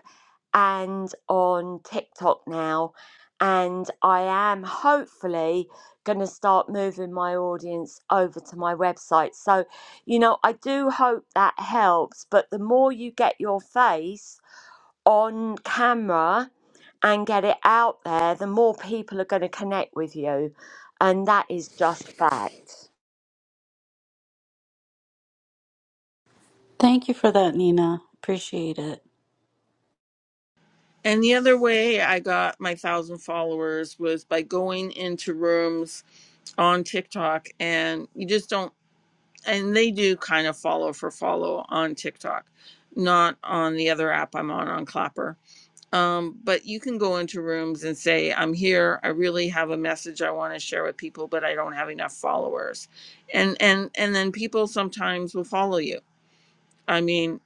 S10: and on TikTok now. And I am hopefully going to start moving my audience over to my website. So, you know, I do hope that helps. But the more you get your face on camera and get it out there, the more people are going to connect with you. And that is just fact.
S8: Thank you for that, Nina. Appreciate it.
S1: And the other way I got my thousand followers was by going into rooms on TikTok and you just don't and they do kind of follow for follow on TikTok, not on the other app I'm on on Clapper Um, but you can go into rooms and say, I'm here, I really have a message I want to share with people, but I don't have enough followers. And and and then people sometimes will follow you. I mean,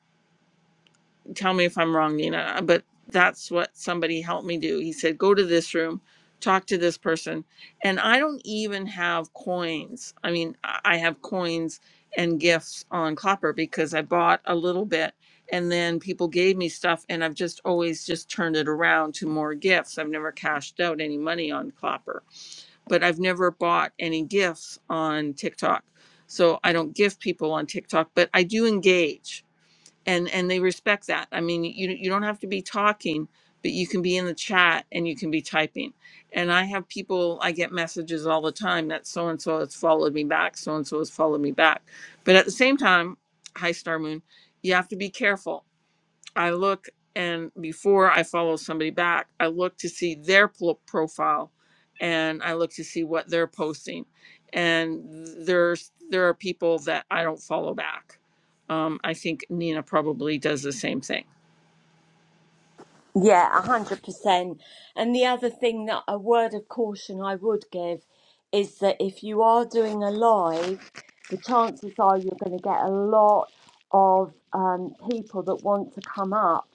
S1: tell me if I'm wrong, Nina, but that's what somebody helped me do. He said, go to this room, talk to this person. And I don't even have coins. I mean, I I have coins and gifts on Clopper because I bought a little bit and then people gave me stuff and I've just always just turned it around to more gifts. I've never cashed out any money on Clopper, but I've never bought any gifts on TikTok. So I don't gift people on TikTok, but I do engage and and they respect that i mean you you don't have to be talking but you can be in the chat and you can be typing and i have people i get messages all the time that so and so has followed me back so and so has followed me back but at the same time hi star moon you have to be careful I look and before I follow somebody back, I look to see their pl- profile and I look to see what they're posting. And there's there are people that I don't follow back. Um, I think Nina probably does the same thing.
S10: Yeah, a hundred percent. And the other thing that a word of caution I would give is that if you are doing a live, the chances are you're going to get a lot of um, people that want to come up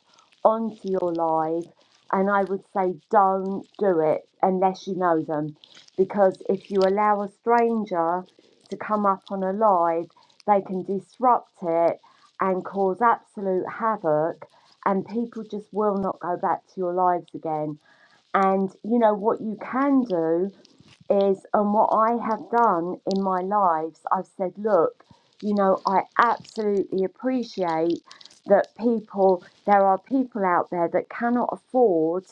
S10: onto your live. And I would say don't do it unless you know them, because if you allow a stranger to come up on a live, they can disrupt it and cause absolute havoc and people just will not go back to your lives again. And you know what you can do is, and what I have done in my lives, I've said, look, you know, I absolutely appreciate that people, there are people out there that cannot afford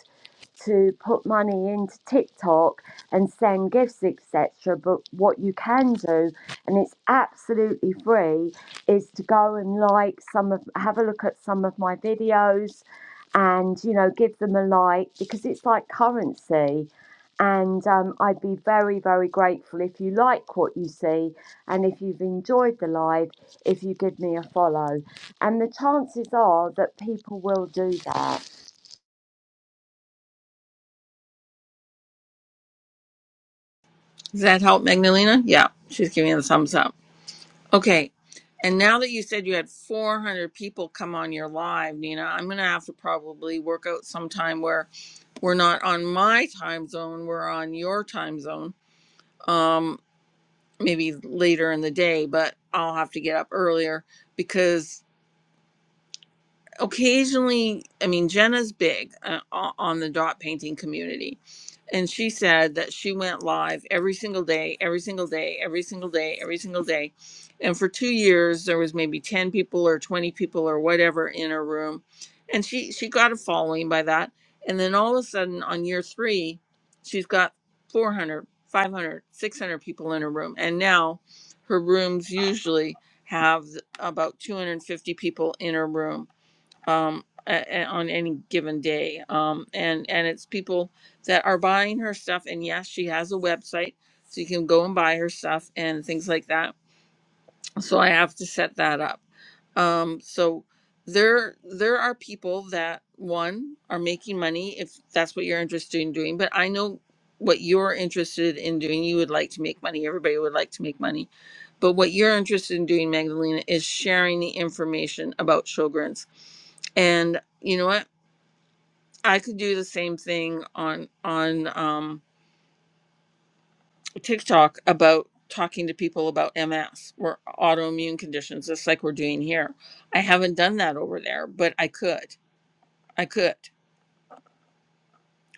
S10: to put money into TikTok and send gifts, etc. But what you can do, and it's absolutely free, is to go and like some of, have a look at some of my videos, and you know, give them a like because it's like currency. And um, I'd be very, very grateful if you like what you see and if you've enjoyed the live, if you give me a follow. And the chances are that people will do that.
S1: Does that help, Magdalena? Yeah, she's giving a thumbs up. Okay. And now that you said you had 400 people come on your live, Nina, I'm going to have to probably work out some time where we're not on my time zone, we're on your time zone Um, maybe later in the day, but I'll have to get up earlier because occasionally, I mean, Jenna's big uh, o- on the dot painting community and she said that she went live every single day, every single day, every single day, every single day. And for two years, there was maybe 10 people or 20 people or whatever in her room. And she, she got a following by that. And then all of a sudden on year three, she's got 400, 500, 600 people in her room. And now her rooms usually have about 250 people in her room um, a- a- on any given day. Um, and and it's people that are buying her stuff. And yes, she has a website, so you can go and buy her stuff and things like that so I have to set that up. Um, so there there are people that one are making money if that's what you're interested in doing. But I know what you're interested in doing. You would like to make money. Everybody would like to make money. But what you're interested in doing, Magdalena, is sharing the information about Sjogren's. And you know what? I could do the same thing on on um TikTok about talking to people about MS or autoimmune conditions, just like we're doing here. I haven't done that over there, but I could. I could.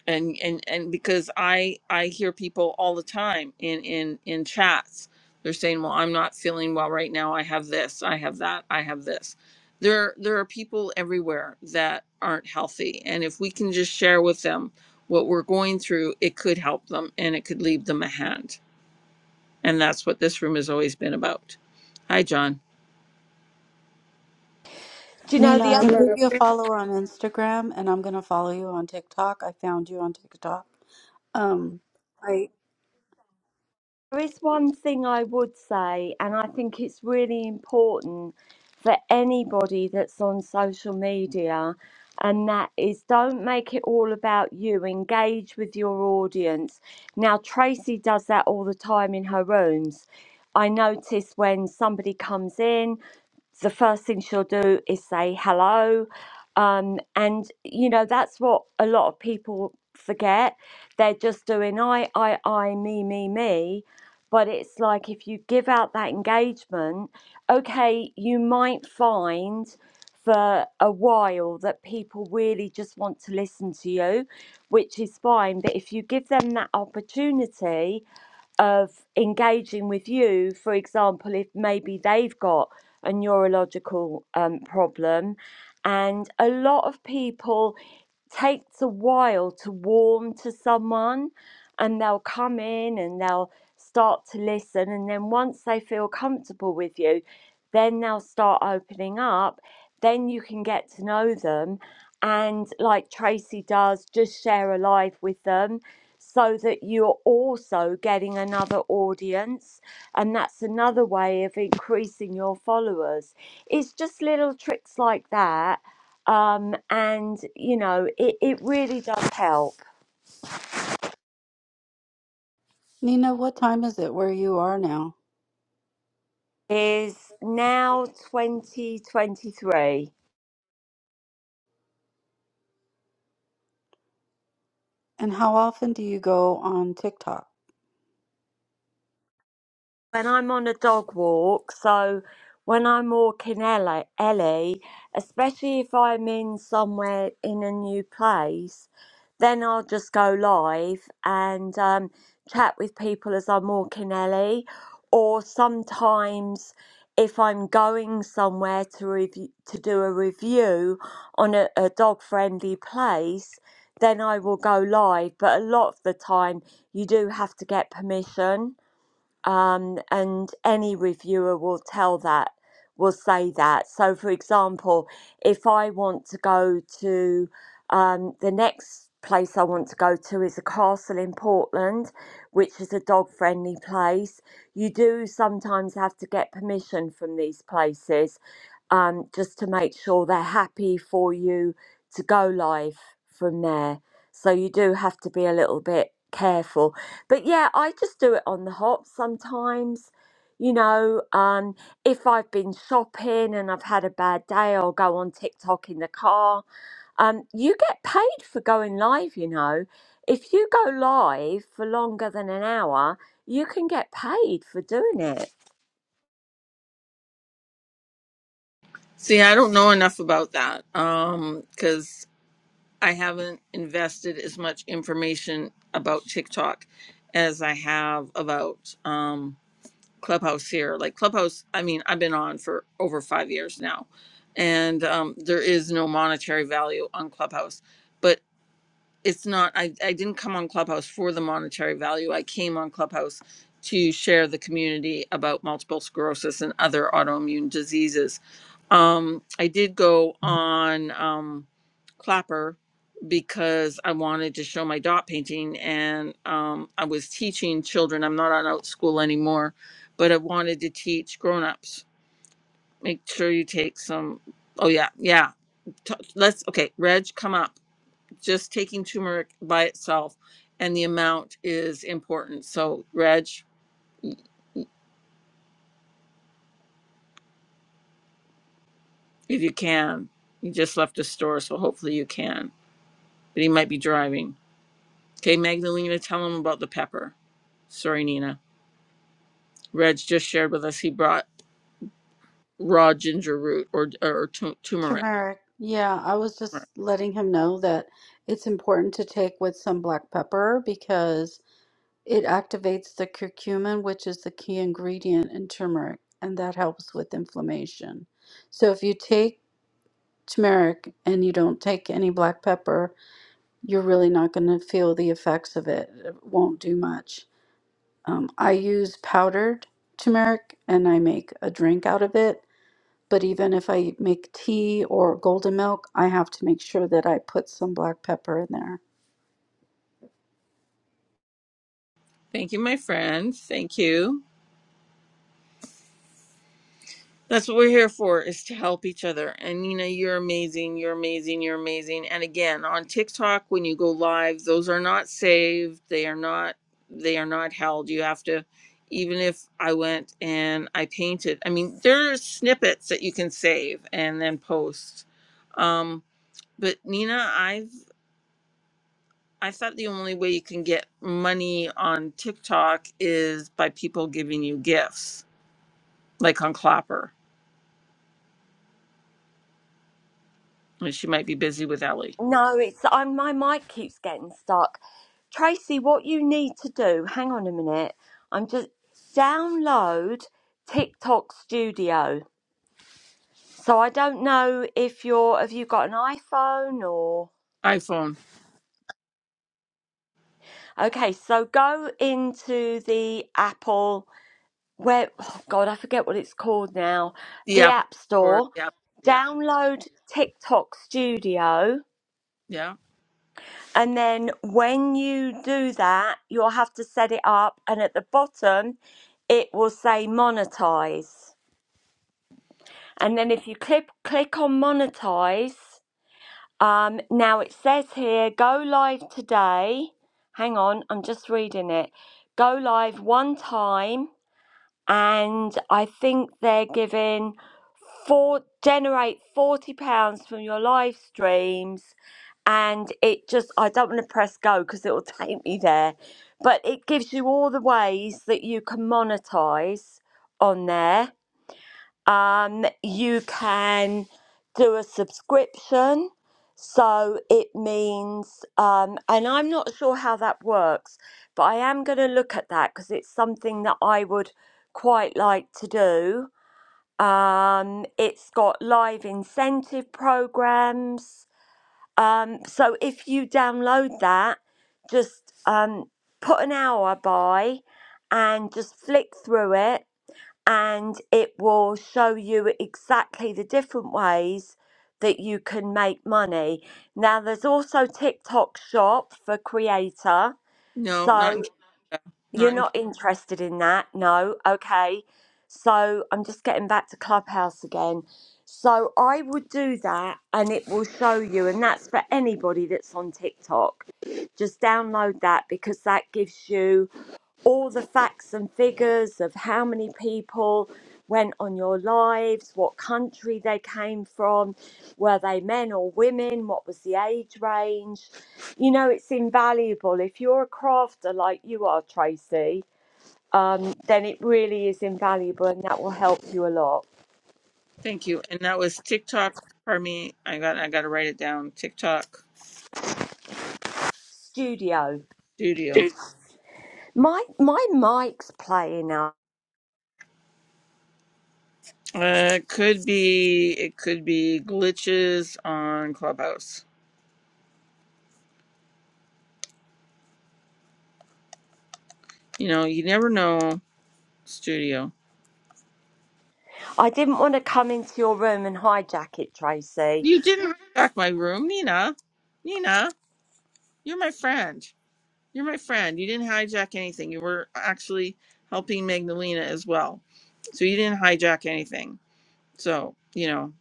S1: And and and because I I hear people all the time in in in chats, they're saying, "Well, I'm not feeling well right now. I have this. I have that. I have this." There there are people everywhere that aren't healthy, and if we can just share with them what we're going through, it could help them and it could lead them a hand And that's what this room has always been about. Hi, John.
S10: Do you know the
S8: Nina, I
S10: other
S8: gave you a follow on Instagram and I'm going to follow you on TikTok. I found you on TikTok. Um, I
S10: There is one thing I would say, and I think it's really important for anybody that's on social media, and that is don't make it all about you. Engage with your audience. Now, Tracy does that all the time in her rooms. I notice when somebody comes in, the first thing she'll do is say hello. Um, and, you know, that's what a lot of people forget. They're just doing I, I, I, me, me, me. But it's like if you give out that engagement, okay, you might find for a while that people really just want to listen to you, which is fine. But if you give them that opportunity, of engaging with you, for example, if maybe they've got a neurological um, problem, and a lot of people takes a while to warm to someone and they'll come in and they'll start to listen. And then once they feel comfortable with you, then they'll start opening up. Then you can get to know them. And like Tracy does, just share a live with them so that you're also getting another audience. And that's another way of increasing your followers. It's just little tricks like that. Um, and, you know, it, it really does help.
S8: Nina, what time is it where you are now?
S10: is now 2023.
S8: And how often do you go on TikTok?
S10: when I'm on a dog walk, so when I'm walking Ellie, Ellie, especially if I'm in somewhere in a new place, then I'll just go live and um, chat with people as I'm walking Ellie. Or sometimes, if I'm going somewhere to review, to do a review on a, a dog-friendly place, then I will go live. But a lot of the time, you do have to get permission um, and any reviewer will tell that will say that. So, for example, if I want to go to um, the next place I want to go to is a castle in Portland, which is a dog friendly place. You do sometimes have to get permission from these places um, just to make sure they're happy for you to go live from there. So you do have to be a little bit careful but yeah, I just do it on the hop sometimes. You know, um, if I've been shopping and I've had a bad day, I'll go on TikTok in the car. Um, you get paid for going live, you know. If you go live for longer than an hour, you can get paid for doing it.
S1: See, I don't know enough about that um, because I haven't invested as much information about TikTok as I have about um, Clubhouse here. Like Clubhouse, I mean, I've been on for over five years now, and um, there is no monetary value on Clubhouse. but. it's not I, I didn't come on clubhouse for the monetary value i came on clubhouse to share the community about multiple sclerosis and other autoimmune diseases um, i did go on um, clapper because i wanted to show my dot painting and um, i was teaching children i'm not on out school anymore but i wanted to teach grown-ups make sure you take some oh yeah yeah T- let's okay reg come up just taking turmeric by itself and the amount is important. So, Reg, if you can, you just left the store, so hopefully you can, but he might be driving. Okay, Magdalena, tell him about the pepper. Sorry, Nina. Reg just shared with us he brought raw ginger root or, or, tu- turmeric.
S8: Turmeric. Yeah, I was just letting him know that it's important to take with some black pepper because It activates the curcumin, which is the key ingredient in turmeric, and that helps with inflammation. So if you take turmeric and you don't take any black pepper, you're really not going to feel the effects of it. It won't do much. Um, I use powdered turmeric and I make a drink out of it. But even if I make tea or golden milk, I have to make sure that I put some black pepper in there.
S1: Thank you, my friend. Thank you. That's what we're here for is to help each other. And Nina, you're amazing. You're amazing. You're amazing. And again, on TikTok, when you go live, those are not saved. They are not. They are not held. You have to, even if I went and I painted. I mean, there are snippets that you can save and then post. Um, but Nina, I've I thought the only way you can get money on TikTok is by people giving you gifts, like on Clapper. And she might be busy with Ellie.
S10: No, it's I'm, my mic keeps getting stuck. Tracy, what you need to do, hang on a minute. I'm just download TikTok Studio So I don't know if you're have you got an iPhone or
S1: iPhone,
S10: okay, so go into the Apple where oh God, I forget what it's called now.
S1: the
S10: The
S1: Apple
S10: App
S1: Store,
S10: Store.
S1: the Apple. Yeah,
S10: Download TikTok Studio
S1: yeah.
S10: and then when you do that, you'll have to set it up and at the bottom it will say monetize. And then if you click click on monetize, Um, now it says here, go live today. Hang on, I'm just reading it. Go live one time, and I think they're giving four generate forty pounds from your live streams. And it just, I don't want to press go because it will take me there, but it gives you all the ways that you can monetize on there um, you can do a subscription. So it means, um, and I'm not sure how that works, but I am going to look at that because it's something that I would quite like to do. Um, it's got live incentive programs. Um, so if you download that, just um, put an hour by and just flick through it and it will show you exactly the different ways that you can make money. Now, there's also TikTok Shop for creator.
S1: No, not in
S10: So
S1: Canada. Not
S10: you're
S1: in. Canada.
S10: not interested in that? No. Okay. So I'm just getting back to Clubhouse again. So I would do that and it will show you. And that's for anybody that's on TikTok. Just download that because that gives you all the facts and figures of how many people went on your lives, what country they came from, were they men or women, what was the age range. You know, it's invaluable. If you're a crafter like you are, Tracy, um, then it really is invaluable and that will help you a lot.
S1: Thank you. And that was TikTok. Pardon me. I got. I got to write it down. TikTok
S10: Studio.
S1: Studio.
S10: My my mic's playing up.
S1: Uh, it could be. It could be glitches on Clubhouse. You know, you never know. Studio.
S10: I didn't want to come into your room and hijack it, Tracy.
S1: You didn't hijack my room, Nina. Nina, you're my friend. You're my friend. You didn't hijack anything. You were actually helping Magdalena as well. So you didn't hijack anything. So, you know,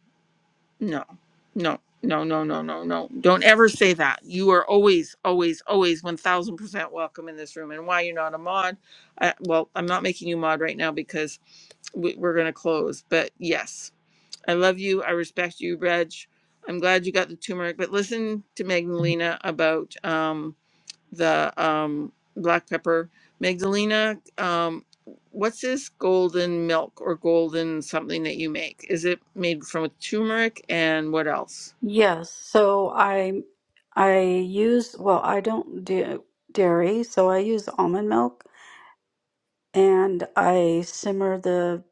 S1: no, no, no, no, no, no, no. Don't ever say that. You are always, always, always 1000% welcome in this room. And why you're not a mod, I, well, I'm not making you mod right now because we, we're going to close. But yes, I love you. I respect you, Reg. I'm glad you got the turmeric. But listen to Magdalena about. Um, the um, black pepper. Magdalena, um, what's this golden milk or golden something that you make? Is it made from a turmeric and what else?
S8: Yes, so I I use well, I don't do dairy, so I use almond milk and I simmer the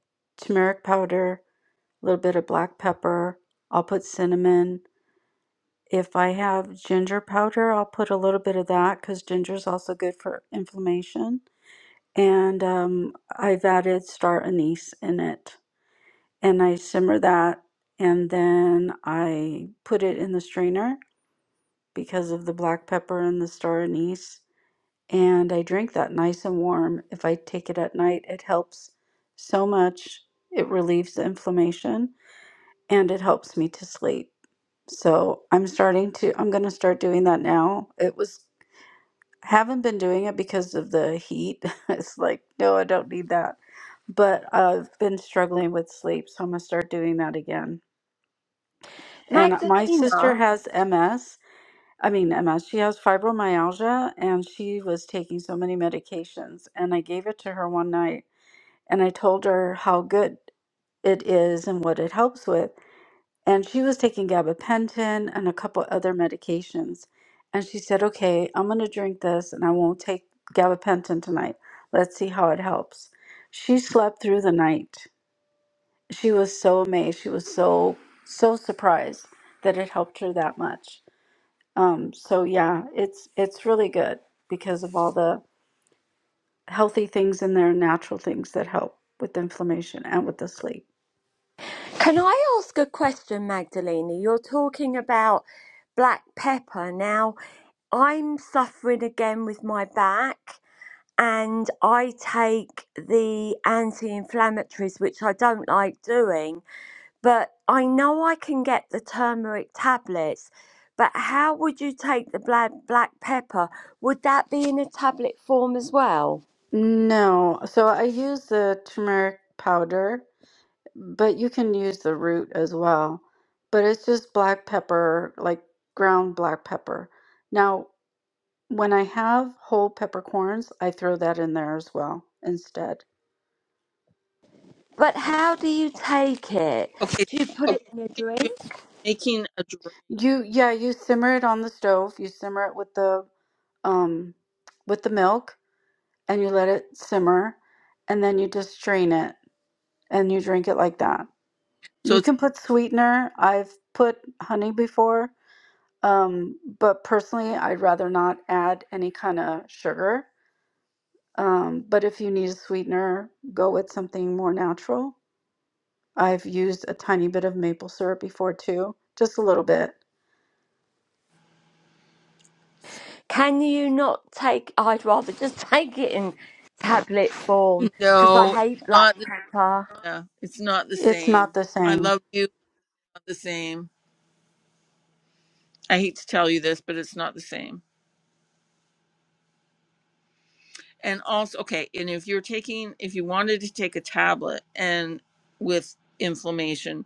S8: turmeric powder, a little bit of black pepper. I'll put cinnamon. If I have ginger powder, I'll put a little bit of that because ginger is also good for inflammation. And um, I've added star anise in it, and I simmer that, and then I put it in the strainer because of the black pepper and the star anise. And I drink that nice and warm. If I take it at night, it helps so much. It relieves the inflammation and it helps me to sleep. So I'm starting to, I'm going to start doing that now. It was, haven't been doing it because of the heat. it's like, no, I don't need that. But I've been struggling with sleep. So I'm going to start doing that again. And my
S10: Magdalena.
S8: sister has MS I mean, Emma, she has fibromyalgia and she was taking so many medications. And I gave it to her one night and I told her how good it is and what it helps with. And she was taking gabapentin and a couple other medications. And she said, Okay, I'm going to drink this and I won't take gabapentin tonight. Let's see how it helps. She slept through the night. She was so amazed. She was so, so surprised that it helped her that much. Um, so yeah, it's it's really good because of all the healthy things in there, natural things that help with inflammation and with the sleep.
S10: Can I ask a question, Magdalena? You're talking about black pepper. Now, I'm suffering again with my back, and I take the anti inflammatories, which I don't like doing, but I know I can get the turmeric tablets. But how would you take the black, black pepper? Would that be in a tablet form as well?
S8: No, so I use the turmeric powder, but you can use the root as well. But it's just black pepper, like ground black pepper. Now, when I have whole peppercorns, I throw that in there as well instead.
S10: But how do you take it?
S1: Okay,
S10: Do you put Oh, it in a
S1: so
S10: drink?
S1: she's making a drink.
S8: You, yeah, you simmer it on the stove. You simmer it with the um with the milk and you let it simmer and then you just strain it and you drink it like that.
S1: So
S8: You
S1: it's
S8: can put sweetener. I've put honey before, um, but personally, I'd rather not add any kind of sugar. Um, but if you need a sweetener, go with something more natural. I've used a tiny bit of maple syrup before too, just a little bit.
S10: Can you not take? I'd rather just take it in tablet form because I
S1: no,
S10: hate
S1: it's
S10: black
S1: not. The,
S10: pepper.
S1: yeah, it's not the
S8: It's
S1: same.
S8: not the
S1: I
S8: same.
S1: love you. Not the same. I hate to tell you this, but it's not the same. And also, okay, and if you're taking, if you wanted to take a tablet and with inflammation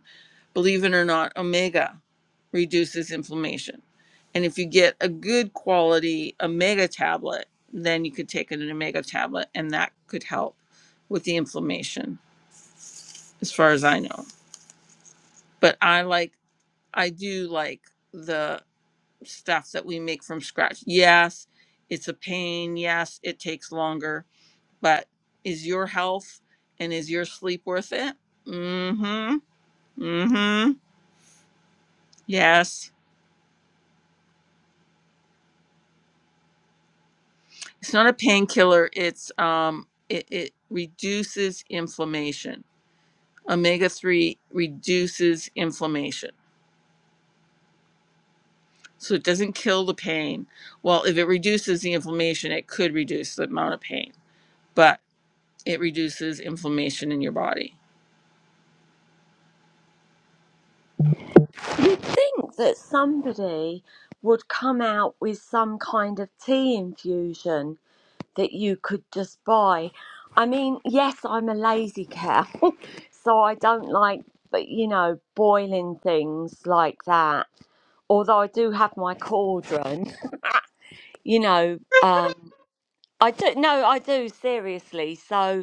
S1: Believe it or not, omega reduces inflammation. And if you get a good quality omega tablet, then you could take an omega tablet and that could help with the inflammation, as far as I know. But I like, I do like the stuff that we make from scratch. Yes, it's a pain. Yes, it takes longer. But is your health and is your sleep worth it? Mm hmm. Mm hmm. Yes. It's not a painkiller. It's um, it, it reduces inflammation. Omega three reduces inflammation, so it doesn't kill the pain. Well, if it reduces the inflammation, it could reduce the amount of pain, but it reduces inflammation in your body.
S10: Think that somebody would come out with some kind of tea infusion that you could just buy. I mean, yes, I'm a lazy cow, so I don't like, but you know, boiling things like that. Although I do have my cauldron, you know. Um, I do no, I do seriously. So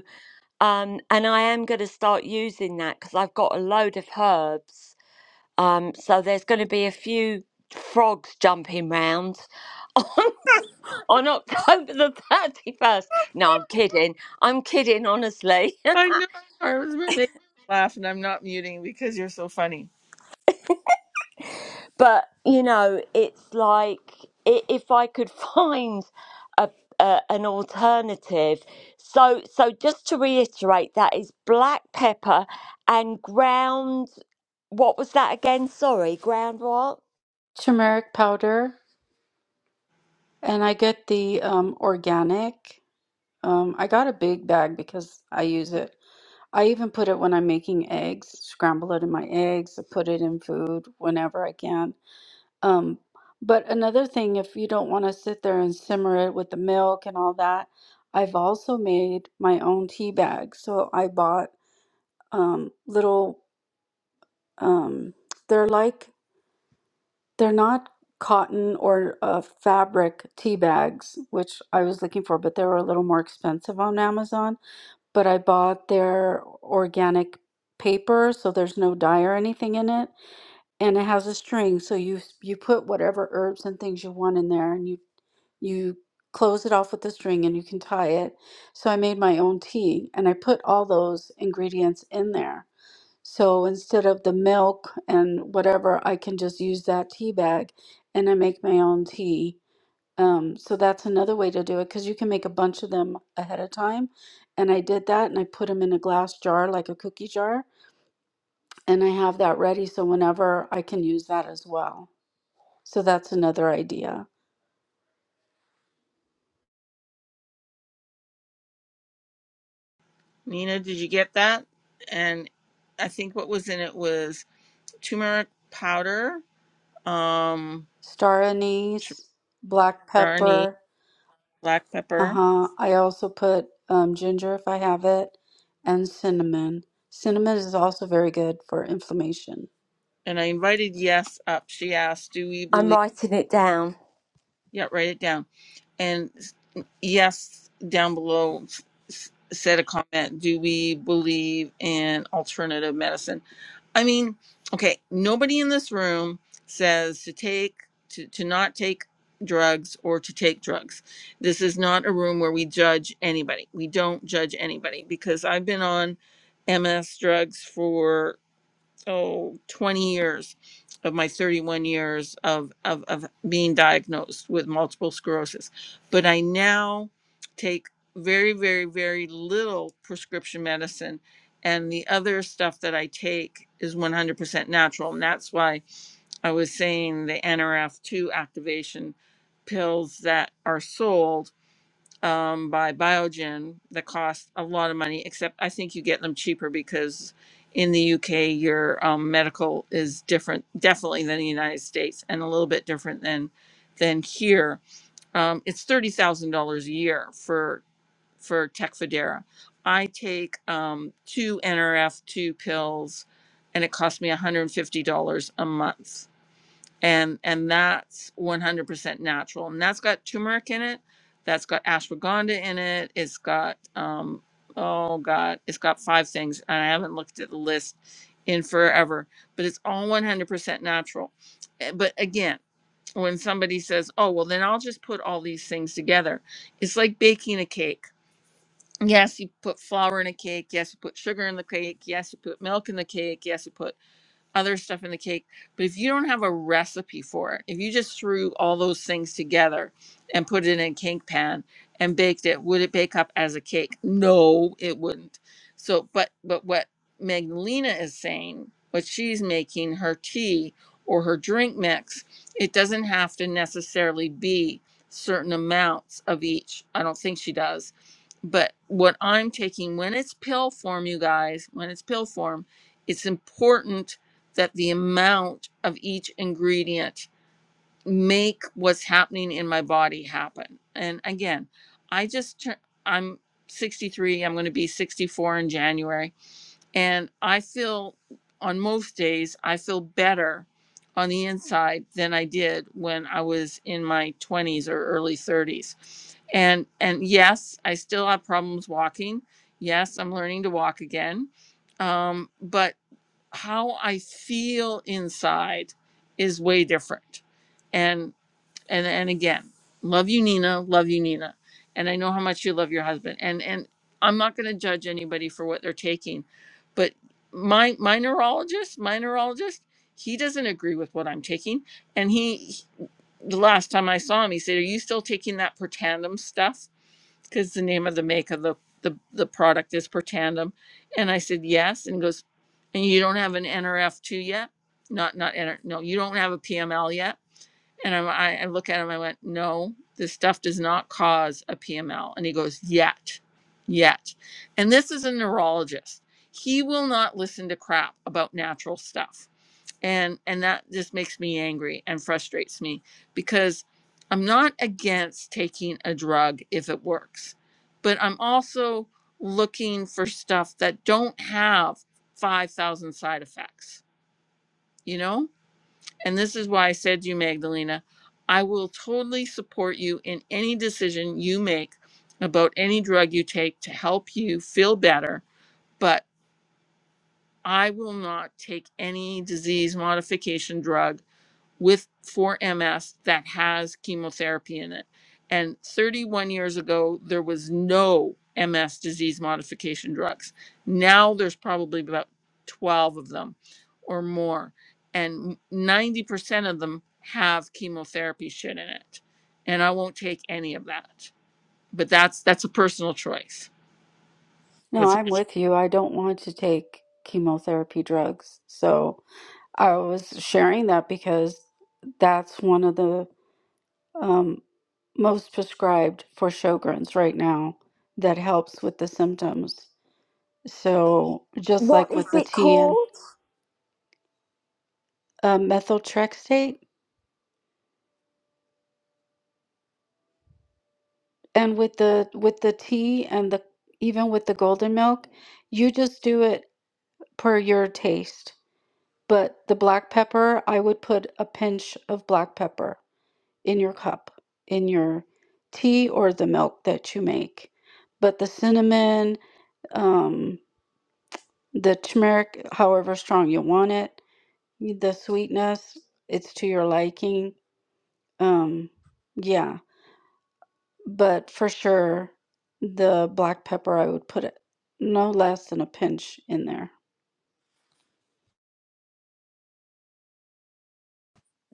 S10: Um, and I am going to start using that because I've got a load of herbs. Um, so there's going to be a few frogs jumping round on October the 31st. No, I'm kidding. I'm kidding, honestly.
S1: I know. I was making you laugh, and I'm not muting because you're so funny.
S10: but, you know, it's like i- if I could find a, a, an alternative. So, so just to reiterate, that is black pepper and ground. What was that again? Sorry, ground what?
S8: Turmeric powder, and I get the um, organic. Um, I got a big bag because I use it I even put it when I'm making eggs, scramble it in my eggs, I put it in food whenever I can. Um, but another thing, if you don't want to sit there and simmer it with the milk and all that, I've also made my own tea bags. So I bought um, little, um, they're like, they're not cotton or uh, fabric tea bags, which I was looking for, but they were a little more expensive on Amazon but I bought their organic paper, so there's no dye or anything in it, and it has a string, so you you put whatever herbs and things you want in there, and you you close it off with the string and you can tie it. So I made my own tea and I put all those ingredients in there. So instead of the milk and whatever, I can just use that tea bag and I make my own tea um, so that's another way to do it because you can make a bunch of them ahead of time. And I did that and I put them in a glass jar, like a cookie jar, and I have that ready so whenever I can use that as well. So that's another idea.
S1: Nina, did you get that? And I think what was in it was turmeric powder, um,
S8: Star anise, black
S1: darnie.
S8: pepper.
S1: black pepper.
S8: Uh-huh. I also put um, ginger if I have it, and cinnamon. Cinnamon is also very good for inflammation.
S1: And I invited Yes up. She asked, Do we
S10: I'm
S1: believe?
S10: writing it down.
S1: Yeah, write it down. And Yes down below s- said a comment Do we believe in alternative medicine? I mean, okay, nobody in this room says to take, to, to not take drugs or to take drugs. This is not a room where we judge anybody. We don't judge anybody because I've been on MS drugs for oh 20 years of my 31 years of, of of being diagnosed with multiple sclerosis but i now take very very very little prescription medicine and the other stuff that i take is 100% natural and that's why i was saying the nrf2 activation pills that are sold um, by Biogen that cost a lot of money, except I think you get them cheaper because in the UK, your um, medical is different, definitely than the United States, and a little bit different than than here. Um, it's thirty thousand dollars a year for for Tecfidera. I take um, two NRF two pills, and it costs me one hundred and fifty dollars a month and and that's 100% natural and that's got turmeric in it that's got ashwagandha in it it's got um oh god it's got five things and i haven't looked at the list in forever but it's all 100% natural Eh, but again when somebody says oh well then i'll just put all these things together it's like baking a cake yes you put flour in a cake yes you put sugar in the cake yes you put milk in the cake yes you put other stuff in the cake. But if you don't have a recipe for it, if you just threw all those things together and put it in a cake pan and baked it, would it bake up as a cake? No, it wouldn't. So, but but what Magdalena is saying, what she's making her tea or her drink mix, it doesn't have to necessarily be certain amounts of each. I don't think she does. But what I'm taking when it's pill form, you guys, when it's pill form, it's important that the amount of each ingredient make what's happening in my body happen. And again, I just tur- I'm 63, I'm going to be 64 in January, and I feel on most days I feel better on the inside than I did when I was in my 20s or early 30s. And and yes, I still have problems walking. Yes, I'm learning to walk again. Um, but how I feel inside is way different. And and and again, love you Nina, love you Nina. And I know how much you love your husband. And and I'm not going to judge anybody for what they're taking. But my my neurologist, my neurologist, he doesn't agree with what I'm taking and he the last time I saw him, he said, "Are you still taking that Protandim stuff?" because the name of the make of the, the the product is Pertandem, and I said yes, and he goes, and you don't have an NRF2 yet, not not NR, no, you don't have a PML yet, and I'm, I I look at him, I went, no, this stuff does not cause a PML, and he goes, yet, yet, and this is a neurologist. He will not listen to crap about natural stuff and and that just makes me angry and frustrates me because i'm not against taking a drug if it works but i'm also looking for stuff that don't have 5000 side effects you know and this is why i said to you magdalena i will totally support you in any decision you make about any drug you take to help you feel better but i will not take any disease modification drug with for MS that has chemotherapy in it. And 31 years ago, there was no MS disease modification drugs. Now there's probably about 12 of them or more. And 90% of them have chemotherapy shit in it. And I won't take any of that. But that's that's a personal choice.
S8: No,
S1: That's
S8: I'm with you. I don't want to take chemotherapy drugs. So. I was sharing that because that's one of the um, most prescribed for Sjogren's right now that helps with the symptoms. So just
S10: What
S8: like
S10: is
S8: with the
S10: it
S8: tea and
S10: called?
S8: uh, methotrexate, and with the with the tea and the even with the golden milk, you just do it per your taste. But the black pepper, I would put a pinch of black pepper in your cup, in your tea or the milk that you make. But the cinnamon, um, the turmeric, however strong you want it, the sweetness, it's to your liking. Um, yeah, but for sure, the black pepper, I would put it no less than a pinch in there.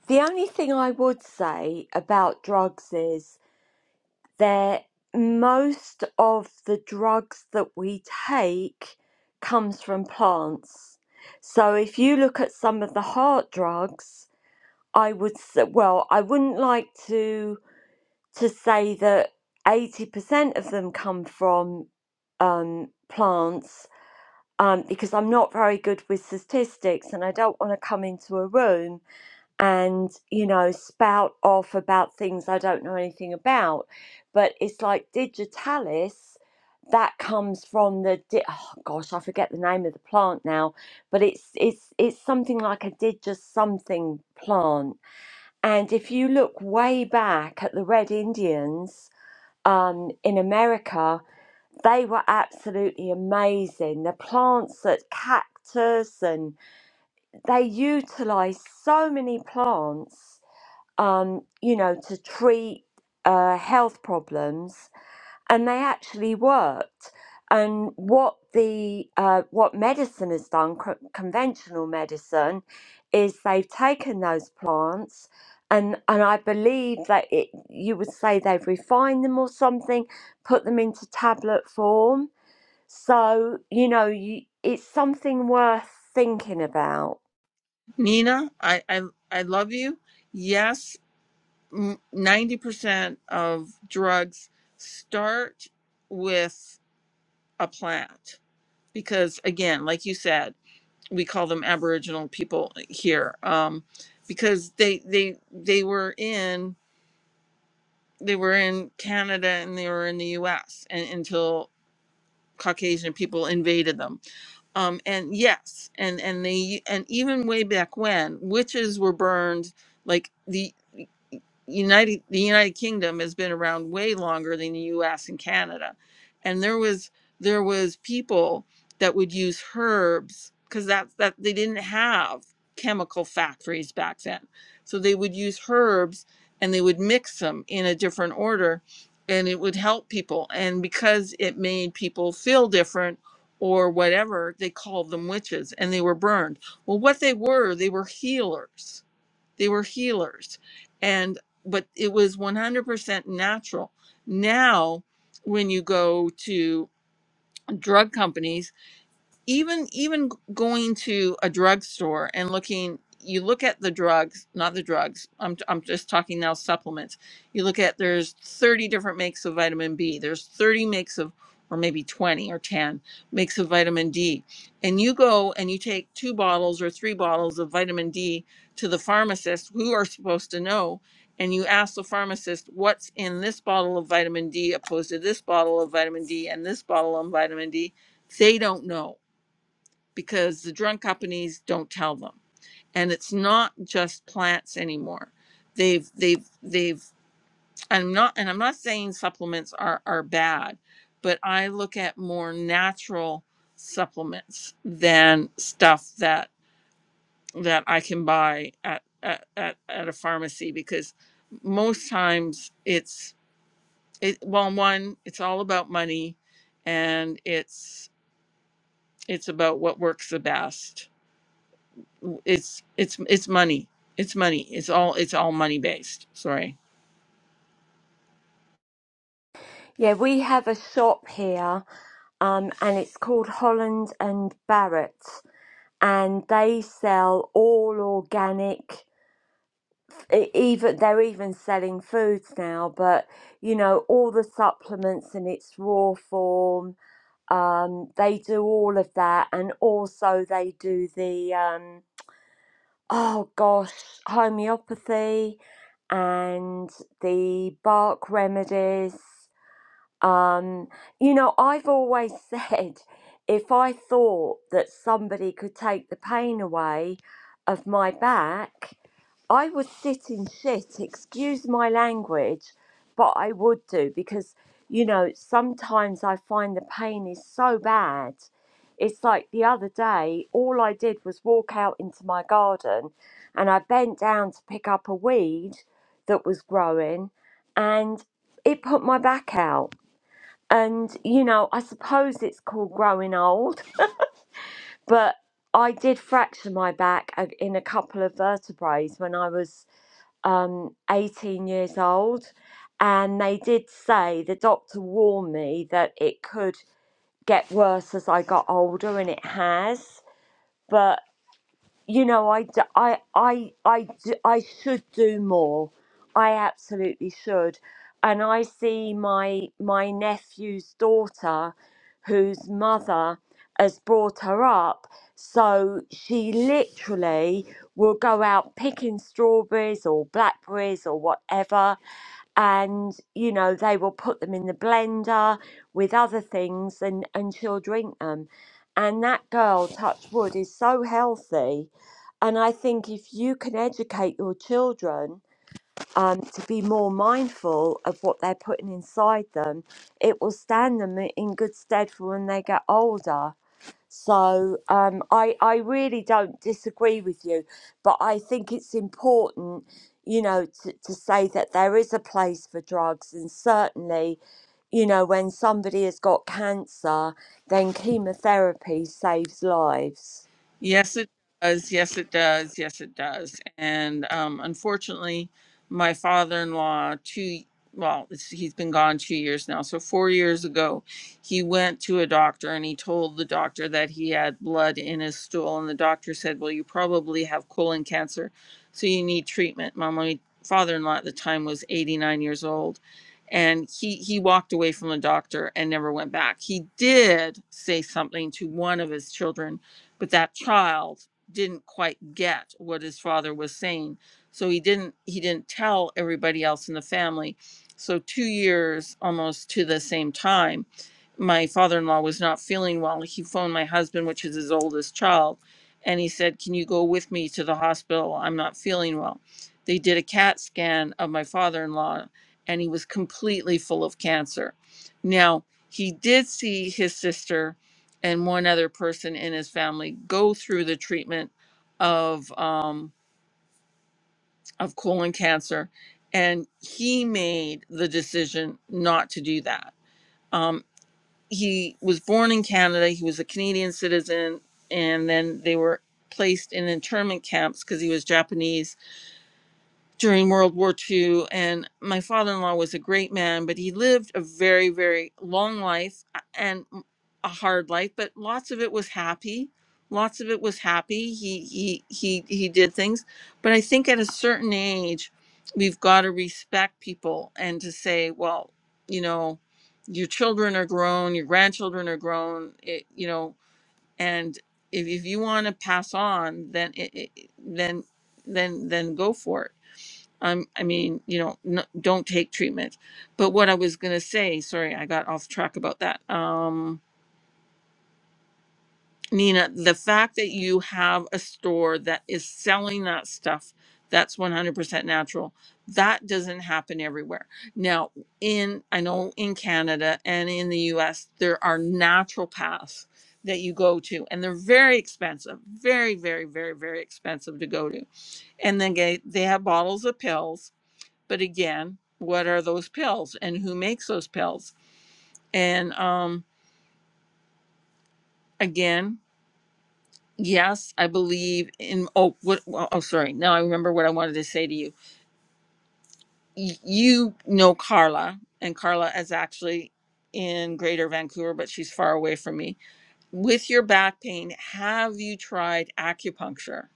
S10: The only thing I would say about drugs is that most of the drugs that we take comes from plants. So if you look at some of the heart drugs, I would say, well, I wouldn't like to to say that 80% of them come from um, plants um, because I'm not very good with statistics and I don't want to come into a room and, you know, spout off about things I don't know anything about. But it's like digitalis, that comes from the, di- oh gosh, I forget the name of the plant now, but it's, it's, it's something like a digis something plant. And if you look way back at the Red Indians um, in America, they were absolutely amazing. The plants that cactus and they utilize so many plants, um, you know, to treat uh, health problems, and they actually worked. And what the uh, what medicine has done, co- conventional medicine, is they've taken those plants. And, and I believe that it, you would say they've refined them or something, put them into tablet form, so, you know, you, it's something worth thinking about.
S1: Nina, I I, I love you. Yes, 90% of drugs start with a plant because again like you said we call them aboriginal people here um, because they they they were in they were in canada and they were in the us and, until caucasian people invaded them Um, and yes, and and they and even way back when witches were burned, like the United the United Kingdom has been around way longer than the U.S. and Canada, and there was there was people that would use herbs because that's that they didn't have chemical factories back then, so they would use herbs and they would mix them in a different order, and it would help people. And because it made people feel different or whatever they called them witches and they were burned well what they were they were healers they were healers and but it was 100% natural now when you go to drug companies even even going to a drugstore and looking you look at the drugs not the drugs I'm, I'm just talking now supplements you look at there's 30 different makes of vitamin b there's 30 makes of or maybe 20 or 10 makes of vitamin d and you go and you take two bottles or three bottles of vitamin d to the pharmacist who are supposed to know and you ask the pharmacist what's in this bottle of vitamin d opposed to this bottle of vitamin d and this bottle of vitamin d they don't know because the drug companies don't tell them and it's not just plants anymore they've they've they've i'm not and i'm not saying supplements are are bad but i look at more natural supplements than stuff that that i can buy at at, at, at a pharmacy because most times it's it well one it's all about money and it's it's about what works the best it's it's it's money. It's money. It's all it's all money based. Sorry.
S10: Yeah, we have a shop here, um, and it's called Holland and Barrett, and they sell all organic. e- Even they're even selling foods now, but you know all the supplements in its raw form. Um, they do all of that, and also they do the um. oh gosh, homeopathy and the bark remedies. Um, you know, I've always said if I thought that somebody could take the pain away of my back, I would sit in shit, excuse my language, but I would do because, you know, sometimes I find the pain is so bad. It's like the other day, all I did was walk out into my garden and I bent down to pick up a weed that was growing and it put my back out and, you know, I suppose it's called growing old, but I did fracture my back a- in a couple of vertebrae when I was um, 18 years old. And they did say, the doctor warned me that it could get worse as I got older, and it has. But you know, I, d- I, I, I, d- I should do more. I absolutely should. And I see my my nephew's daughter, whose mother has brought her up. So she literally will go out picking strawberries or blackberries or whatever, and you know they will put them in the blender with other things, and and she'll drink them. And that girl, touch wood, is so healthy and I think if you can educate your children um, to be more mindful of what they're putting inside them, it will stand them i- in good stead for when they get older. So um, I, I really don't disagree with you, but I think it's important, you know, to, to say that there is a place for drugs. And certainly, you know, when somebody has got cancer, then chemotherapy saves lives.
S1: Yes, it does. Yes, it does. Yes, it does. And um, unfortunately, my father-in-law, two well, it's, he's been gone two years now. So four years ago, he went to a doctor and he told the doctor that he had blood in his stool, and the doctor said, "Well, you probably have colon cancer, so you need treatment." My my father-in-law at the time was 89 years old. And he, he walked away from the doctor and never went back. He did say something to one of his children but that child didn't quite get what his father was saying so he didn't he didn't tell everybody else in the family so 2 years almost to the same time my father-in-law was not feeling well he phoned my husband which is his oldest child and he said can you go with me to the hospital i'm not feeling well they did a cat scan of my father-in-law and he was completely full of cancer now he did see his sister and one other person in his family go through the treatment of um, of colon cancer, and he made the decision not to do that. Um, he was born in Canada. He was a Canadian citizen, and then they were placed in internment camps because he was Japanese during World War Two, And my father in law was a great man, but he lived a very, very long life uh, and a hard life, but lots of it was happy. Lots of it was happy. He he he he did things, but I think at a certain age, we've got to respect people and to say, well, you know, your children are grown, your grandchildren are grown, it, you know, and if, if you want to pass on, then it, it, then then then go for it I'm, I mean, you know, no, don't take treatment. But what I was going to say, sorry, I got off track about that. Um, Nina, the fact that you have a store that is selling that stuff that's 100% natural, that doesn't happen everywhere. Now, in, I know in Canada and in the US, there are natural paths that you go to, and they're very expensive, very, very, very, very expensive to go to. And then they, they have bottles of pills but again, what are those pills and who makes those pills? And um, again, yes, I believe in. Oh, what? well, Oh, sorry. Now I remember what I wanted to say to you. Y- You know Carla, and Carla is actually in Greater Vancouver, but she's far away from me. With your back pain, have you tried acupuncture?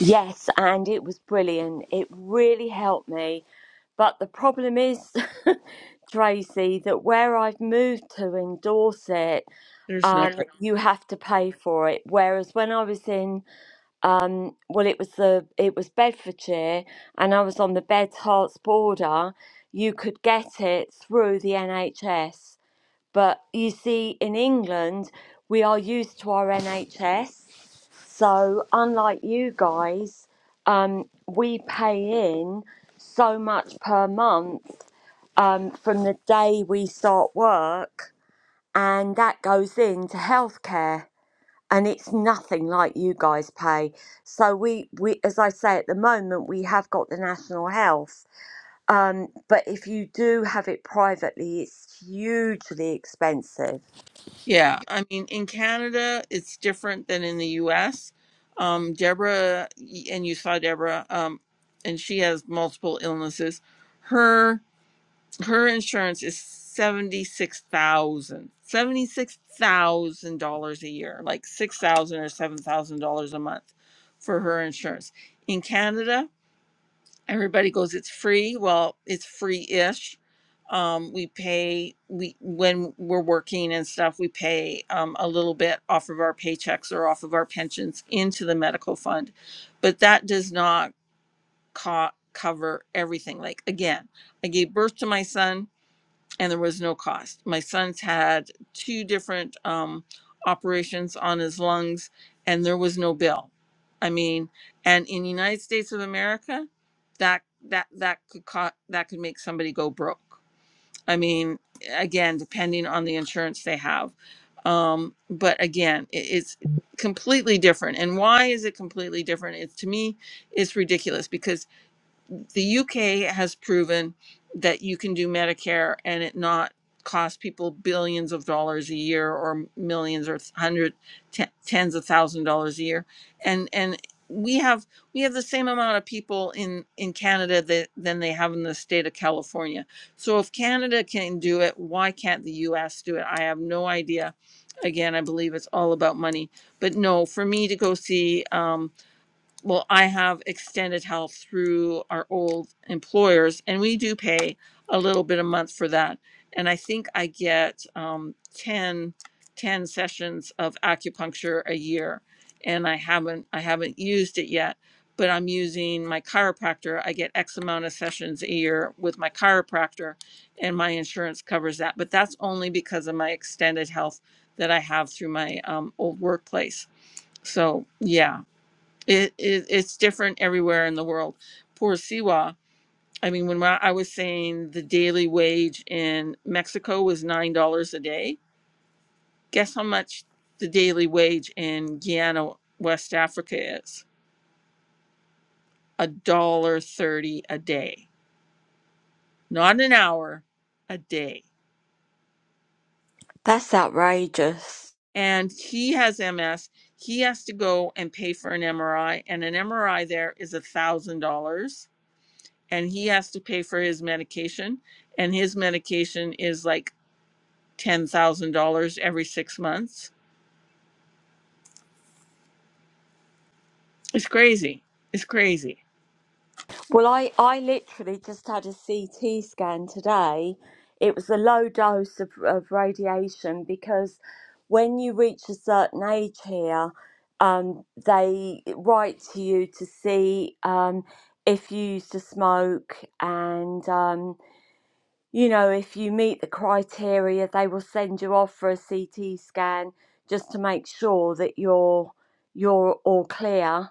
S10: Yes, and it was brilliant. It really helped me. But the problem is, Tracy, that where I've moved to in Dorset,
S1: There's no way.
S10: um, you have to pay for it. Whereas when I was in, well, it was the it was Bedfordshire, and I was on the Beds Hearts border, you could get it through the NHS. But you see, in England, we are used to our NHS. So, unlike you guys, um, we pay in so much per month um, from the day we start work, and that goes into healthcare. And it's nothing like you guys pay. So we, we, as I say, at the moment we have got the national health, um, but if you do have it privately, it's hugely expensive
S1: Yeah, I mean, in Canada, it's different than in the U.S. Um, Deborah, and you saw Deborah, um, and she has multiple illnesses. Her her insurance is seventy six thousand, seventy six thousand dollars a year, like six thousand or seven thousand dollars a month for her insurance. In Canada, everybody goes it's free well it's free-ish um, we pay we when we're working and stuff we pay um, a little bit off of our paychecks or off of our pensions into the medical fund but that does not co- cover everything like again i gave birth to my son and there was no cost. My son's had two different um, operations on his lungs, and there was no bill. I mean, and in the United States of America, that that that could co- that could make somebody go broke. I mean, again, depending on the insurance they have. Um, but again, it, it's completely different. And why is it completely different? It's to me, it's ridiculous because the UK has proven that you can do Medicare and it not cost people billions of dollars a year or millions or hundred te- tens of thousand dollars a year and and we have we have the same amount of people in in Canada that than they have in the state of California. So if Canada can do it, why can't the US do it? I have no idea. Again, I believe it's all about money. But no, for me to go see um, well, I have extended health through our old employers, and we do pay a little bit a month for that. And I think I get um, 10, ten sessions of acupuncture a year, and I haven't I haven't used it yet. But I'm using my chiropractor. I get X amount of sessions a year with my chiropractor, and my insurance covers that. But that's only because of my extended health that I have through my um, old workplace. So yeah, it, it it's different everywhere in the world. Poor Siwa. I mean, when I I was saying the daily wage in Mexico was nine dollars a day, guess how much the daily wage in Guyana, West Africa, is a dollar thirty a day, not an hour, a day.
S10: That's outrageous.
S1: And he has MS. He has to go and pay for an MRI, and an MRI there is a thousand dollars, and he has to pay for his medication and his medication is like $10,000 every six months. It's crazy. It's crazy.
S10: Well, I, I literally just had a CT scan today. It was a low dose of, of radiation because when you reach a certain age here, um, they write to you to see um, if you used to smoke and, um, you know, if you meet the criteria, they will send you off for a CT scan just to make sure that you're, you're all clear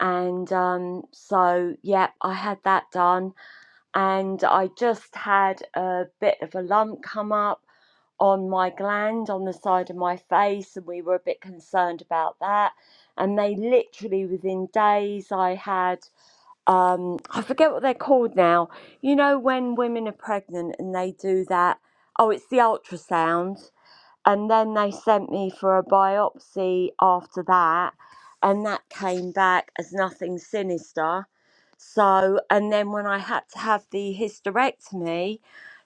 S10: And um, so, yeah, I had that done. And I just had a bit of a lump come up on my gland on the side of my face. And we were a bit concerned about that. And they literally, within days, I had, um, I forget what they're called now. You know, when women are pregnant and they do that, oh, it's the ultrasound and then they sent me for a biopsy after that and that came back as nothing sinister so and then when i had to have the hysterectomy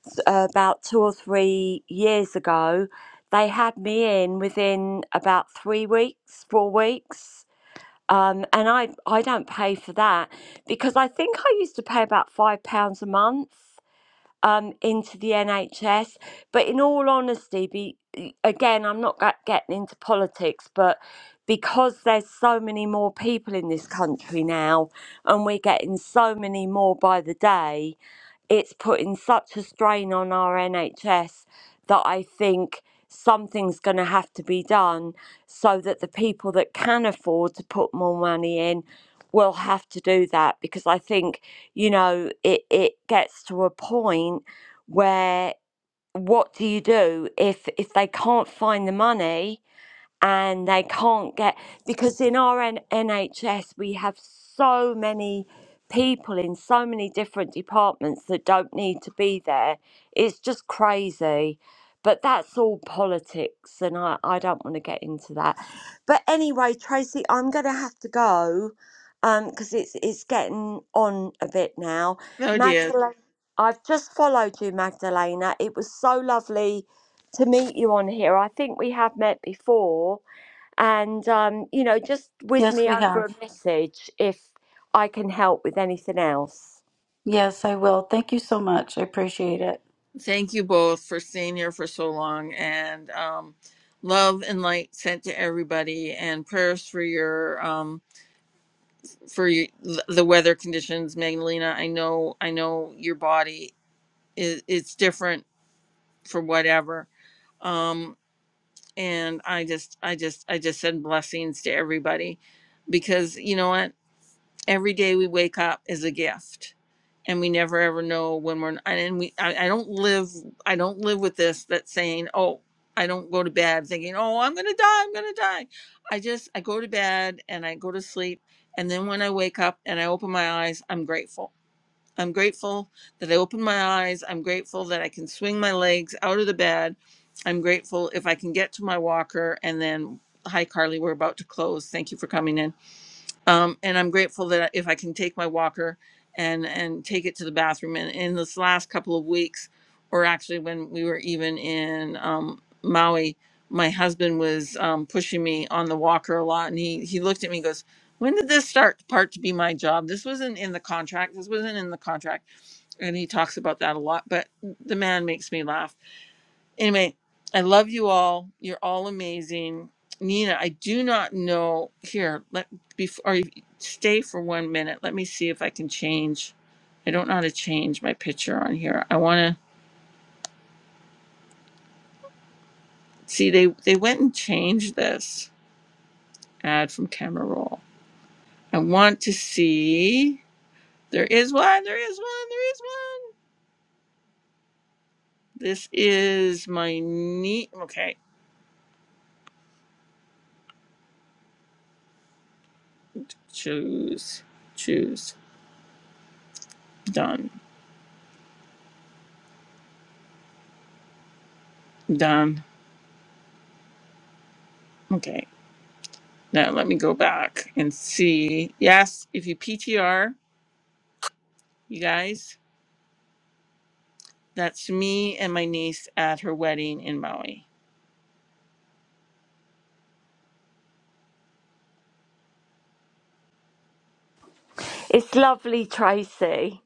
S10: s- uh, about two or three years ago they had me in within about three weeks four weeks um, and I, I don't pay for that because I think I used to pay about five pounds a month um, into the NHS. But in all honesty, be, e, again, I'm not get- getting into politics, but because there's so many more people in this country now, and we're getting so many more by the day, it's putting such a strain on our NHS that I think something's going to have to be done so that the people that can afford to put more money in will have to do that because I think, you know, it, it gets to a point where what do you do if if they can't find the money and they can't get because in our N- NHS we have so many people in so many different departments that don't need to be there. It's just crazy. But that's all politics, and I, I don't want to get into that. But anyway, Tracy, I'm going to have to go because it's it's getting on a bit now.
S1: No, it is.
S10: Magdalena, I've just followed you, Magdalena. It was so lovely to meet you on here. I think we have met before and um, you know, just whiz
S8: Yes,
S10: me
S8: we
S10: over
S8: have.
S10: a message if I can help with anything else.
S8: Yes, I will. Thank you so much. I appreciate it.
S1: Thank you both for staying here for so long and um, love and light sent to everybody and prayers for your um, for your, the weather conditions, Magdalena. I know I know your body is it's different for whatever. Um, and I just I just I just send blessings to everybody because you know what every day we wake up is a gift and we never ever know when we're and we I, I don't live i don't live with this that saying oh i don't go to bed thinking oh i'm gonna die i'm gonna die i just i go to bed and i go to sleep and then when i wake up and i open my eyes i'm grateful i'm grateful that i opened my eyes i'm grateful that i can swing my legs out of the bed i'm grateful if i can get to my walker and then hi carly we're about to close thank you for coming in um, and I'm grateful that if I can take my walker and and take it to the bathroom. And in this last couple of weeks, or actually when we were even in um, Maui, my husband was um, pushing me on the walker a lot, and he he looked at me and goes. When did this start part to be my job? This wasn't in the contract. This wasn't in the contract. And he talks about that a lot, but the man makes me laugh Anyway, I love you all. You're all amazing. Nina, I do not know. Here, let before stay for one minute. Let me see if I can change. I don't know how to change my picture on here. I want to see they they went and changed this ad from camera roll. I want to see. There is one. There is one. There is one. This is my knee. Okay, choose, choose. Done, done. Okay. Now let me go back and see. Yes, if you PTR, you guys, that's me and my niece at her wedding in Maui.
S10: It's lovely, Tracy.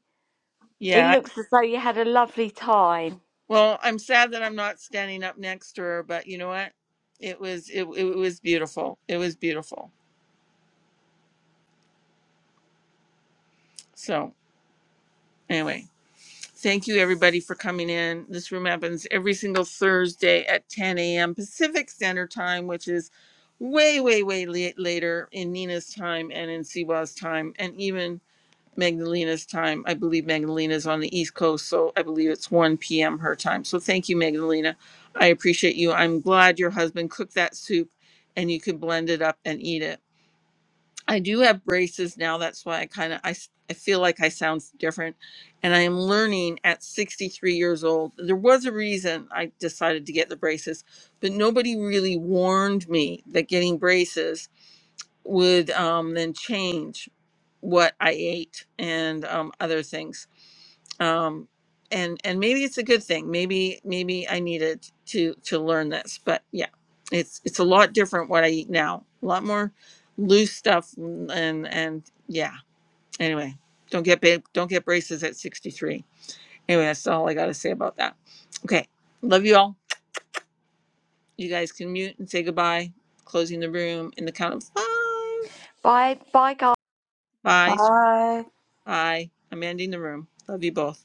S10: It
S1: Yeah.
S10: looks as though you had a lovely time.
S1: Well, I'm sad that I'm not standing up next to her, but you know what? It was it, it was beautiful. It was beautiful. So anyway, thank you everybody for coming in. This room happens every single Thursday at 10 a.m. Pacific Standard Time, which is way, way, way late, later in Nina's time and in Siwa's time, and even Magdalena's time. I believe Magdalena is on the East Coast, so I believe it's 1 p.m. her time. So thank you, Magdalena. I appreciate you. I'm glad your husband cooked that soup and you could blend it up and eat it. I do have braces now. That's why I kind of I, s- I feel like I sound different. And I am learning at 63 years old. There was a reason I decided to get the braces, but nobody really warned me that getting braces would um, then change what I ate and um, other things. Um, and and maybe it's a good thing. Maybe maybe I needed to to learn this. But yeah, it's it's a lot different what I eat now. A lot more loose stuff and and yeah. Anyway, don't get big, don't get braces at 63. Anyway, that's all I got to say about that. Okay, love you all. You guys can mute and say goodbye. Closing the room in the count of five.
S10: Bye, bye, guys.
S1: Bye.
S8: Bye.
S1: Aye. I'm ending the room. Love you both.